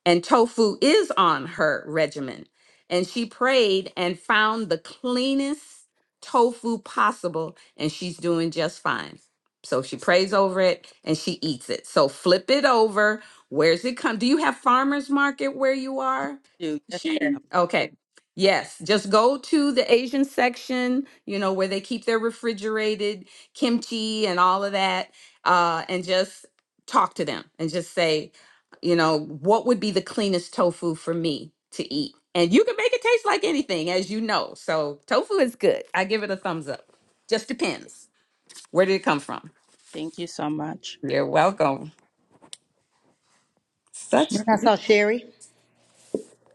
Speaker 11: and tofu is on her regimen. And she prayed and found the cleanest tofu possible, and she's doing just fine. So she prays over it and she eats it. So flip it over. Where's it come? Do you have farmers market where you are?
Speaker 14: do yes,
Speaker 11: Sure.
Speaker 14: ma'am.
Speaker 11: Okay. Yes, just go to the Asian section, you know, where they keep their refrigerated kimchi and all of that, uh, and just talk to them and just say, you know, what would be the cleanest tofu for me to eat? And you can make it taste like anything, as you know. So tofu is good. I give it a thumbs up. Just depends. Where did it come from?
Speaker 14: thank you so much.
Speaker 11: You're welcome. Such.
Speaker 4: And I saw Sherry.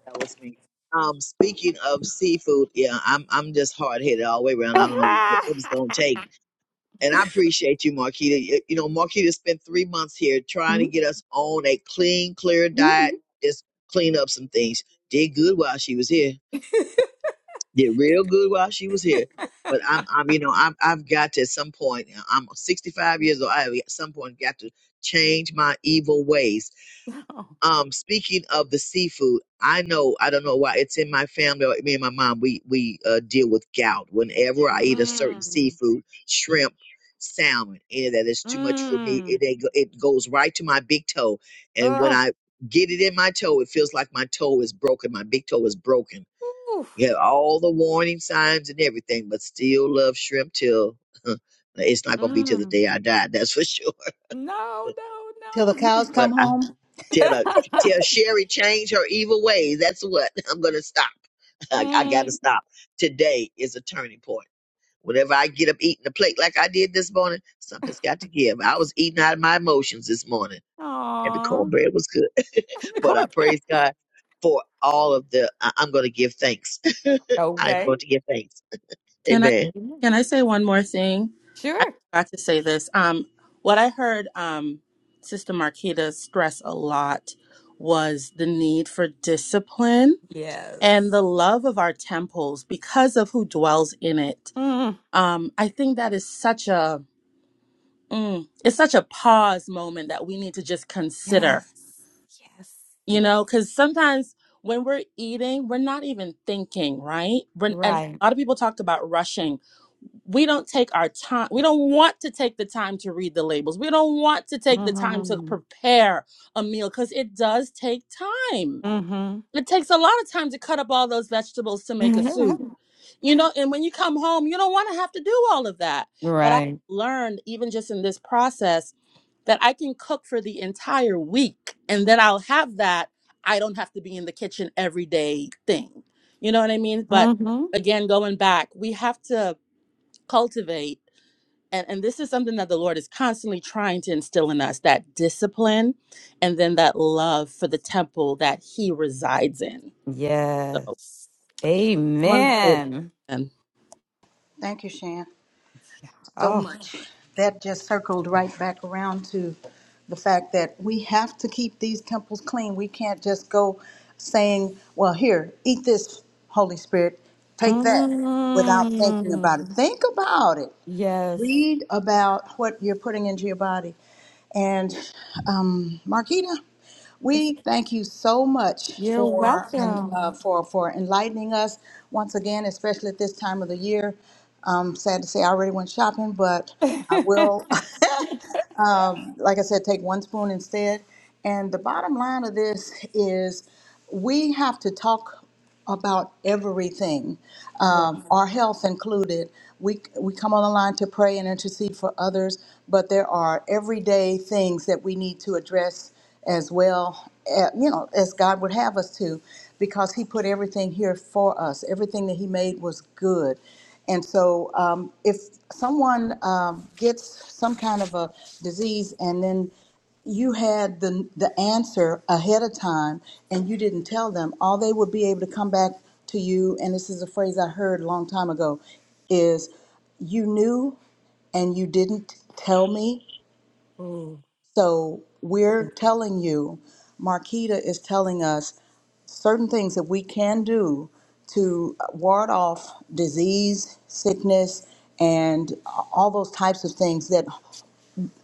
Speaker 9: That was me. Um, speaking of seafood, yeah, I'm I'm just hard headed all the way around. I don't know what, what it's gonna take. And I appreciate you, Marquita. You, you know, Marquita spent three months here trying to get us on a clean, clear diet.
Speaker 11: Mm.
Speaker 9: Just clean up some things. Did good while she was here. Did real good while she was here. But I'm I'm you know I'm I've got to at some point. I'm 65 years old. I have at some point got to change my evil ways Um, speaking of the seafood, I know I don't know why it's in my family. Or me and my mom, we we uh, deal with gout. Whenever I eat a certain
Speaker 11: Mm.
Speaker 9: seafood, shrimp, salmon, any of that is too much for me.
Speaker 11: Mm.
Speaker 9: It ain't go- it goes right to my big toe, and when
Speaker 11: Ugh.
Speaker 9: I get it in my toe, it feels like my toe is broken. My big toe is broken.
Speaker 11: Oof.
Speaker 9: Yeah, all the warning signs and everything, but still love shrimp till it's not gonna be till the
Speaker 11: Mm.
Speaker 9: day I die. That's for sure.
Speaker 11: No,
Speaker 4: Till the
Speaker 11: no, no.
Speaker 4: cows come
Speaker 9: But
Speaker 4: home?
Speaker 9: Tell, her- tell Sherry change her evil ways. That's what I'm gonna stop. I, I gotta
Speaker 11: mm.
Speaker 9: stop. Today is a turning point. Whenever I get up eating the plate like I did this morning, something's got to give. I was eating out of my emotions this morning, and the
Speaker 11: Aw.
Speaker 9: cornbread was good.
Speaker 11: Go
Speaker 9: But I
Speaker 11: over there.
Speaker 9: praise God for all of the. I, I'm gonna give thanks. I'm
Speaker 11: Okay.
Speaker 9: going to give thanks.
Speaker 14: Can I
Speaker 9: Amen.
Speaker 14: can I say one more thing? I
Speaker 11: Sure.
Speaker 14: forgot to say this. Um, what I heard um, Sister Marquita stress a lot was the need for discipline
Speaker 11: Yes.
Speaker 14: and the love of our temples because of who dwells in it.
Speaker 11: Mm.
Speaker 14: Um, I think that is such a mm, it's such a pause moment that we need to just
Speaker 11: Yes.
Speaker 14: consider
Speaker 11: Yes.
Speaker 14: you
Speaker 11: Yeah.
Speaker 14: know because sometimes when we're eating we're not even thinking right we and
Speaker 11: Right.
Speaker 14: a lot of people talk about rushing we don't take our time we don't want to take the time to read the labels we don't want to take the time to
Speaker 11: Mm-hmm.
Speaker 14: prepare a meal because it does take time
Speaker 11: Mm-hmm.
Speaker 14: it takes a lot of time to cut up all those vegetables to make a soup you know and when you come home you don't want to have to do all of that but i
Speaker 11: Right.
Speaker 14: learned even just in this process that I can cook for the entire week and then I'll have that. I don't have to be in the kitchen every day thing. You know what I mean? But
Speaker 11: Mm-hmm.
Speaker 14: again, going back, we have to cultivate, and, and this is something that the Lord is constantly trying to instill in us that discipline and then that love for the temple that He resides in. So,
Speaker 11: yes.
Speaker 14: just wanted to say
Speaker 11: Amen.
Speaker 14: that.
Speaker 4: Thank you, Shan,
Speaker 11: Yeah.
Speaker 4: so
Speaker 11: Oh,
Speaker 4: much. That just circled right back around to the fact that we have to keep these temples clean. We can't just go saying, well, here, eat this, Holy Spirit, take that, without thinking about it.
Speaker 11: Mm-hmm.
Speaker 4: Think about it.
Speaker 11: yes.
Speaker 4: read about what you're putting into your body. And um, Marquita,
Speaker 11: Yes.
Speaker 4: we thank you so much
Speaker 11: You're
Speaker 4: for and uh,
Speaker 11: welcome.
Speaker 4: for for enlightening us once again, especially at this time of the year. Um, sad to say, I already went shopping, but I will. like I said, take one spoon instead. And the bottom line of this is we have to talk about everything, um,
Speaker 11: Yes.
Speaker 4: our health included. We, we come on the line to pray and intercede for others, but there are everyday things that we need to address as well, uh, you know, as God would have us to, because He put everything here for us. Everything that He made was good. And so, um, if someone um, gets some kind of a disease and then you had the the answer ahead of time and you didn't tell them, all they would be able to come back to you. And this is a phrase I heard a long time ago: is you knew and you didn't tell me so we're telling you, Marquita is telling us certain things that we can do to ward off disease, sickness, and all those types of things that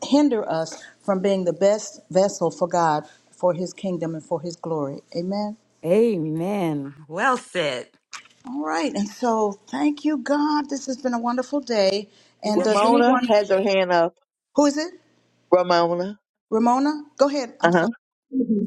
Speaker 4: hinder us from being the best vessel for God, for His kingdom, and for His glory. Amen.
Speaker 11: A-
Speaker 4: All right, and so thank you, God. This has been a wonderful day. And does
Speaker 11: Yes.
Speaker 9: Ramona
Speaker 4: anyone,
Speaker 9: has her hand up.
Speaker 4: who is it?
Speaker 9: Ramona.
Speaker 4: Ramona? Go ahead. I'm
Speaker 9: Uh
Speaker 4: sorry.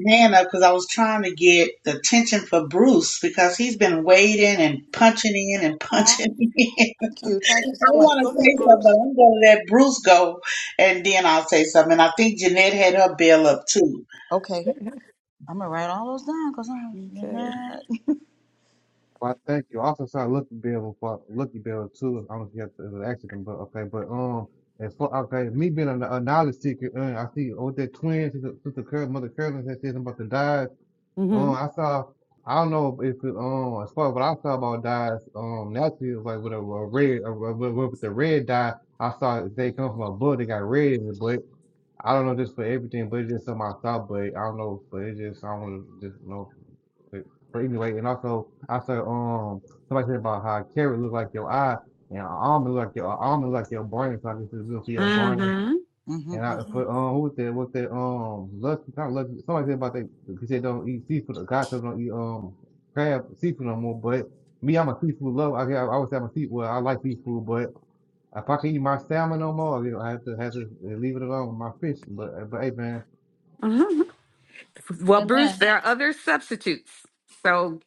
Speaker 18: hand up because I was trying to get the attention for Bruce because he's been waiting and punching in and
Speaker 4: Oh,
Speaker 18: punching in.
Speaker 4: thank you. Thank
Speaker 18: I
Speaker 4: you so much.
Speaker 18: want
Speaker 4: Go
Speaker 18: to say
Speaker 4: ahead,
Speaker 18: something,
Speaker 4: Bruce.
Speaker 18: but I'm going to let Bruce go and then I'll say something. And I think Jeanette had her bell up too.
Speaker 4: Okay. I'm gonna write all those down because I'm
Speaker 11: okay.
Speaker 4: not.
Speaker 5: well, I thank you. also sorry, Lucky Bell for Lucky Bell too. I don't know if you have to, it was an accident, but okay. But um, as for okay, me being a, a knowledge seeker, uh, I see with that twin sister, sister Curl, mother Curlin that said about to die. Um,
Speaker 11: Mm-hmm.
Speaker 5: I saw. I don't know if it, um as far as what I saw about dyes um naturally it was like with a, a red a, a- with the red dye I saw they come from a bull that got red in it but I don't know just for everything, but it's just something I thought, but I don't know, but it's just I want to just you know. But but anyway, and also I said um somebody said about how carrot look like your eye and almond look like your almond look like your brain, so I guess it's good for your brain. And I for um who was that? What that um lucky not lucky? Somebody said about that he said don't eat seafood. The guy said don't eat um crab seafood no more. But me, I'm a seafood lover. I, I always have i a seafood. Well, I like seafood, but. If I can eat my salmon no more, I have to have to leave it alone with my fish. But but hey man,
Speaker 11: Mm-hmm. Well, Bruce,
Speaker 4: Amen.
Speaker 11: there are other substitutes. So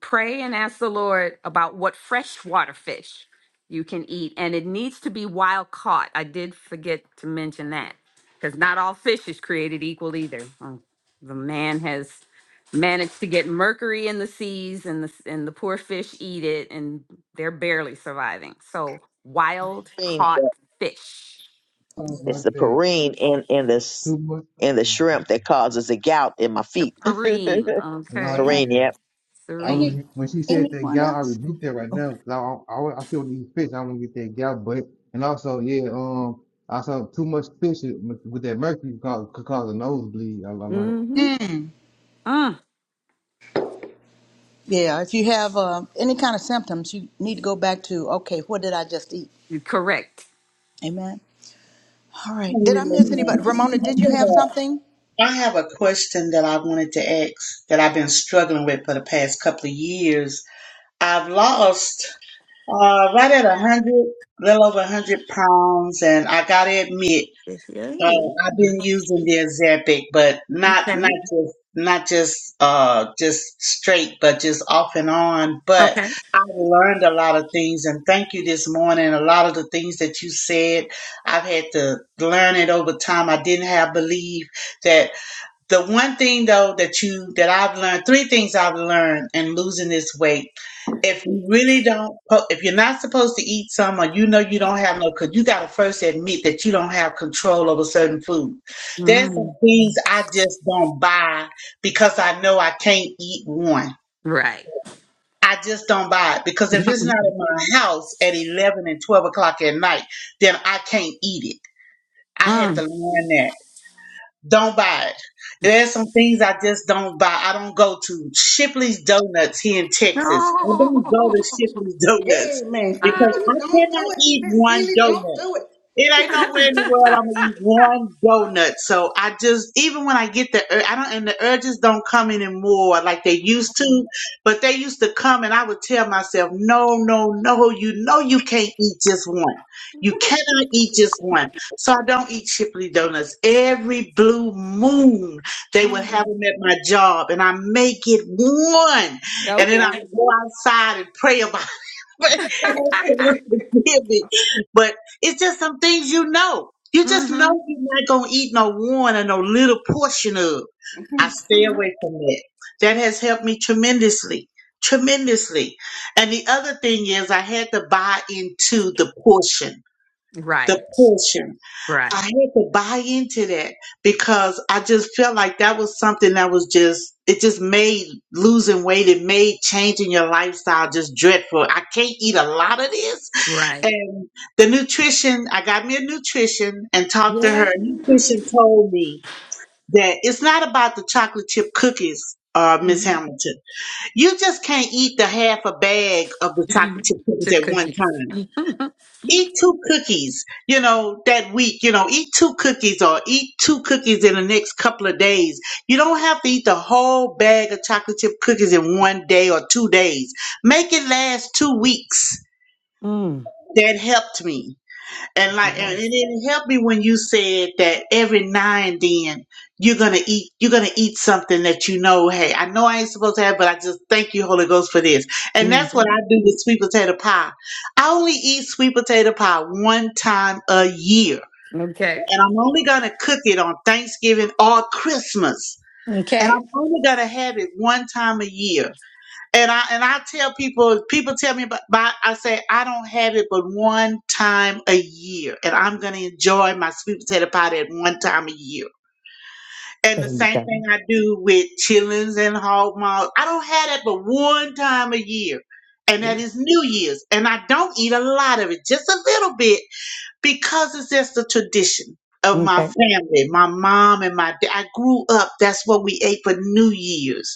Speaker 11: pray and ask the Lord about what freshwater fish you can eat. And it needs to be wild caught. I did forget to mention that because not all fish is created equal either. Um, The man has managed to get mercury in the seas and the, and the poor fish eat it and they're barely surviving. So wild
Speaker 9: huh.
Speaker 11: caught fish,
Speaker 4: Yeah,
Speaker 5: Something
Speaker 9: It's
Speaker 5: like
Speaker 9: the
Speaker 5: that.
Speaker 9: purine in in this
Speaker 5: Too much.
Speaker 9: in the shrimp that causes the gout in my
Speaker 11: the
Speaker 9: feet.
Speaker 11: perine,
Speaker 5: And
Speaker 4: that's
Speaker 5: I,
Speaker 11: okay?
Speaker 4: right.
Speaker 5: yeah,
Speaker 9: purine, yep.
Speaker 5: I
Speaker 11: Serene.
Speaker 4: Any
Speaker 5: re- when she said that
Speaker 4: anyone
Speaker 5: gout, I
Speaker 4: else?
Speaker 5: rebuked that right now. 'cause I, I, I I still need fish. I want to get that gout, but and also, yeah, um, I saw too much fish with with that mercury could cause, could cause a nosebleed. I, I learned.
Speaker 11: Mm-hmm.
Speaker 4: Mm.
Speaker 11: Mm.
Speaker 4: Yeah, if you have uh, any kind of symptoms, you need to go back to okay, what did I just eat?
Speaker 11: You're Correct.
Speaker 4: Amen. All right. Did I miss anybody? Ramona, did you have
Speaker 18: Mhm.
Speaker 4: something?
Speaker 18: I have a question that I wanted to ask that I've been struggling with for the past couple of years. I've lost uh, right at a 100, little over a 100 pounds, and I got to admit,
Speaker 11: Yay.
Speaker 18: Oh, I've been using the Ozempic, but not not
Speaker 11: Okay.
Speaker 18: just not just uh just straight, but just off and on. But
Speaker 11: Okay.
Speaker 18: I learned a lot of things, and thank you this morning. A lot of the things that you said, I've had to learn it over time. I didn't have belief that. The one thing though that you that I've learned, three things I've learned in losing this weight. If you really don't, po- if you're not supposed to eat some, or you know you don't have no, because you got to first admit that you don't have control over certain food. There's some
Speaker 11: Mm.
Speaker 18: things I just don't buy because I know I can't eat one.
Speaker 11: Right.
Speaker 18: I just don't buy it because if it's not in my house at 11 and 12 o'clock at night, then I can't eat it. I had to
Speaker 11: Mm.
Speaker 18: learn that. Don't buy it. There's some things I just don't buy. I don't go to Shipley's Donuts here in Texas. I don't go to Shipley's Donuts
Speaker 4: Amen.
Speaker 18: because I
Speaker 4: don't do
Speaker 18: cannot
Speaker 4: it,
Speaker 18: eat
Speaker 4: Miss
Speaker 18: one
Speaker 4: Seeley. Don't
Speaker 18: donut.
Speaker 4: do it.
Speaker 18: It ain't nowhere in the world I'm gonna eat one donut. So I just, even when I get the, ur- I don't, and the urges don't come anymore like they used to, but they used to come and I would tell myself, no, no, no, you know you can't eat just one. You cannot eat just one. So I don't eat Shipley donuts. Every blue moon, they would have
Speaker 11: Mm.
Speaker 18: them at my job, and I make it one, and then i
Speaker 11: Okay.
Speaker 18: go outside and pray about it. But ask the Lord to forgive me. But it's just some things you know. You just know
Speaker 11: Mm-hmm.
Speaker 18: you're not gonna eat no one or no little portion of. I stay away from that. That has helped me tremendously, tremendously. And the other thing is, I had to buy into the portion,
Speaker 11: Right.
Speaker 18: the portion.
Speaker 11: Right.
Speaker 18: I had to buy into that because I just felt like that was something that was just it just made losing weight, it made changing your lifestyle just dreadful. I can't eat a lot of this.
Speaker 11: Right.
Speaker 18: And the nutrition, I got me a nutrition and talked to
Speaker 11: Yeah.
Speaker 18: her. Nutrition told me that it's not about the chocolate chip cookies. Uh, Miss Hamilton, you just can't eat the half a bag of the chocolate chip cookies
Speaker 11: Chip
Speaker 18: at one
Speaker 11: cookies.
Speaker 18: time eat two cookies, you know, that week, you know, eat two cookies or eat two cookies in the next couple of days. You don't have to eat the whole bag of chocolate chip cookies in one day or two days. Make it last two weeks.
Speaker 11: Mm.
Speaker 18: That helped me. And like, and it
Speaker 11: Yes.
Speaker 18: didn't help me when you said that every now and then you're gonna eat, you're gonna eat something that you know, hey, I know I ain't supposed to have, but I just thank you, Holy Ghost, for this. And that's what I
Speaker 11: Mhm.
Speaker 18: do with sweet potato pie. I only eat sweet potato pie one time a year,
Speaker 11: Okay.
Speaker 18: and I'm only gonna cook it on Thanksgiving or Christmas, and
Speaker 11: Okay.
Speaker 18: I'm only gonna have it one time a year and I and I tell people, people tell me about, about I say I don't have it but one time a year, and I'm gonna enjoy my sweet potato pie at one time a year. And the same thing I do with chillings and hog maws. I don't have that but one time a year, and that is New Year's. And I don't eat a lot of it, just a little bit, because it's just a tradition of my
Speaker 11: Okay.
Speaker 18: family, my mom and my dad. I grew up. That's what we ate for New Year's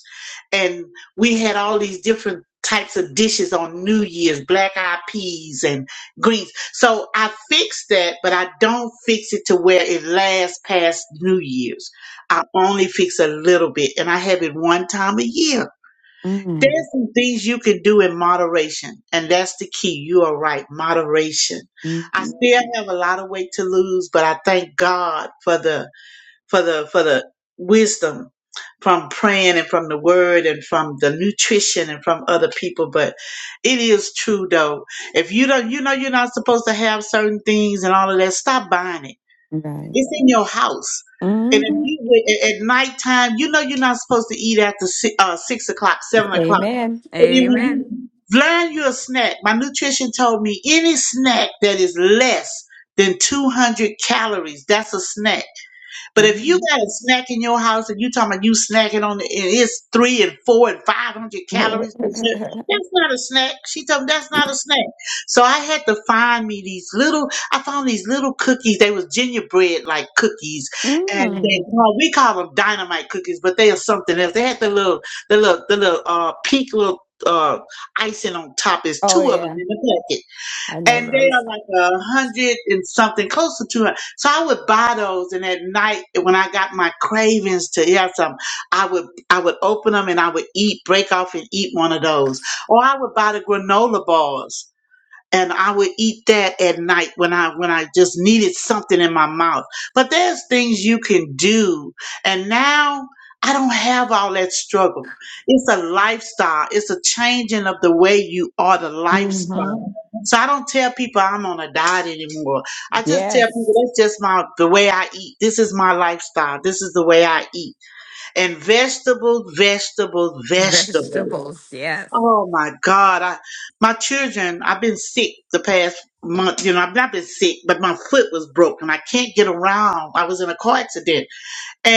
Speaker 18: and we had all these different types of dishes on New Year's, black eyed peas and greens. So I fixed that, but I don't fix it to where it lasts past New Year's. I only fix a little bit and I have it one time a year. There's
Speaker 11: Mm.
Speaker 18: some things you can do in moderation, and that's the key. You are right, moderation. I
Speaker 11: Mm-hmm.
Speaker 18: still have a lot of weight to lose, but I thank God for the for the for the wisdom from praying and from the word and from the nutrition and from other people but it is true though if you don't you know you're not supposed to have certain things and all of that stop buying it
Speaker 11: Right.
Speaker 18: it's in your house
Speaker 11: Mm.
Speaker 18: and if you at at nighttime you know you're not supposed to eat after six, uh, six o'clock seven o'clock and then when
Speaker 11: Amen.
Speaker 18: you learn your snack my nutrition told me any snack that is less than 200 calories that's a snack but if you
Speaker 11: Mhm.
Speaker 18: got a snack in your house and you talking about you snacking on it, and it's three and four and five hundred calories, per se, that's not a snack. She told me that's not a snack. So I had to find me these little. I found these little cookies. They was gingerbread like cookies, and they
Speaker 11: mm.
Speaker 18: well, we call them dynamite cookies, but they are something else. They had the little, the little, the little uh, pink little uh, icing on top. Is
Speaker 11: Oh
Speaker 18: two of them
Speaker 11: yeah,
Speaker 18: in the packet
Speaker 11: I know
Speaker 18: and they are
Speaker 11: those.
Speaker 18: like a hundred and something, close to two hundred. So I would buy those, and at night when I got my cravings to have some, I would I would open them and I would eat, break off and eat one of those, or I would buy the granola bars and I would eat that at night when I when I just needed something in my mouth. But there's things you can do, and now I don't have all that struggle. It's a lifestyle. It's a changing of the way you are the
Speaker 11: hmm
Speaker 18: lifestyle. So I don't tell people I'm on a diet anymore. I just tell
Speaker 11: Yes.
Speaker 18: people that's just my the way I eat. This is my lifestyle. This is the way I eat. And vegetables, vegetables, vegetables.
Speaker 11: Vegetables, yes.
Speaker 18: Oh my God. I, my children, I've been sick the past month. You know, I've not been sick, but my foot was broken. I can't get around. I was in a car accident.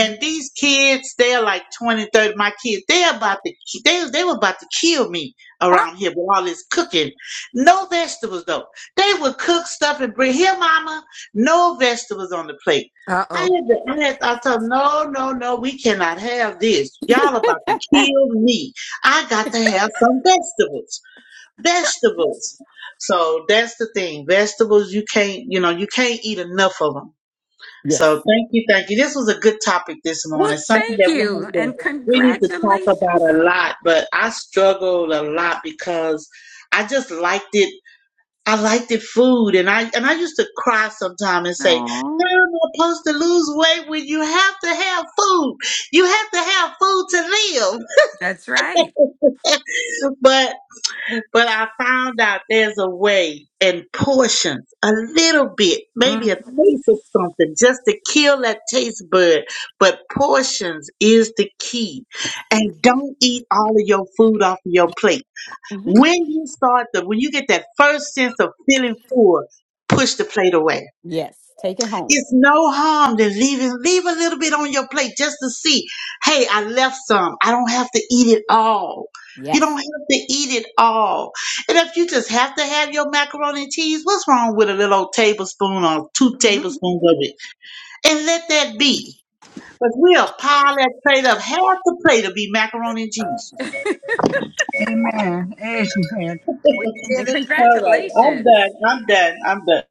Speaker 11: Uh
Speaker 18: these kids, they're like 20, 30. My kids, they're about to, they, they were about to kill me
Speaker 11: oh.
Speaker 18: around here with all this cooking. No vegetables though. They would cook stuff and bring here, mama, no vegetables on the plate. I had
Speaker 11: uh-oh.
Speaker 18: to, I had, I told them, no, no, no, we cannot have this. Y'all about to kill me. I got to have some vegetables, vegetables. So that's the thing. Vegetables, you can't, you know, you can't eat enough of them. So
Speaker 11: Yes.
Speaker 18: thank you, thank you. This was a good topic this
Speaker 11: Well,
Speaker 18: morning. Something
Speaker 11: thank
Speaker 18: that we need
Speaker 11: you
Speaker 18: to
Speaker 11: and
Speaker 18: we need to talk
Speaker 11: congratulations.
Speaker 18: about a lot. But I struggled a lot because I just liked it. I liked the food, and I and I used to cry sometimes and say,
Speaker 11: Aw.
Speaker 18: "How am I supposed to lose weight when you have to have food. You have to have food to
Speaker 11: That's right.
Speaker 18: live." but but I found out there's a way in portions, a little bit, maybe a
Speaker 11: Mm.
Speaker 18: taste of something, just to kill that taste bud. But portions is the key. And don't eat all of your food off of your plate. When you start the, when you get that first sense of feeling full, push the plate away
Speaker 11: Yes. Take it home.
Speaker 18: it's no harm to leave it, leave a little bit on your plate just to see. Hey, I left some. I don't have to eat it all. You
Speaker 11: Yes.
Speaker 18: don't have to eat it all. And if you just have to have your macaroni and cheese, what's wrong with a little old tablespoon or two
Speaker 11: Mhm.
Speaker 18: tablespoons of it? And let that be. But we'll pile that plate up. Half the plate will be macaroni and cheese.
Speaker 4: Amen. Amen. Get
Speaker 11: And
Speaker 4: it?
Speaker 18: All right. I'm done.
Speaker 11: congratulations.
Speaker 18: I'm done. I'm done.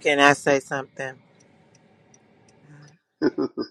Speaker 8: Can I say something?
Speaker 19: Oh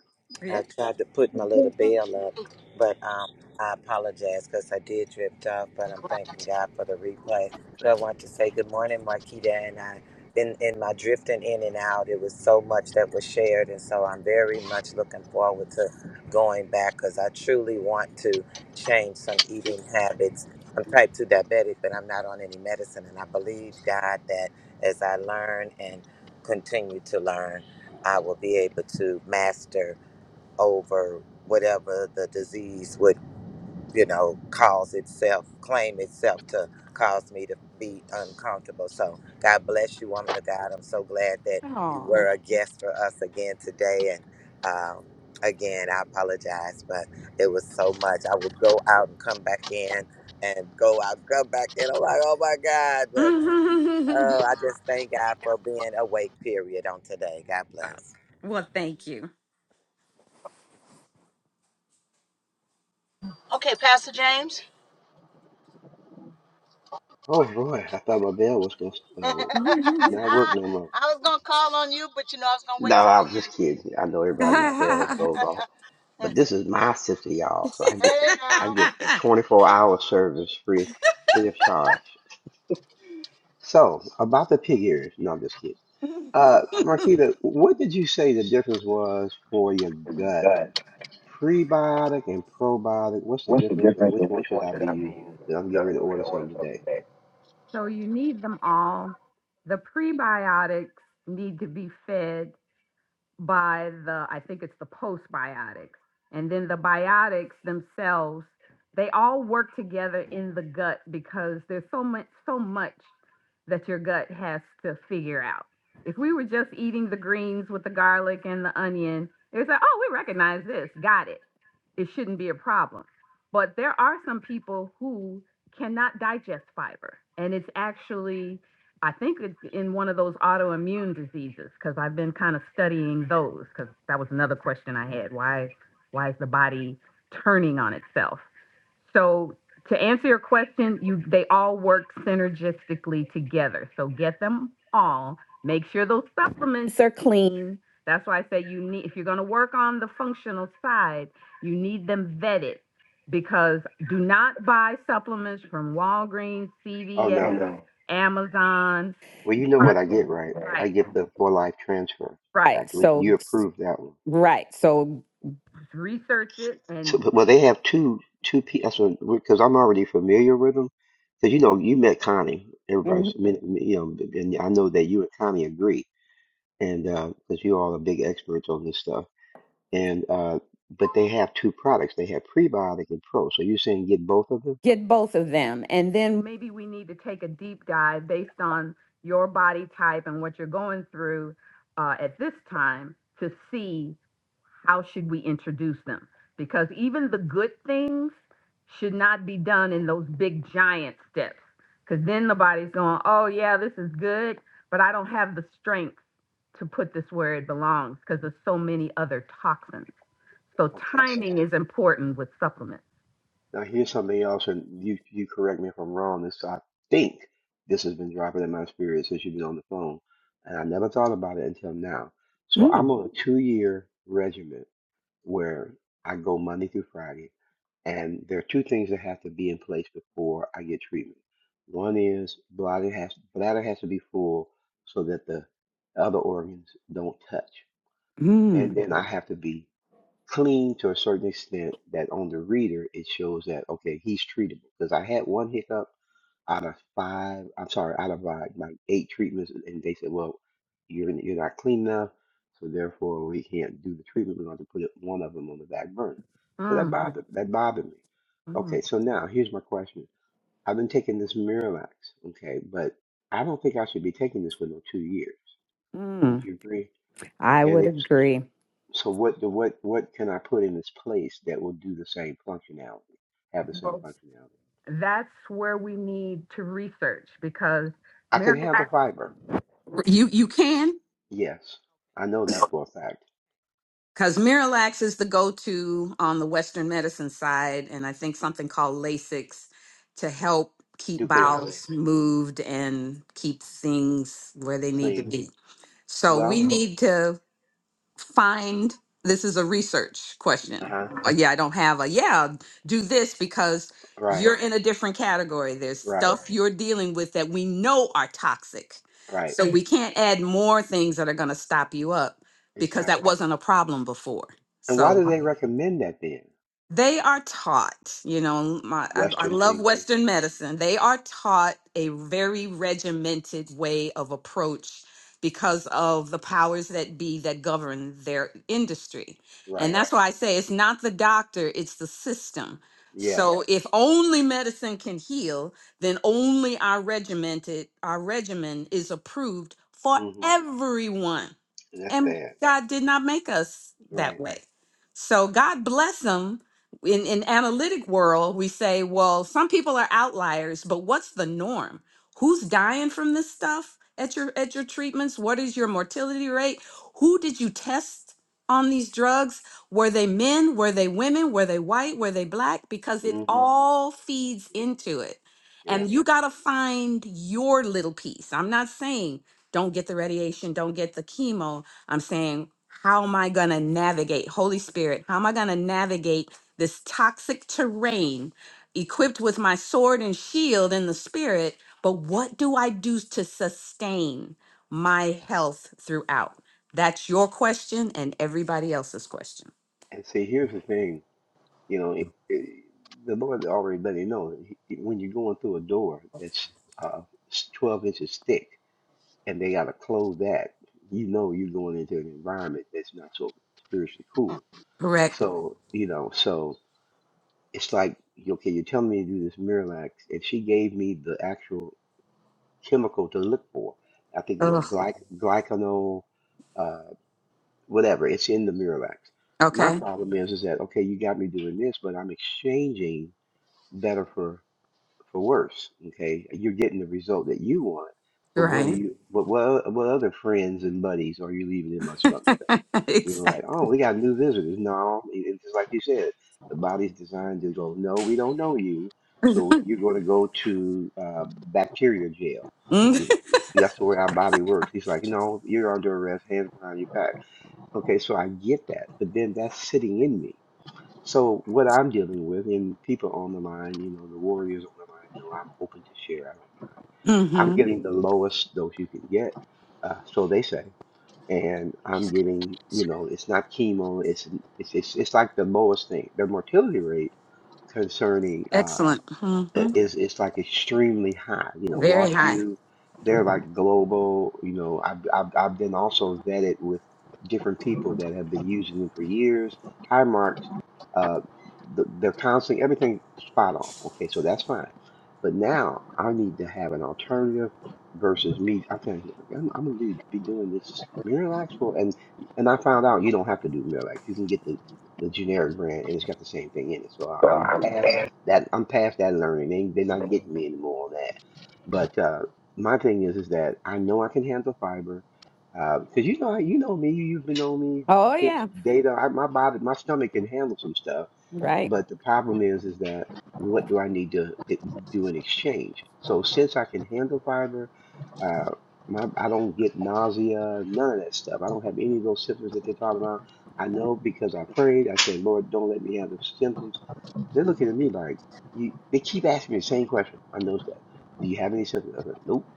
Speaker 11: Yeah.
Speaker 8: I tried to put my little bell up, but um, I apologize because I did drift off. But I'm thanking God for the replay. But I want to say good morning, Marquita, and I. In, in my drifting in and out, it was so much that was shared, and so I'm very much looking forward to going back because I truly want to change some eating habits. I'm type 2 diabetic, but I'm not on any medicine, and I believe, God, that as I learn and continue to learn, I will be able to master over whatever the disease would, you know, cause itself, claim itself to cause me to be uncomfortable. So God bless you, woman of God. I'm so glad that you were a guest for us again today. And um, again, I apologize, but it was so much. I would go out and come back in and go out, come back in. I'm like, oh my God. But
Speaker 11: Mhm.
Speaker 8: uh, I just thank God for being awake, period, on today. God
Speaker 11: Wow.
Speaker 8: bless.
Speaker 11: well, thank you.
Speaker 4: Okay, Pastor James.
Speaker 19: boy, I thought my bell was gonna uh, not work no more.
Speaker 4: I was gonna call on you, but you know I was gonna
Speaker 19: No,
Speaker 4: wait till
Speaker 19: I was just
Speaker 4: the
Speaker 19: kidding. I know everybody's bell
Speaker 11: so
Speaker 19: goes off, but this is my sister, y'all. So I get to,
Speaker 4: end. Hey
Speaker 19: I
Speaker 4: now.
Speaker 19: get 24 hour service free, free of charge. So about the pig ears. No, I'm just kidding. Uh, Marquita, what did you say the difference was for your gut? Prebiotic and probiotic. What's the
Speaker 11: What's the
Speaker 19: difference, and
Speaker 11: difference
Speaker 19: which
Speaker 11: of
Speaker 19: one
Speaker 11: which
Speaker 19: should
Speaker 11: one
Speaker 19: I
Speaker 11: should
Speaker 19: be
Speaker 11: I be
Speaker 19: using?
Speaker 11: using?
Speaker 19: Then I'm
Speaker 11: And
Speaker 19: getting
Speaker 11: I'm
Speaker 19: ready to
Speaker 11: going to
Speaker 19: order
Speaker 11: order
Speaker 19: some
Speaker 11: something
Speaker 19: today.
Speaker 11: today. So you need them all. The prebiotics need to be fed by the I think it's the postbiotics. And then the biotics themselves, they all work together in the gut because there's so much so much that your gut has to figure out. If we were just eating the greens with the garlic and the onion, it's like, oh, we recognize this, got it. It shouldn't be a problem. But there are some people who cannot digest fiber, and it's actually I think it's in one of those autoimmune diseases because I've been kind of studying those because that was another question I had. Why why is the body turning on itself? So to answer your question, you they all work synergistically together. So get them all. Make sure those supplements are clean. That's why I say you need if you're going to work on the functional side, you need them vetted because do not buy supplements from Walgreens,
Speaker 19: Oh
Speaker 11: CVS,
Speaker 19: no.
Speaker 11: Amazon.
Speaker 19: Well, you know what I get, right? I
Speaker 11: Right.
Speaker 19: get the for life transfer back.
Speaker 11: Right.
Speaker 19: You
Speaker 11: So,
Speaker 19: approved that one.
Speaker 11: right. So Research it
Speaker 19: So,
Speaker 11: and
Speaker 19: but- well, they have two two people because I'm already familiar with them. Because you know, you met Connie.
Speaker 11: mhm,
Speaker 19: Everybody's, I mean, you know, and I know that you and Connie agree, and because you all are big experts on this stuff. And uh, but they have two products. They have prebiotic and pro. So you're saying get both of them?
Speaker 11: get both of them. And then, maybe we need to take a deep dive based on your body type and what you're going through uh, at this time to see how should we introduce them? Because even the good things should not be done in those big giant steps. Because then the body's going, oh, yeah, this is good, but I don't have the strength to put this where it belongs because there's so many other toxins. So
Speaker 19: Okay.
Speaker 11: timing is important with supplements.
Speaker 19: Now here's something else, and you you correct me if I'm wrong. This I think this has been dropping in my spirit since you've been on the phone, and I never thought about it until now. So I'm on a two year regimen where I go Monday through Friday, and there are two things that have to be in place before I get treatment. One is bladder has bladder has to be full so that the other organs don't touch, and then I have to be clean to a certain extent that on the reader it shows that okay he's treatable because I had one hiccup out of five I'm sorry out of uh, like eight treatments and they said well you're you're not clean enough so therefore we can't do the treatment we're going to put it, one of them on the back burner so that
Speaker 11: Mm,
Speaker 19: bothered that bothered me
Speaker 11: mm.
Speaker 19: okay so now here's my question I've been taking this Miralax okay but I don't think I should be taking this for no two years would
Speaker 11: Mm,
Speaker 19: you agree
Speaker 11: I
Speaker 19: and
Speaker 11: would
Speaker 19: if
Speaker 11: agree.
Speaker 19: so what the what what can I put in its place that will do the same functionality, have the same functionality?
Speaker 11: That's where we need to research because
Speaker 19: I can
Speaker 11: miracle.
Speaker 19: have the fiber.
Speaker 11: You you can.
Speaker 19: Yes, I know that for a fact.
Speaker 11: Because Miralax is the go to on the Western medicine side, and I think something called Lasix to help keep
Speaker 19: Ducales,
Speaker 11: bowels moved and keep things where they need to
Speaker 19: clean.
Speaker 11: be. So we
Speaker 19: Well,
Speaker 11: need to find this is a research
Speaker 19: uh
Speaker 11: question.
Speaker 19: huh.
Speaker 11: Uh, Yeah, I don't have a yeah, do this because
Speaker 19: Right,
Speaker 11: you're in a different category. There's
Speaker 19: right,
Speaker 11: stuff you're dealing with that we know are toxic.
Speaker 19: right.
Speaker 11: So we can't add more things that are going to stop you up because that
Speaker 19: Exactly.
Speaker 11: wasn't a problem before.
Speaker 19: And why
Speaker 11: So
Speaker 19: do they recommend that then?
Speaker 11: they are taught you know my I, I
Speaker 19: Western
Speaker 11: love
Speaker 19: thinking.
Speaker 11: western medicine they are taught a very regimented way of approach because of the powers that be that govern their industry and
Speaker 19: Right.
Speaker 11: that's why i say it's not the doctor it's the system
Speaker 19: Yes.
Speaker 11: so if only medicine can heal then only our regimented our regimen is approved for
Speaker 19: Mm-hmm.
Speaker 11: everyone
Speaker 19: And that's
Speaker 11: and
Speaker 19: bad.
Speaker 11: God did not make us that
Speaker 19: Right.
Speaker 11: way. So God bless them. In in analytic world, we say, well, some people are outliers, but what's the norm? Who's dying from this stuff at your at your treatments? What is your mortality rate? Who did you test on these drugs? Were they men? Were they women? Were they white? Were they black? Because it
Speaker 19: Mm-hmm.
Speaker 11: all feeds
Speaker 19: Yeah.
Speaker 11: into it.
Speaker 19: yeah.
Speaker 11: And you got to find your little piece. I'm not saying don't get the radiation, don't get the chemo I'm saying, how am I going to navigate, Holy Spirit? How am I going to navigate this toxic terrain equipped with my sword and shield in the spirit? But what do I do to sustain my health throughout? That's your question and everybody else's question.
Speaker 19: And see, here's the thing. You know, it, it, the Lord already let me know he- when you're going through a door that's uh, 12 inches thick and they got to close that, you know, you're going into an environment that's not so spiritually cool.
Speaker 11: Correct.
Speaker 19: So, you know, so it's like, okay, you're telling me to do this Miralax, and she gave me the actual chemical to look for. I think it was
Speaker 11: Ugh.
Speaker 19: glyc glycanol, uh, whatever. It's in the Miralax. My
Speaker 11: Okay.
Speaker 19: problem is, is that okay, you got me doing this, but I'm exchanging. better for for worse. Okay, you're getting the result that you want, but what do
Speaker 11: Right.
Speaker 19: you what what what other friends and buddies are you leaving in my stomach? though? You know, like
Speaker 11: exactly.
Speaker 19: oh, we got new visitors. No, it- it's just like you said, the body's designed to go. No, we don't know you, so you're going to go to uh, bacteria jail. You know, that's the way our body works. He's like, no, you're under arrest, hands behind your back. Okay, so I get that, but then that's sitting in me so what I'm dealing with, and people on the line, you know, the warriors on the line know I'm open to share. I don't mind. I'm
Speaker 11: Mm-hmm.
Speaker 19: getting the lowest dose you can get, uh, so they say, and I'm getting, you know, it's not chemo. It's it's it's, it's like the lowest thing. The mortality rate concerning uh,
Speaker 11: Excellent. hmm
Speaker 19: it- it's it's like extremely high. You know,
Speaker 11: Very
Speaker 19: Wash
Speaker 11: high.
Speaker 19: U, they're like global. You know, I've I've I've been also vetted with different people that have been using them for years. High marks, uh, the, they're constantly everything spot on. Okay, so that's fine. But now I need to have an alternative versus me. I'm telling you, I'm, I'm gonna be be doing this Miralax for, and and I found out you don't have to do Miralax. You can get the the generic brand, and it's got the same thing in it. So I-
Speaker 11: So
Speaker 19: I'm past that I'm past that learning. They they're not getting me anymore on that. But uh, my thing is is that I know I can handle fiber, because you know you know me. You've been on me
Speaker 11: Oh,
Speaker 19: since
Speaker 11: yeah.
Speaker 19: data. I, my body, my stomach can handle some stuff
Speaker 11: Right.
Speaker 19: but the problem is, is that what do I need to it- do in exchange? So since I can handle fiber, uh, my I don't get nausea, none of that stuff. I don't have any of those symptoms that they're talking about. I know because I prayed. I said, Lord, don't let me have the symptoms. They're looking at me like you. They keep asking me the same question. I noticed that. Do you have any symptoms? I said, Nope.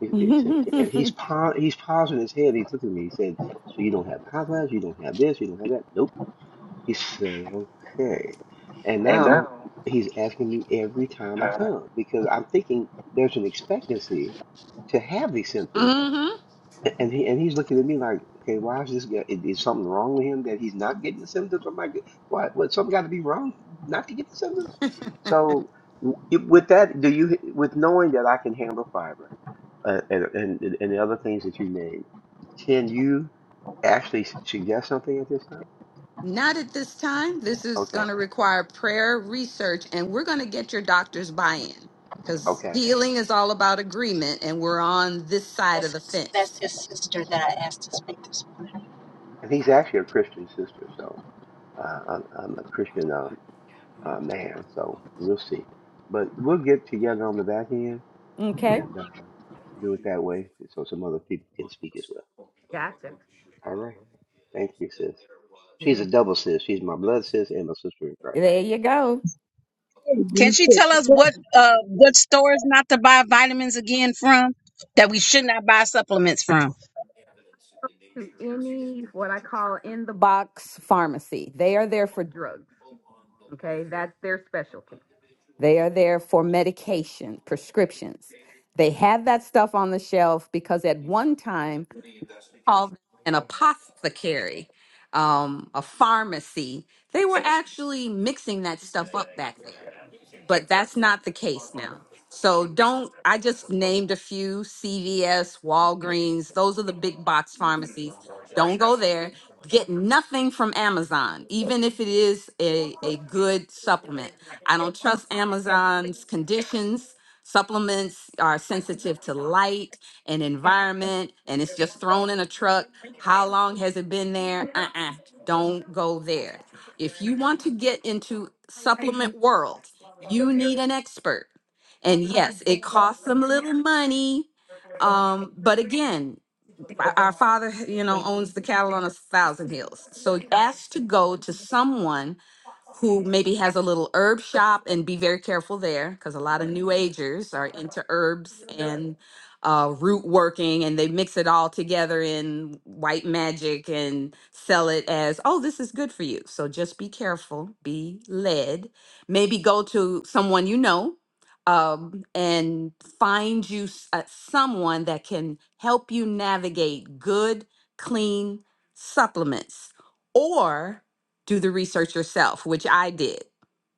Speaker 19: He, he said, and he's pon- he's pausing his head. He's looking at me. He said, So you don't have hot flash? You don't have this? You don't have that? Nope. He said, okay. And
Speaker 11: And now,
Speaker 19: now he's asking me every time I
Speaker 11: time
Speaker 19: come because I'm thinking there's an expectancy to have these symptoms.
Speaker 11: hmm
Speaker 19: A- And he and he's looking at me like, okay, why is this guy? Is, is something wrong with him that he's not getting the symptoms? I'm like, what? What? Something got to be wrong not to get the symptoms? So w- it- with that, do you with knowing that I can handle fiber uh, and, and and the other things that you named, can you actually s- suggest something at this time?
Speaker 11: Not at this time. This is
Speaker 19: Okay,
Speaker 11: going to require prayer, research, and we're going to get your doctor's buy in because
Speaker 19: okay.
Speaker 11: healing is all about agreement, and we're on this side of
Speaker 4: That's
Speaker 11: the
Speaker 4: that's
Speaker 11: fence.
Speaker 4: his sister that I asked to speak this morning.
Speaker 19: and he's actually a Christian sister, so uh, I'm, I'm a Christian um, uh, man, so we'll see. But we'll get together on the back end
Speaker 11: Okay.
Speaker 19: and uh, do it that way, so some other people can speak as well.
Speaker 11: Got
Speaker 19: All right, thank you, sis. She's a
Speaker 11: you.
Speaker 19: double sis. She's my blood sis and my sister in Christ.
Speaker 11: There you go.
Speaker 12: Can
Speaker 18: Amen.
Speaker 12: she tell us what uh what stores not to buy vitamins again from that we should not buy supplements from?
Speaker 11: To any what I call in the box Pharmacy. They are there for drugs. Okay, that's their specialty. They are there for medication, prescriptions. They have that stuff on the shelf because at one time called them an apothecary, um, a pharmacy. They were actually mixing that stuff up back there but that's not the case now. So don't, I just named a few CVS, Walgreens, those are the big box pharmacies. Don't go there. Get nothing from Amazon, even if it is a, a good supplement. I don't trust Amazon's conditions. Supplements are sensitive to light and environment, and it's just thrown in a truck. How long has it been there? Uh uh do not go there. If you want to get into supplement world, you need an expert. And yes, it costs some little money. Um, but again, our our father, you know, owns the cattle on a thousand hills. So ask to go to someone who maybe has a little herb shop and be very careful there because a lot of new agers are into herbs and uh, root working and they mix it all together in white magic and sell it as, oh, this is good for you. So just be careful, be led. Maybe go to someone you know um, and find you s- uh, someone that can help you navigate good, clean supplements. Or do the research yourself, which I did.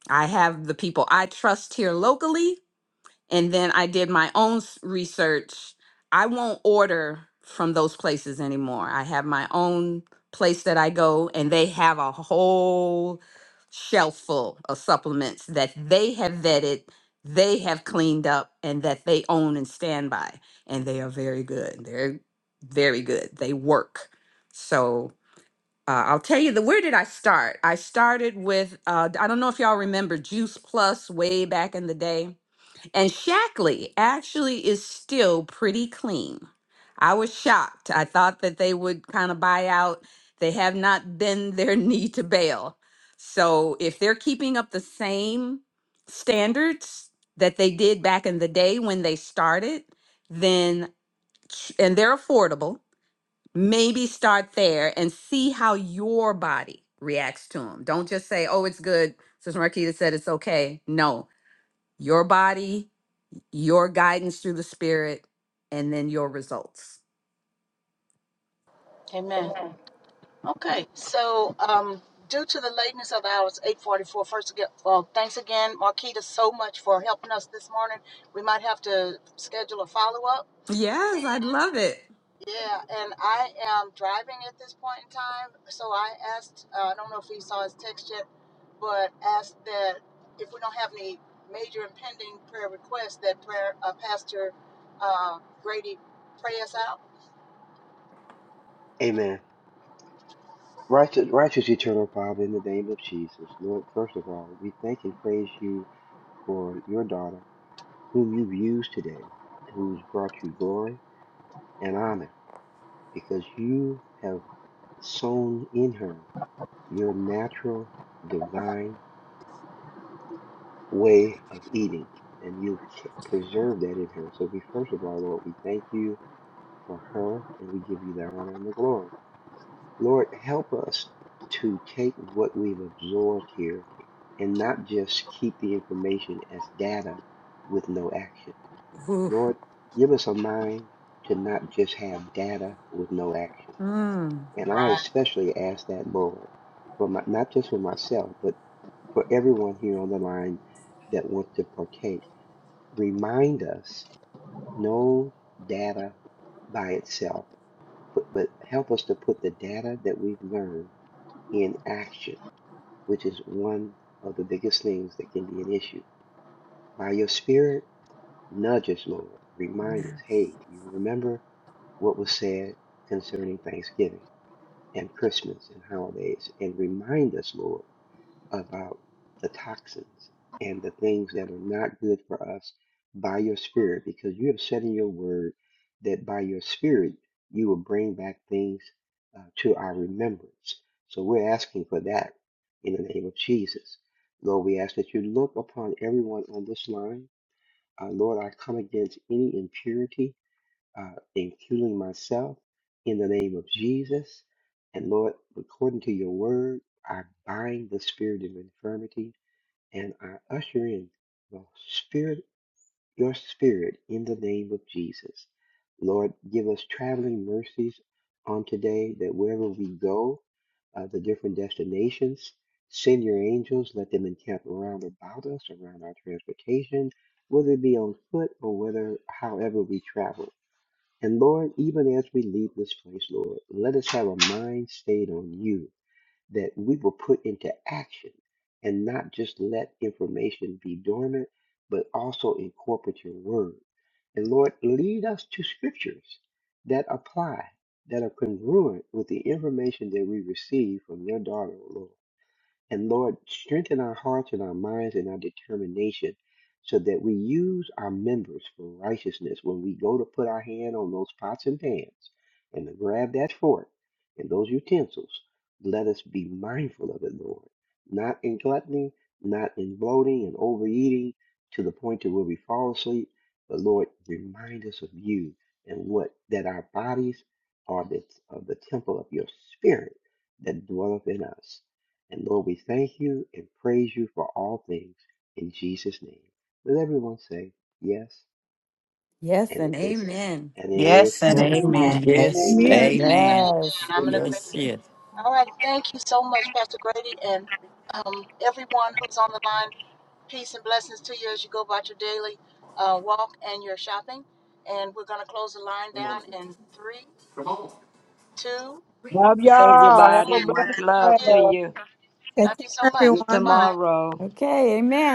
Speaker 11: I have the people I trust here locally, and then I did my own s- research. I won't order from those places anymore. I have my own place that I go, and they have a whole shelf full of supplements that they have vetted, they have cleaned up, and that they own and stand by. And they are very good. They're very good. They work. So uh, I'll tell you the where did I start? I started with uh, I don't know if y'all remember Juice Plus way back in the day, and Shackley actually is still pretty clean. I was shocked. I thought that they would kind of buy out. They have not been their need to bail. So if they're keeping up the same standards that they did back in the day when they started, then and they're affordable maybe start there and see how your body reacts to them. Don't just say, oh, it's good. Sister Marquita said it's okay. No, your body, your guidance through the spirit, and then your results.
Speaker 4: Amen. Okay, so um, due to the lateness of the hours, eight forty-four. First again, well, thanks again, Marquita, so much for helping us this morning. We might have to schedule a follow-up.
Speaker 11: Yes, I'd love it.
Speaker 4: Yeah, and I am driving at this point in time, so I asked. Uh, I don't know if he saw his text yet, but asked that if we don't have any major impending prayer requests, that prayer uh, Pastor uh, Grady pray us out.
Speaker 19: Amen. Righteous, righteous eternal Father, in the name of Jesus, Lord, first of all, we thank and praise you for your daughter, whom you've used today, who's brought you glory and honor, because you have sown in her your natural, divine way of eating, and you've ke- preserved that in her. So we, first of all, Lord, we thank you for her, and we give you the honor and the glory. Lord, help us to take what we've absorbed here and not just keep the information as data with no action.
Speaker 11: Ooh.
Speaker 19: Lord, give us a mind to not just have data with no action.
Speaker 11: Mm.
Speaker 19: And I especially ask that, Lord, for my, not just for myself, but for everyone here on the line that wants to partake. Remind us no data by itself, but, but help us to put the data that we've learned inaction, which is one of the biggest things that can be an issue. By your spirit, nudge us, Lord. Remind us, hey, you remember what was said concerning Thanksgiving and Christmas and holidays, and remind us, Lord about the toxins and the things that are not good for us by your spirit because you have said in your word that by your spirit you will bring back things uh, to our remembrance. So we're asking for that in the name of Jesus. Lord, we ask that you look upon everyone on this line. Uh, Lord, I come against any impurity uh, including myself, in the name of Jesus. And Lord, according to your word, I bind the spirit of infirmity and I usher in the spirit, your spirit in the name of Jesus. Lord, give us traveling mercies on today that wherever we go, uh, the different destinations, send your angels, let them encamp around about us, around our transportation, whether it be on foot or whether however we travel. And Lord, even as we leave this place, Lord, let us have a mind stayed on you that we will put into action and not just let information be dormant, but also incorporate your word. And Lord, lead us to scriptures that apply, that are congruent with the information that we receive from your daughter, Lord. And Lord, strengthen our hearts and our minds and our determination so that we use our members for righteousness when we go to put our hand on those pots and pans and to grab that fork and those utensils. Let us be mindful of it, Lord, not in gluttony, not in bloating and overeating to the point to where we fall asleep, but Lord, remind us of you and what that our bodies are the, are the temple of your spirit that dwelleth in us. And Lord, we thank you and praise you for all things in Jesus' name. Will everyone say yes?
Speaker 11: Yes
Speaker 19: And
Speaker 11: and
Speaker 19: it is.
Speaker 11: Amen.
Speaker 19: And it is
Speaker 7: yes, and
Speaker 19: so.
Speaker 16: Yes. And
Speaker 7: amen.
Speaker 3: Yes.
Speaker 18: Amen.
Speaker 16: amen.
Speaker 19: Amen.
Speaker 4: Yes,
Speaker 18: Amen.
Speaker 4: and
Speaker 3: Amen.
Speaker 4: amen.
Speaker 11: yes.
Speaker 4: I'm in
Speaker 19: Amen.
Speaker 3: Yes.
Speaker 4: agreement.
Speaker 3: Yes.
Speaker 4: All right. Thank you so much, Pastor Grady, and um, everyone who's on the line. Peace and blessings to you as you go about your daily uh, walk and your shopping. And we're going to close the line down in three, two,
Speaker 10: Love y'all. Have
Speaker 4: one.
Speaker 10: a
Speaker 16: Everybody, much
Speaker 10: blessed
Speaker 4: Love
Speaker 16: love to
Speaker 4: you.
Speaker 10: day.
Speaker 16: you.
Speaker 1: Take
Speaker 4: Love
Speaker 1: care,
Speaker 4: you so
Speaker 16: See
Speaker 4: much.
Speaker 16: you
Speaker 4: Bye
Speaker 1: everyone.
Speaker 4: bye.
Speaker 16: tomorrow.
Speaker 11: Okay, amen.